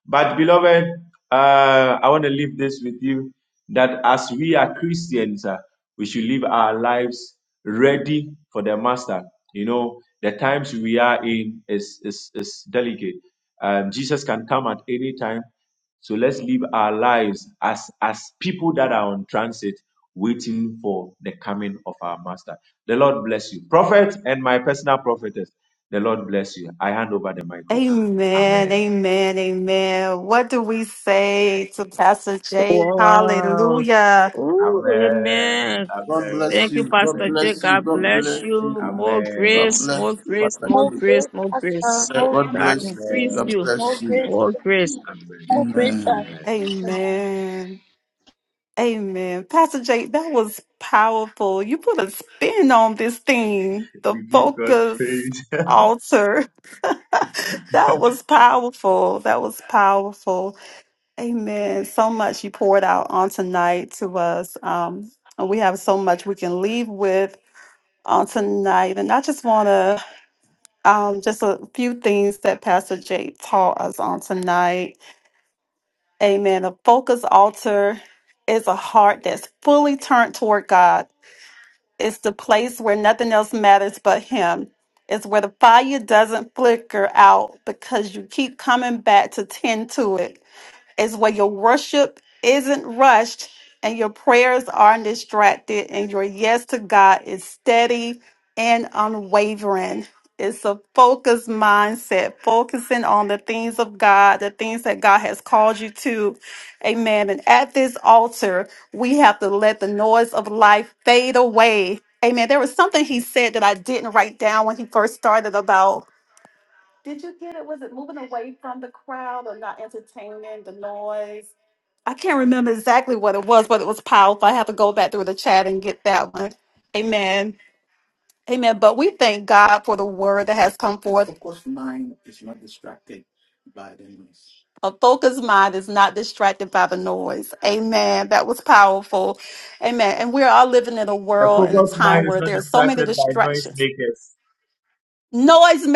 H: But beloved, uh, I want to leave this with you that as we are Christians, uh, we should live our lives ready for the master. You know, the times we are in is is, is delicate. Um, Jesus can come at any time. So let's live our lives as as people that are on transit waiting for the coming of our master. The Lord bless you. Prophet and my personal prophetess, the Lord bless you. I hand over the microphone.
E: Amen.
H: Amen.
E: Amen. Amen. What do we say to Pastor Jake?
B: Wow.
E: Hallelujah.
B: Ooh,
H: Amen.
B: amen.
A: God bless
H: Amen.
B: Thank you,
A: you. God
B: Pastor
H: Amen.
B: J.
A: bless you.
B: God
A: God
B: bless
A: bless you.
B: you. More
H: Amen.
A: God
B: grace,
A: bless
B: more
A: you,
B: grace,
A: Pastor
B: more
I: More
A: Drew.
I: grace,
B: grace, more
I: Pastor.
B: grace.
I: More,
A: God
B: God
A: bless you.
B: increase
A: God
H: Amen.
B: you.
I: more
A: bless you.
I: grace.
B: More
I: Thank
B: grace.
I: you.
H: Amen.
I: More grace,
A: Amen.
I: sir.
H: Amen.
E: Amen. Amen. Pastor Jake, that was powerful. You put a spin on this thing, the focus altar. (laughs) That was powerful. That was powerful. Amen. So much you poured out on tonight to us. Um, and we have so much we can leave with on tonight. And I just want to, um, just a few things that Pastor Jake taught us on tonight. Amen. A focus altar is a heart that's fully turned toward God It's the place where nothing else matters but Him. It's where the fire doesn't flicker out because you keep coming back to tend to it is where your worship isn't rushed and your prayers aren't distracted and your yes to God is steady and unwavering. It's a focused mindset, focusing on the things of God, the things that God has called you to. Amen. And at this altar, we have to let the noise of life fade away. Amen. There was something he said that I didn't write down when he first started about did you get it? Was it moving away from the crowd or not entertaining the noise? I can't remember exactly what it was, but it was powerful. I have to go back through the chat and get that one. Amen. Amen. But we thank God for the word that has come forth. A focused mind is not distracted by the noise. Amen. That was powerful. Amen. And we're all living in a
H: A
E: world and a
H: focused mind
E: time
H: is
E: where
H: not
E: there's so many
H: distracted by noise
E: distractions.
H: makers.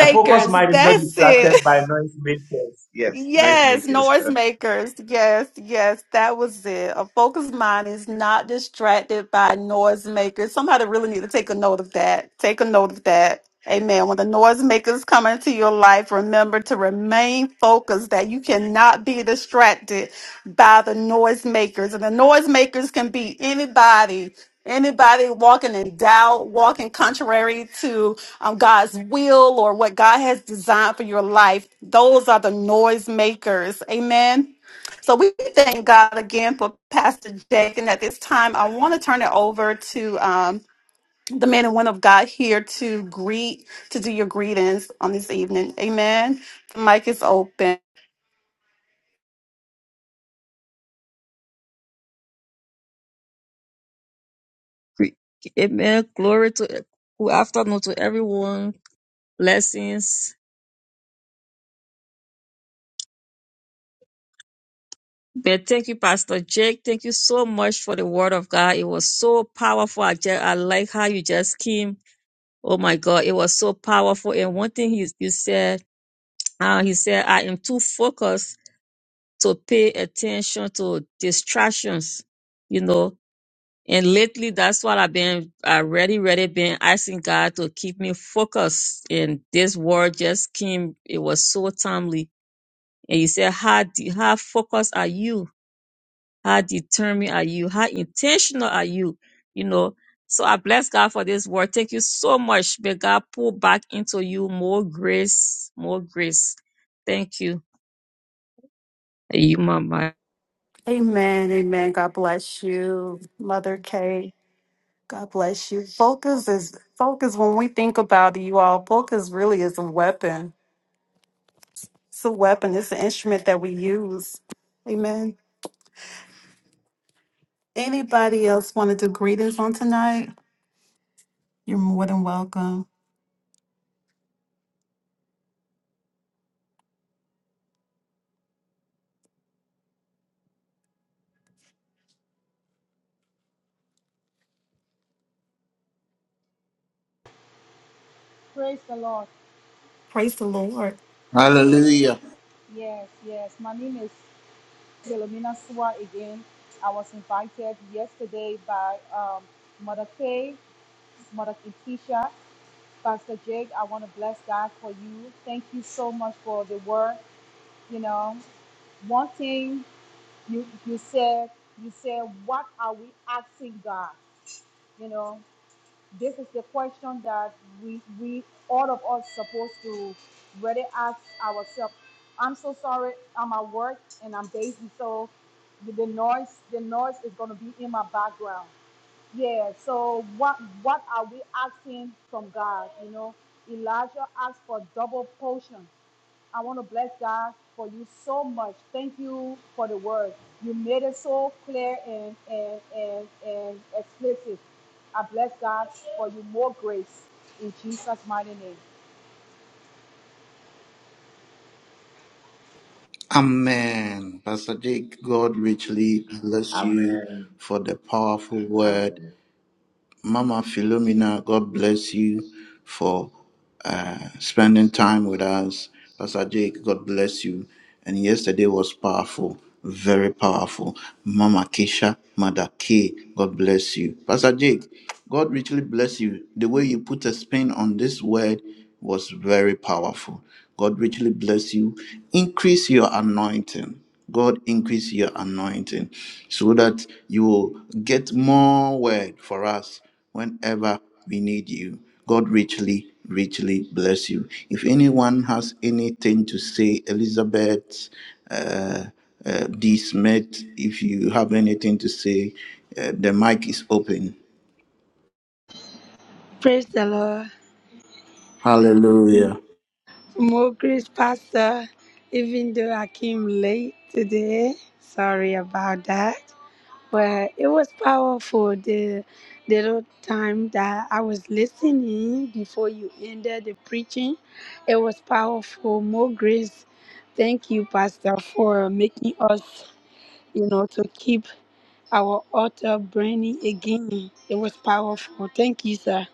H: A focused mind is not
E: That's it. (laughs)
H: distracted by noise makers. Yes.
E: Yes, noise makers. Yes, yes, that was it. A focused mind is not distracted by noise makers. Somebody really need to take a note of that. Take a note of that. Amen. When the noise makers come into your life, remember to remain focused that you cannot be distracted by the noise makers. And the noise makers can be anybody, anybody walking in doubt, walking contrary to um, God's will or what God has designed for your life. Those are the noise makers. Amen. So we thank God again for Pastor Jake. And at this time, I want to turn it over to um, the men and women of God here to greet, to do your greetings on this evening. Amen. The mic is open.
B: Amen. Glory to good afternoon to everyone. Blessings. But thank you, Pastor Jake. Thank you so much for the word of God. It was so powerful. I just, I like how you just came. Oh my God, it was so powerful. And one thing he, you said, (tsk) uh, he said, I am too focused to pay attention to distractions, you know. And lately, that's what I've been, I really, really been asking God to keep me focused. And this word just came. It was so timely. And he said, how, do- how focused are you? How determined are you? How intentional are you? You know, so I bless God for this word. Thank you so much. May God pour back into you more grace, more grace. Thank you. You, Mama.
E: Amen. Amen. God bless you, Mother Kay. God bless you. Focus is focus. When we think about it, you all, focus really is a weapon It's a weapon, it's an instrument that we use. Amen. Anybody else want to do greetings on tonight? You're more than welcome.
J: Praise the Lord.
E: Praise the Lord.
A: Hallelujah.
J: Yes, yes. My name is Philomena Sua again. I was invited yesterday by um, Mother Kay, Mother Keisha, Pastor Jake. I want to bless God for you. Thank you so much for the word. You know, one thing you you said, you said, what are we asking God? You know. This is the question that we we all of us supposed to really ask ourselves. I'm so sorry. I'm at work and I'm busy, so the the noise the noise is gonna be in my background. Yeah, so what what are we asking from God? You know, Elijah asked for double portion. I want to bless God for you so much. Thank you for the word. You made it so clear and and and, and explicit. I bless God for you more grace in Jesus' mighty name.
A: Amen. Pastor Jake, God richly bless
H: Am-
A: you for the powerful word
H: Amen.
A: Mama Philomena, God bless you for uh, spending time with us. Pastor Jake, God bless you. And yesterday was powerful, very powerful. Mama Keisha, Mother K, God bless you. Pastor Jake, God richly bless you. The way you put a spin on this word was very powerful. God richly bless you. Increase your anointing. God increase your anointing so that you will get more word for us whenever we need you. God richly, richly bless you. If anyone has anything to say, Elizabeth, uh, uh, D. Smith, if you have anything to say, uh, the mic is open.
I: Praise the Lord.
A: Hallelujah.
I: More grace, Pastor. Even though I came late today, sorry about that. But it was powerful the little time that I was listening before you ended the preaching. It was powerful. More grace. Thank you, Pastor, for making us, you know, to keep our author, Brandy, again. It was powerful. Thank you, sir.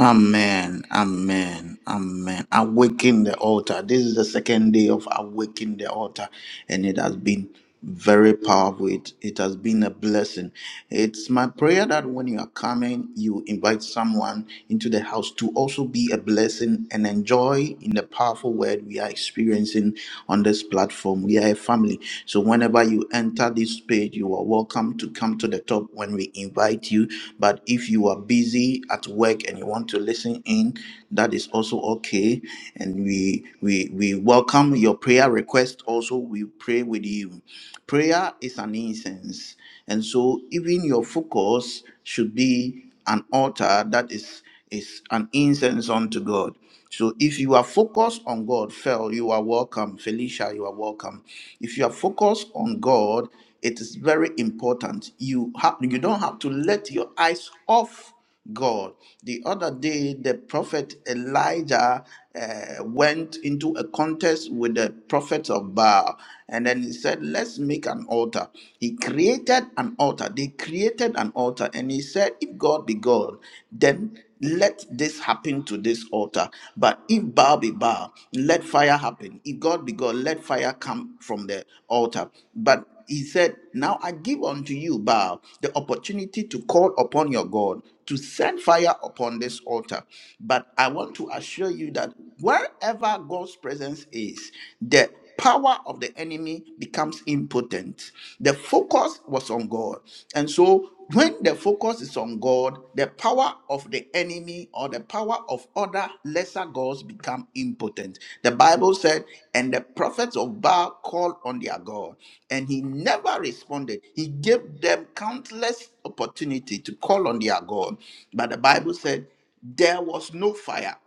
A: Amen. Amen. Amen. Awaken the altar. This is the second day of awaken the altar, and it has been very powerful. It, it has been a blessing. It's my prayer that when you are coming, you invite someone into the house to also be a blessing and enjoy in the powerful word we are experiencing on this platform. We are a family. So whenever you enter this page, message, you are welcome to come to the top when we invite you. But if you are busy at work and you want to listen in, that is also okay. And we we we welcome your prayer request. Also, we pray with you. Prayer is an incense. And so even your focus should be an altar that is is an incense unto God. So if you are focused on God, Phil, you are welcome. Felicia, you are welcome. If you are focused on God, it is very important. You have you don't have to let your eyes off God. The other day, the prophet Elijah uh, went into a contest with the prophets of Baal, and then he said, Let's make an altar. He created an altar. They created an altar, and he said, If God be God, then let this happen to this altar. But if Baal be Baal, let fire happen. If God be God, let fire come from the altar. But he said, Now I give unto you, Baal, the opportunity to call upon your God to send fire upon this altar. But I want to assure you that wherever God's presence is, the power of the enemy becomes impotent. The focus was on God. And so when the focus is on God, the power of the enemy enemy or the power of other lesser gods become impotent. The Bible said, and the prophets of Baal called on their God, and he never responded. He gave them countless opportunity to call on their God. But the Bible said, there was no fire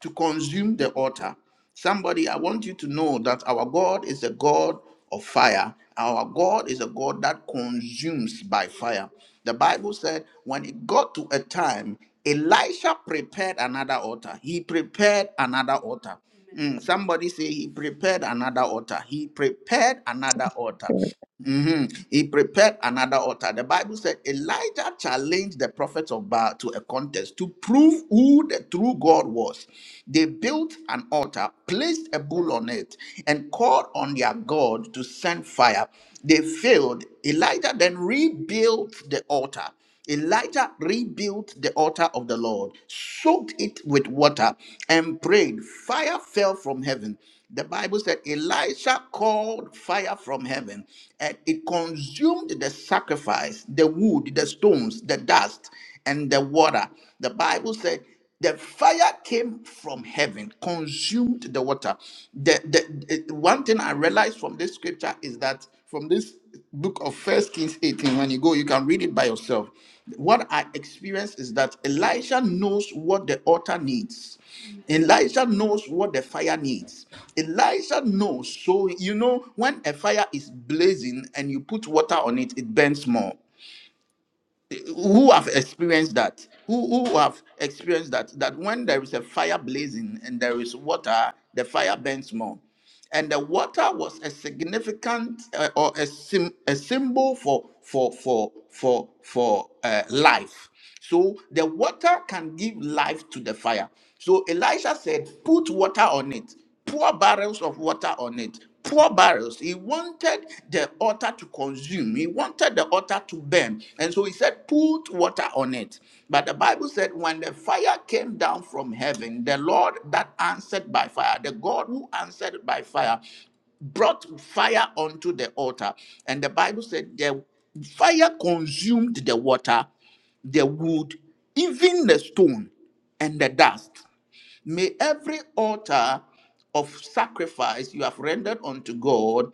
A: to consume the altar. Somebody, I want you to know that our God is a God of fire. Our God is a God that consumes by fire. The Bible said when it got to a time, Elisha prepared another altar. He prepared another altar. Mm, somebody say he prepared another altar. He prepared another altar. Mhm. He prepared another altar. The Bible said Elijah challenged the prophets of Baal to a contest to prove who the true God was. They built an altar, placed a bull on it, and called on their God to send fire. They failed. Elijah then rebuilt the altar. Elijah rebuilt the altar of the Lord, soaked it with water, and prayed. Fire fell from heaven. The Bible said Elisha called fire from heaven and it consumed the sacrifice, the wood, the stones, the dust, and the water. The Bible said the fire came from heaven, consumed the water. The, the, the- one thing I realized from this scripture is that from this book of First Kings 18, when you go, you can read it by yourself. What I experienced is that Elisha knows what the altar needs. Elisha knows what the fire needs. Elisha knows. So, you know, when a fire is blazing and you put water on it, it burns more who have experienced that who who have experienced that that when there is a fire blazing and there is water the fire burns more and the water was a significant uh, or a, sim, a symbol for for for for for uh, life so the water can give life to the fire. So Elisha said, Put water on it, pour barrels of water on it, pour barrels. He wanted the altar to consume, he wanted the altar to burn. And so he said, Put water on it. But the Bible said, When the fire came down from heaven, the Lord that answered by fire, the God who answered by fire, brought fire onto the altar. And the Bible said the fire consumed the water the wood, even the stone, and the dust. May every altar of sacrifice you have rendered unto God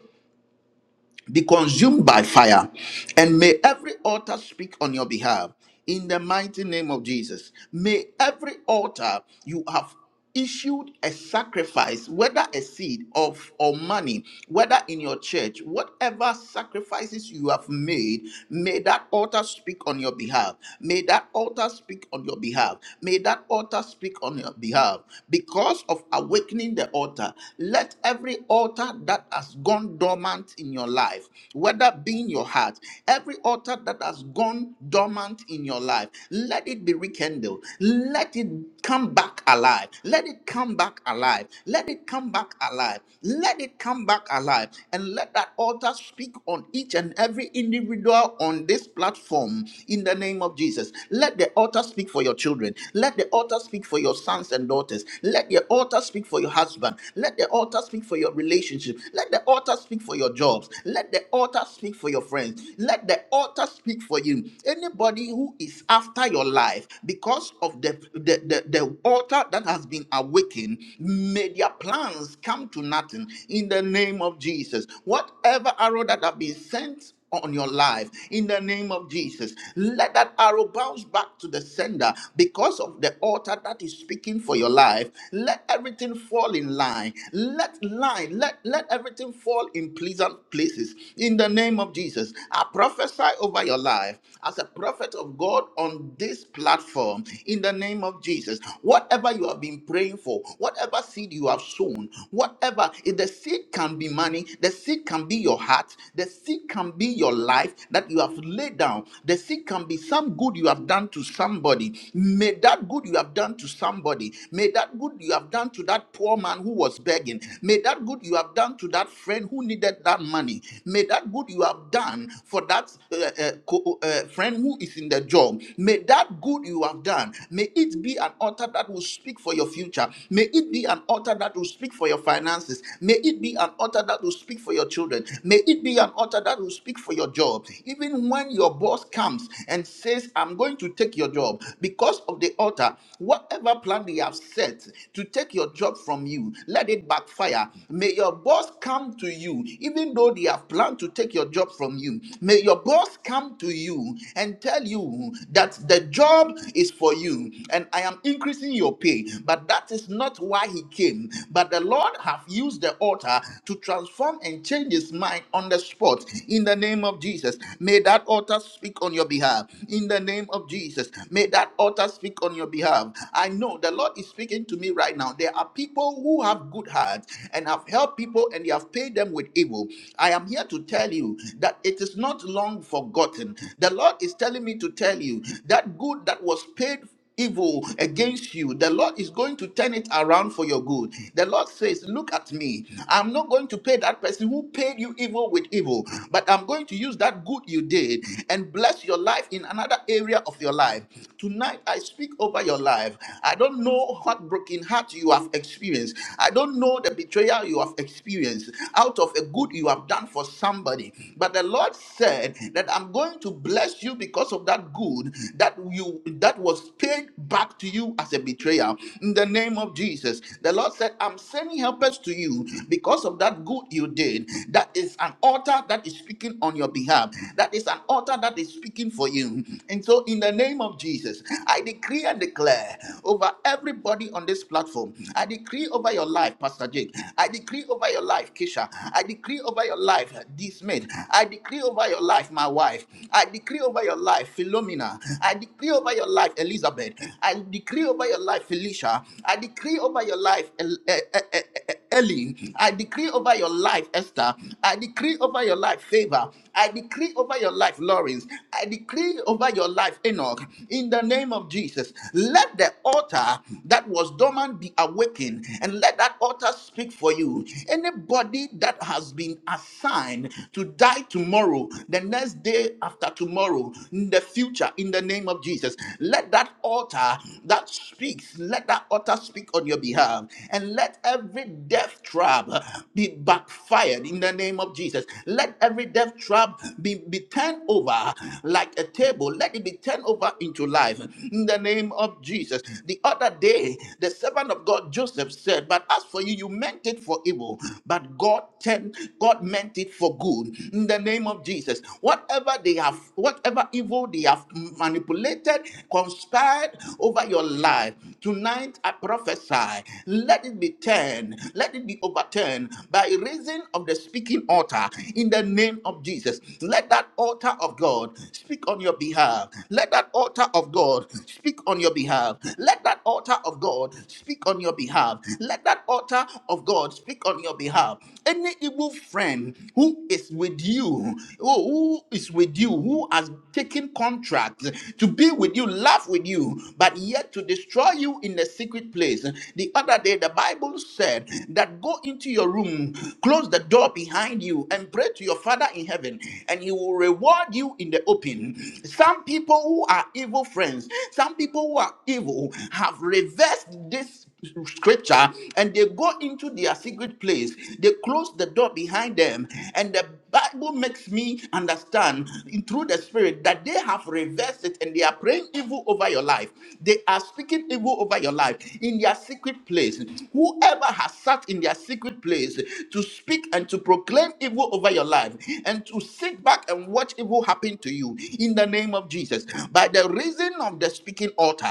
A: be consumed by fire, and may every altar speak on your behalf in the mighty name of Jesus. May every altar you have issued a sacrifice, whether a seed of or money, whether in your church, whatever sacrifices you have made, may that altar speak on your behalf. May that altar speak on your behalf. May that altar speak on your behalf. Because of awakening the altar, let every altar that has gone dormant in your life life, whether be in your heart, every altar that has gone dormant in your life, let it be rekindled. Let it come back alive. Let it come back alive. Let it come back alive. Let it come back alive. And let that altar speak on each and every individual on this platform in the name of Jesus. Let the altar speak for your children. Let the altar speak for your sons and daughters. Let the altar speak for your husband. Let the altar speak for your relationship. Let the altar speak for your jobs. Let the altar speak for your friends. Let the altar speak for you. Anybody who is after your life because of the, the, the, the altar that has been awakened, may their plans come to nothing in the name of Jesus. Whatever arrow that have been sent on your life in the name of Jesus. Let that arrow bounce back to the sender because of the altar that is speaking for your life. Let everything fall in line. Let line, let, let everything fall in pleasant places in the name of Jesus. I prophesy over your life as a prophet of God on this platform in the name of Jesus. Whatever you have been praying for, whatever seed you have sown, whatever if the seed can be money, the seed can be your heart, heart. The seed can be your life that you have laid down. The seed can be some good you have done to somebody. May that good you have done to somebody, may that good you have done to that poor man who was begging, may that good you have done to that friend who needed that money, may that good you have done for that uh, uh, co- uh, friend who is in the job, may that good you have done, may it be an altar that will speak for your future, may it be an altar that will speak for your finances, may it be an altar that will speak for for your children. May it be an altar that will speak for your job. Even when your boss comes and says, I'm going to take your job, because of the altar, whatever plan they have set to take your job from you, let it backfire. May your boss come to you, even though they have planned to take your job from you. May your boss come to you and tell you that the job is for you and I am increasing your pay. But that is not why he came. But the Lord have used the altar power to transform and change his mind on the spot. In the name of Jesus, may that altar speak on your behalf. In the name of Jesus, may that altar speak on your behalf. I know the Lord is speaking to me right now. There are people who have good hearts and have helped people and they have paid them with evil. I am here to tell you that it is not long forgotten. The Lord is telling me to tell you that good that was paid evil against you, the Lord is going to turn it around for your good. The Lord says, Look at me. I'm not going to pay that person who paid you evil with evil, but I'm going to use that good you did and bless your life in another area of your life. Tonight, I speak over your life. I don't know what broken heart you have experienced. I don't know the betrayal you have experienced out of a good you have done for somebody. But the Lord said that I'm going to bless you because of that good that you that was paid back to you as a betrayal in the name of Jesus. The Lord said, I'm sending helpers to you because of that good you did. That is an altar that is speaking on your behalf. That is an altar that is speaking for you. And so, in the name of Jesus, I decree and declare over everybody on this platform. I decree over your life, Pastor Jake. I decree over your life, Kisha. I decree over your life, D. Smith. I decree over your life, my wife. I decree over your life, Philomena. I. I decree over your life, Elizabeth. I decree over your life, Felicia. I decree over your life, El- eh, eh, eh, eh, Ellie. I decree over your life, Esther. I decree over your life, Favor. I decree over your life, Lawrence. I decree over your life, Enoch. In the name of Jesus, let the altar that was dormant be awakened and let that altar speak for you. Anybody that has been assigned to die tomorrow, the next day after tomorrow, in the future, future in the name of Jesus. Let that altar that speaks, let that altar speak on your behalf, and let every death trap be backfired in the name of Jesus. Let every death trap be, be turned over like a table, let it be turned over into life in the name of Jesus. The other day, the servant of God Joseph said, But as for you, you meant it for evil, but God turned, God meant it for good in the name of Jesus. Whatever they have, whatever whatever evil they have manipulated, conspired over your life. Tonight I prophesy, let it be turned, let it be overturned by reason of the speaking altar in the name of Jesus. Let that altar of God speak on your behalf. Let that altar of God speak on your behalf. Let that altar of God speak on your behalf. Let that altar of God speak on your behalf. Any evil friend who is with you, oh, who is with you people who has taken contracts to be with you, laugh with you, but yet to destroy you in the secret place. The other day, the Bible said that go into your room, close the door behind you, and pray to your Father in heaven, and He will reward you in the open. Some people who are evil friends, some people who are evil have reversed this scripture and they go into their secret place they close the door behind them and the bible makes me understand understand in- through the spirit that they have reversed it and they are praying evil over your life. They are speaking evil over your life in their secret place. Whoever has sat in their secret place to speak and to proclaim evil over your life and to sit back and watch evil happen to you in the name of Jesus. By the reason of the speaking altar,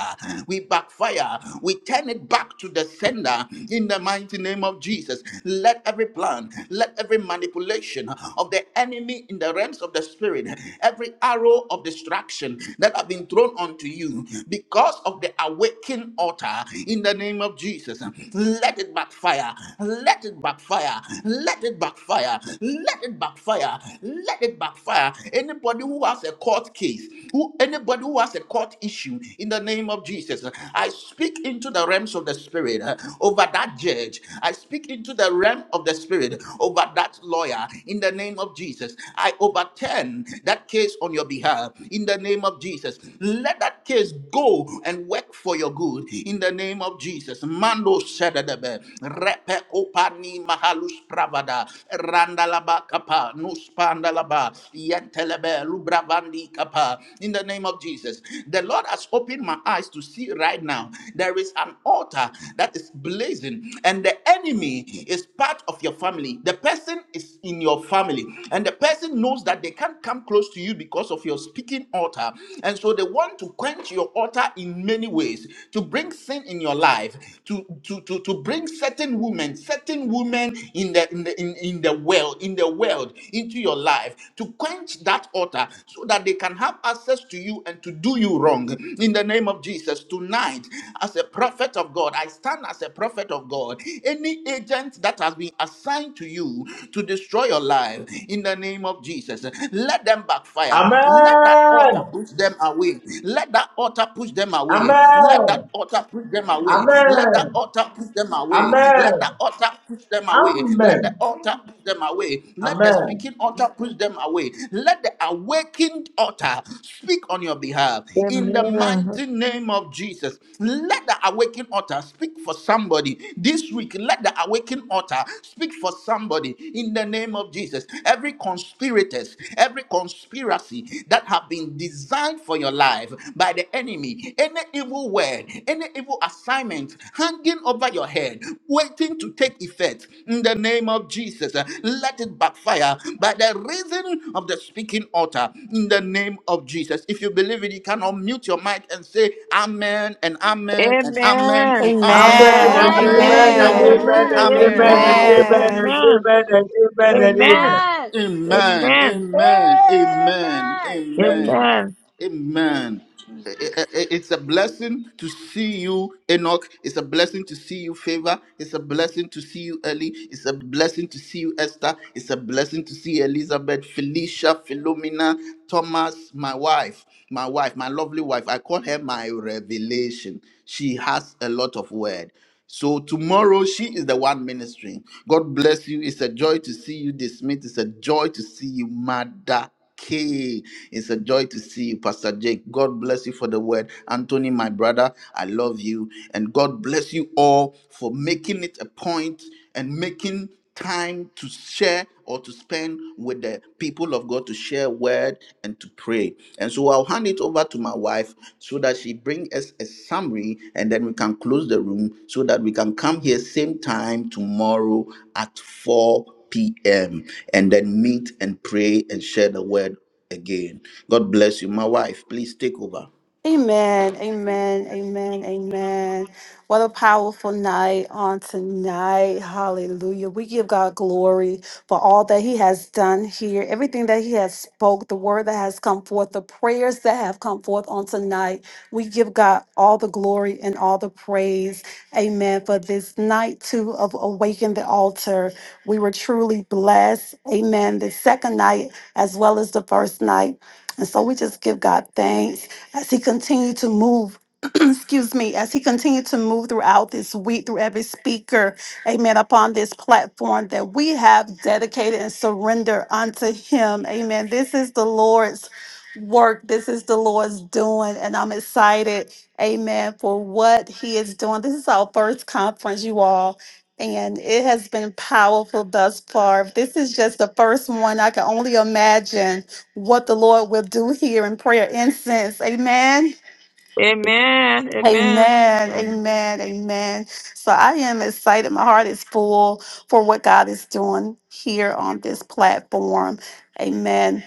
A: we backfire, we turn it back to the sender in the mighty name of Jesus. Let every plan, let every manipulation of the enemy in the realms of the spirit every arrow of destruction that have been thrown onto you because of the awakened altar in the name of Jesus. Let it backfire. Let it backfire. Let it backfire. Let it backfire. Let it backfire. Anybody who has a court case, who anybody who has a court issue in the name of Jesus, I speak into the realms of the spirit uh, over that judge. I speak into the realm of the spirit over that lawyer in the name of of Jesus, I overturn that case on your behalf. In the name of Jesus, let that case go and work for your good. In the name of Jesus, Mando Sedebe, Repe Opani Mahalus Pravada, Randalaba Kapa, Nuspandalaba, Yentelebe, Lubravandi Kapa. In the name of Jesus, the Lord has opened my eyes to see right now there is an altar that is blazing, and the enemy is part of your family. The person is in your your family. And the person knows that they can't come close to you because of your speaking altar. And so they want to quench your altar in many ways to bring sin in your life, to, to, to, to bring certain women, certain women in the in the in, in the world, in the world, into your life, to quench that altar so that they can have access to you and to do you wrong. In the name of Jesus, tonight, as a prophet of God, I stand as a prophet of God. Any agent that has been assigned to you to destroy your life in the name of Jesus. Let them backfire. Let that
H: Amen.
A: altar push them away. Let that altar push them away. Let that
H: Amen.
A: altar push them away. Let that
H: Amen.
A: altar push them away. Let that
H: Amen.
A: altar push them away. Let
H: Amen.
A: the altar push them away. Let the
H: Amen.
A: speaking altar push them away. Let the awakened altar speak on your behalf in the
B: Amen.
A: mighty name of Jesus. Let the awakened altar speak for somebody this week. Let the awakened altar speak for somebody in the name of Jesus. Every conspirators, every conspiracy that have been designed for your life by the enemy, any evil word, any evil assignment hanging over your head, waiting to take effect in the name of Jesus. uh, Let it backfire by the reason of the speaking altar in the name of Jesus. If you believe it, you can unmute your mic and say amen and amen and amen
B: Amen.
A: and amen and
H: Amen
E: Amen.
H: and
A: amen
B: Amen.
A: and
H: amen
I: Amen.
H: and
A: amen
E: Amen.
A: and
H: amen
I: Amen.
H: and amen
A: amen.
H: and
I: Amen.
H: amen
E: Amen.
H: and
B: Amen.
H: amen and amen and
B: Amen.
H: amen.
I: Amen.
A: Amen.
B: Amen. Amen.
A: Amen. Amen.
I: Amen.
A: Amen.
I: Amen.
B: Amen.
I: Thank
A: Amen.
I: you, Jesus.
A: I- I- I- It's a blessing to see you, Enoch. It's a blessing to see you, Favor. It's a blessing to see you, Ellie. It's a blessing to see you, Esther. It's a blessing to see Elizabeth, Felicia, Philomena, Thomas, my wife my wife, my lovely wife. I call her my revelation. She has a lot of word. So tomorrow she is the one ministering. God bless you. It's a joy to see you, this It's a joy to see you, Mother K. It's a joy to see you, Pastor Jake. God bless you for the word. Anthony, my brother, I love you. And God bless you all for making it a point and making time to share or to spend with the people of God to share word and to pray. And so I'll hand it over to my wife so that she bring us a summary and then we can close the room so that we can come here same time tomorrow at 4 p.m. and then meet and pray and share the word again. God bless you. My wife, please take over.
E: Amen, amen, amen, amen. What a powerful night on tonight. Hallelujah. We give God glory for all that he has done here, everything that he has spoke, the word that has come forth, the prayers that have come forth on tonight. We give God all the glory and all the praise. Amen. For this night too of Awaken the Altar, we were truly blessed. Amen. The second night as well as the first night. And so we just give God thanks as he continued to move excuse me, as he continued to move throughout this week, through every speaker, amen, upon this platform that we have dedicated and surrender unto him. Amen. This is the Lord's work. This is the Lord's doing. And I'm excited, amen, for what he is doing. This is our first conference, you all. And it has been powerful thus far. This is just the first one. I can only imagine what the Lord will do here in prayer incense. Amen
B: Amen.
E: Amen,
B: Amen.
E: amen, amen. So I am excited. My heart is full for what God is doing here on this platform. Amen.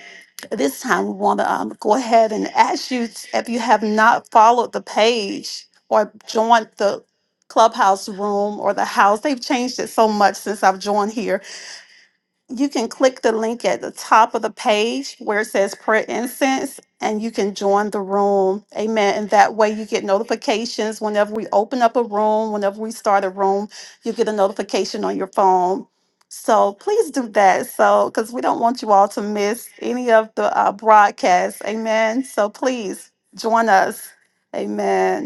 E: This time we want to um, go ahead and ask you t- if you have not followed the page or joined the clubhouse room or the house. They've changed it so much since I've joined here. You can click the link at the top of the page where it says prayer incense and you can join the room. Amen. And that way you get notifications whenever we open up a room, whenever we start a room, you get a notification on your phone. So please do that. So, because we don't want you all to miss any of the uh, broadcasts. Amen. So please join us. Amen.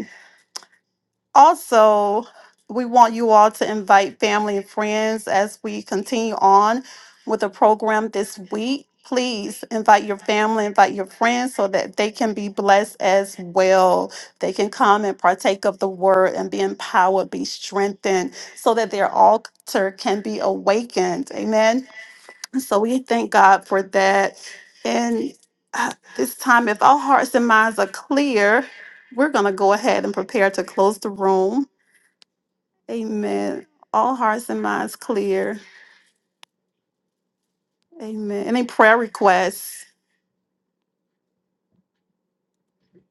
E: Also, we want you all to invite family and friends as we continue on with the program this week. Please invite your family, invite your friends so that they can be blessed as well. They can come and partake of the word and be empowered, be strengthened, so that their altar can be awakened. Amen. So we thank God for that. And uh, this time, if our hearts and minds are clear, we're going to go ahead and prepare to close the room. Amen. All hearts and minds clear. Amen. Any prayer requests?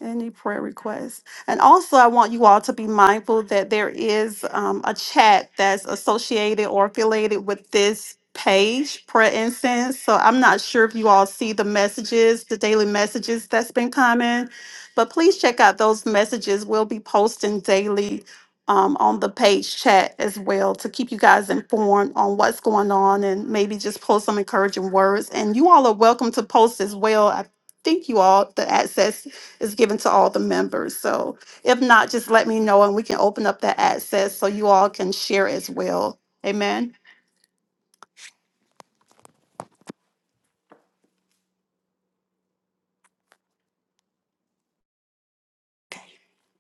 E: Any prayer requests? And also, I want you all to be mindful that there is um, a chat that's associated or affiliated with this page, Prayer Incense. So I'm not sure if you all see the messages, the daily messages that's been coming, but please check out those messages. We'll be posting daily um, on the page chat as well to keep you guys informed on what's going on and maybe just post some encouraging words. And you all are welcome to post as well. I think you all the access is given to all the members. So if not, just let me know and we can open up that access so you all can share as well. Amen.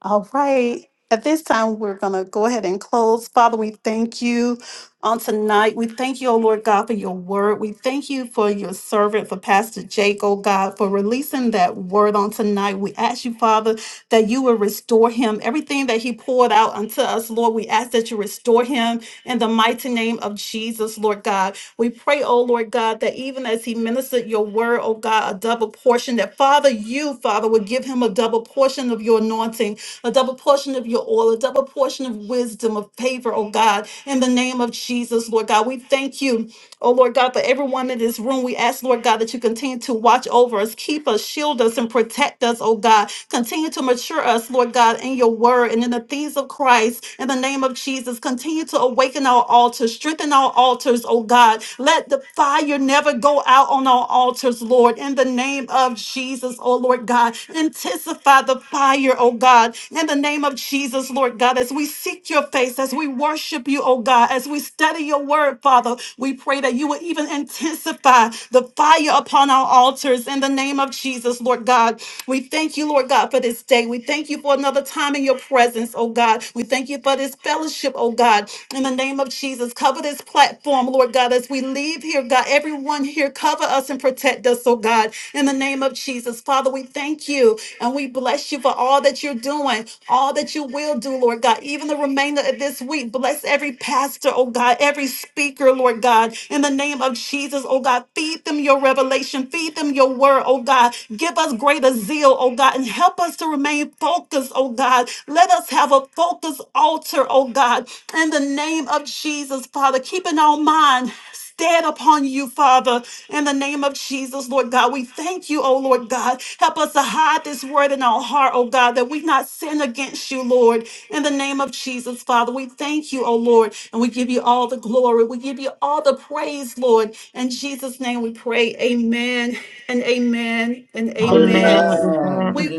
E: All right. At this time, we're going to go ahead and close. Father, we thank you on tonight. We thank you, O Lord God, for your word. We thank you for your servant, for Pastor Jake, oh God, for releasing that word on tonight. We ask you, Father, that you will restore him. Everything that he poured out unto us, Lord, we ask that you restore him in the mighty name of Jesus, Lord God. We pray, oh Lord God, that even as he ministered your word, oh God, a double portion, that Father, you, Father, would give him a double portion of your anointing a double portion of your oil, a double portion of wisdom, of favor, oh God, in the name of Jesus, Lord God. We thank you. Oh Lord God, for everyone in this room, we ask, Lord God, that you continue to watch over us, keep us, shield us, and protect us, oh God. Continue to mature us, Lord God, in your word and in the things of Christ. In the name of Jesus, continue to awaken our altars, strengthen our altars, oh God. Let the fire never go out on our altars, Lord. In the name of Jesus, oh Lord God, intensify the fire, oh God. In the name of Jesus, Lord God, as we seek your face, as we worship you, oh God, as we stand study your word, Father. We pray that you would even intensify the fire upon our altars in the name of Jesus, Lord God. We thank you, Lord God, for this day. We thank you for another time in your presence, oh God. We thank you for this fellowship, oh God. In the name of Jesus, cover this platform, Lord God, as we leave here, God. Everyone here, cover us and protect us, oh God. In the name of Jesus, Father, we thank you and we bless you for all that you're doing, all that you will do, Lord God. Even the remainder of this this week. Bless every pastor, oh God, every speaker, Lord God, in the name of Jesus, oh God. Feed them your revelation, feed them your word, oh God. Give us greater zeal, oh God, and help us to remain focused, oh God. Let us have a focused altar, oh God, in the name of Jesus, Father. Keeping our mind stand upon you, Father, in the name of Jesus, Lord God. We thank you, oh Lord God. Help us to hide this word in our heart, oh God, that we not sin against you, Lord. In the name of Jesus, Father, we thank you, oh Lord, and we give you all the glory. We give you all the praise, Lord. In Jesus' name we pray. Amen and amen and
B: Amen.
E: amen.
B: Amen.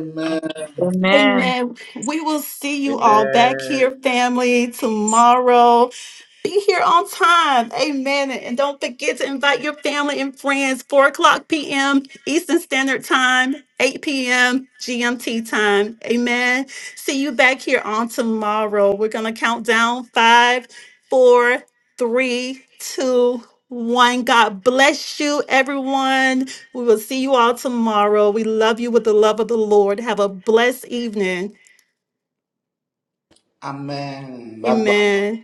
B: Amen.
E: Amen. We will see you all back here, family, tomorrow. Be here on time. Amen. And don't forget to invite your family and friends. 4 o'clock p.m. Eastern Standard Time, 8 p.m. GMT time. Amen. See you back here on tomorrow. We're going to count down five, four, three, two, one. God bless you, everyone. We will see you all tomorrow. We love you with the love of the Lord. Have a blessed evening.
A: Amen. Bye bye.
E: Amen.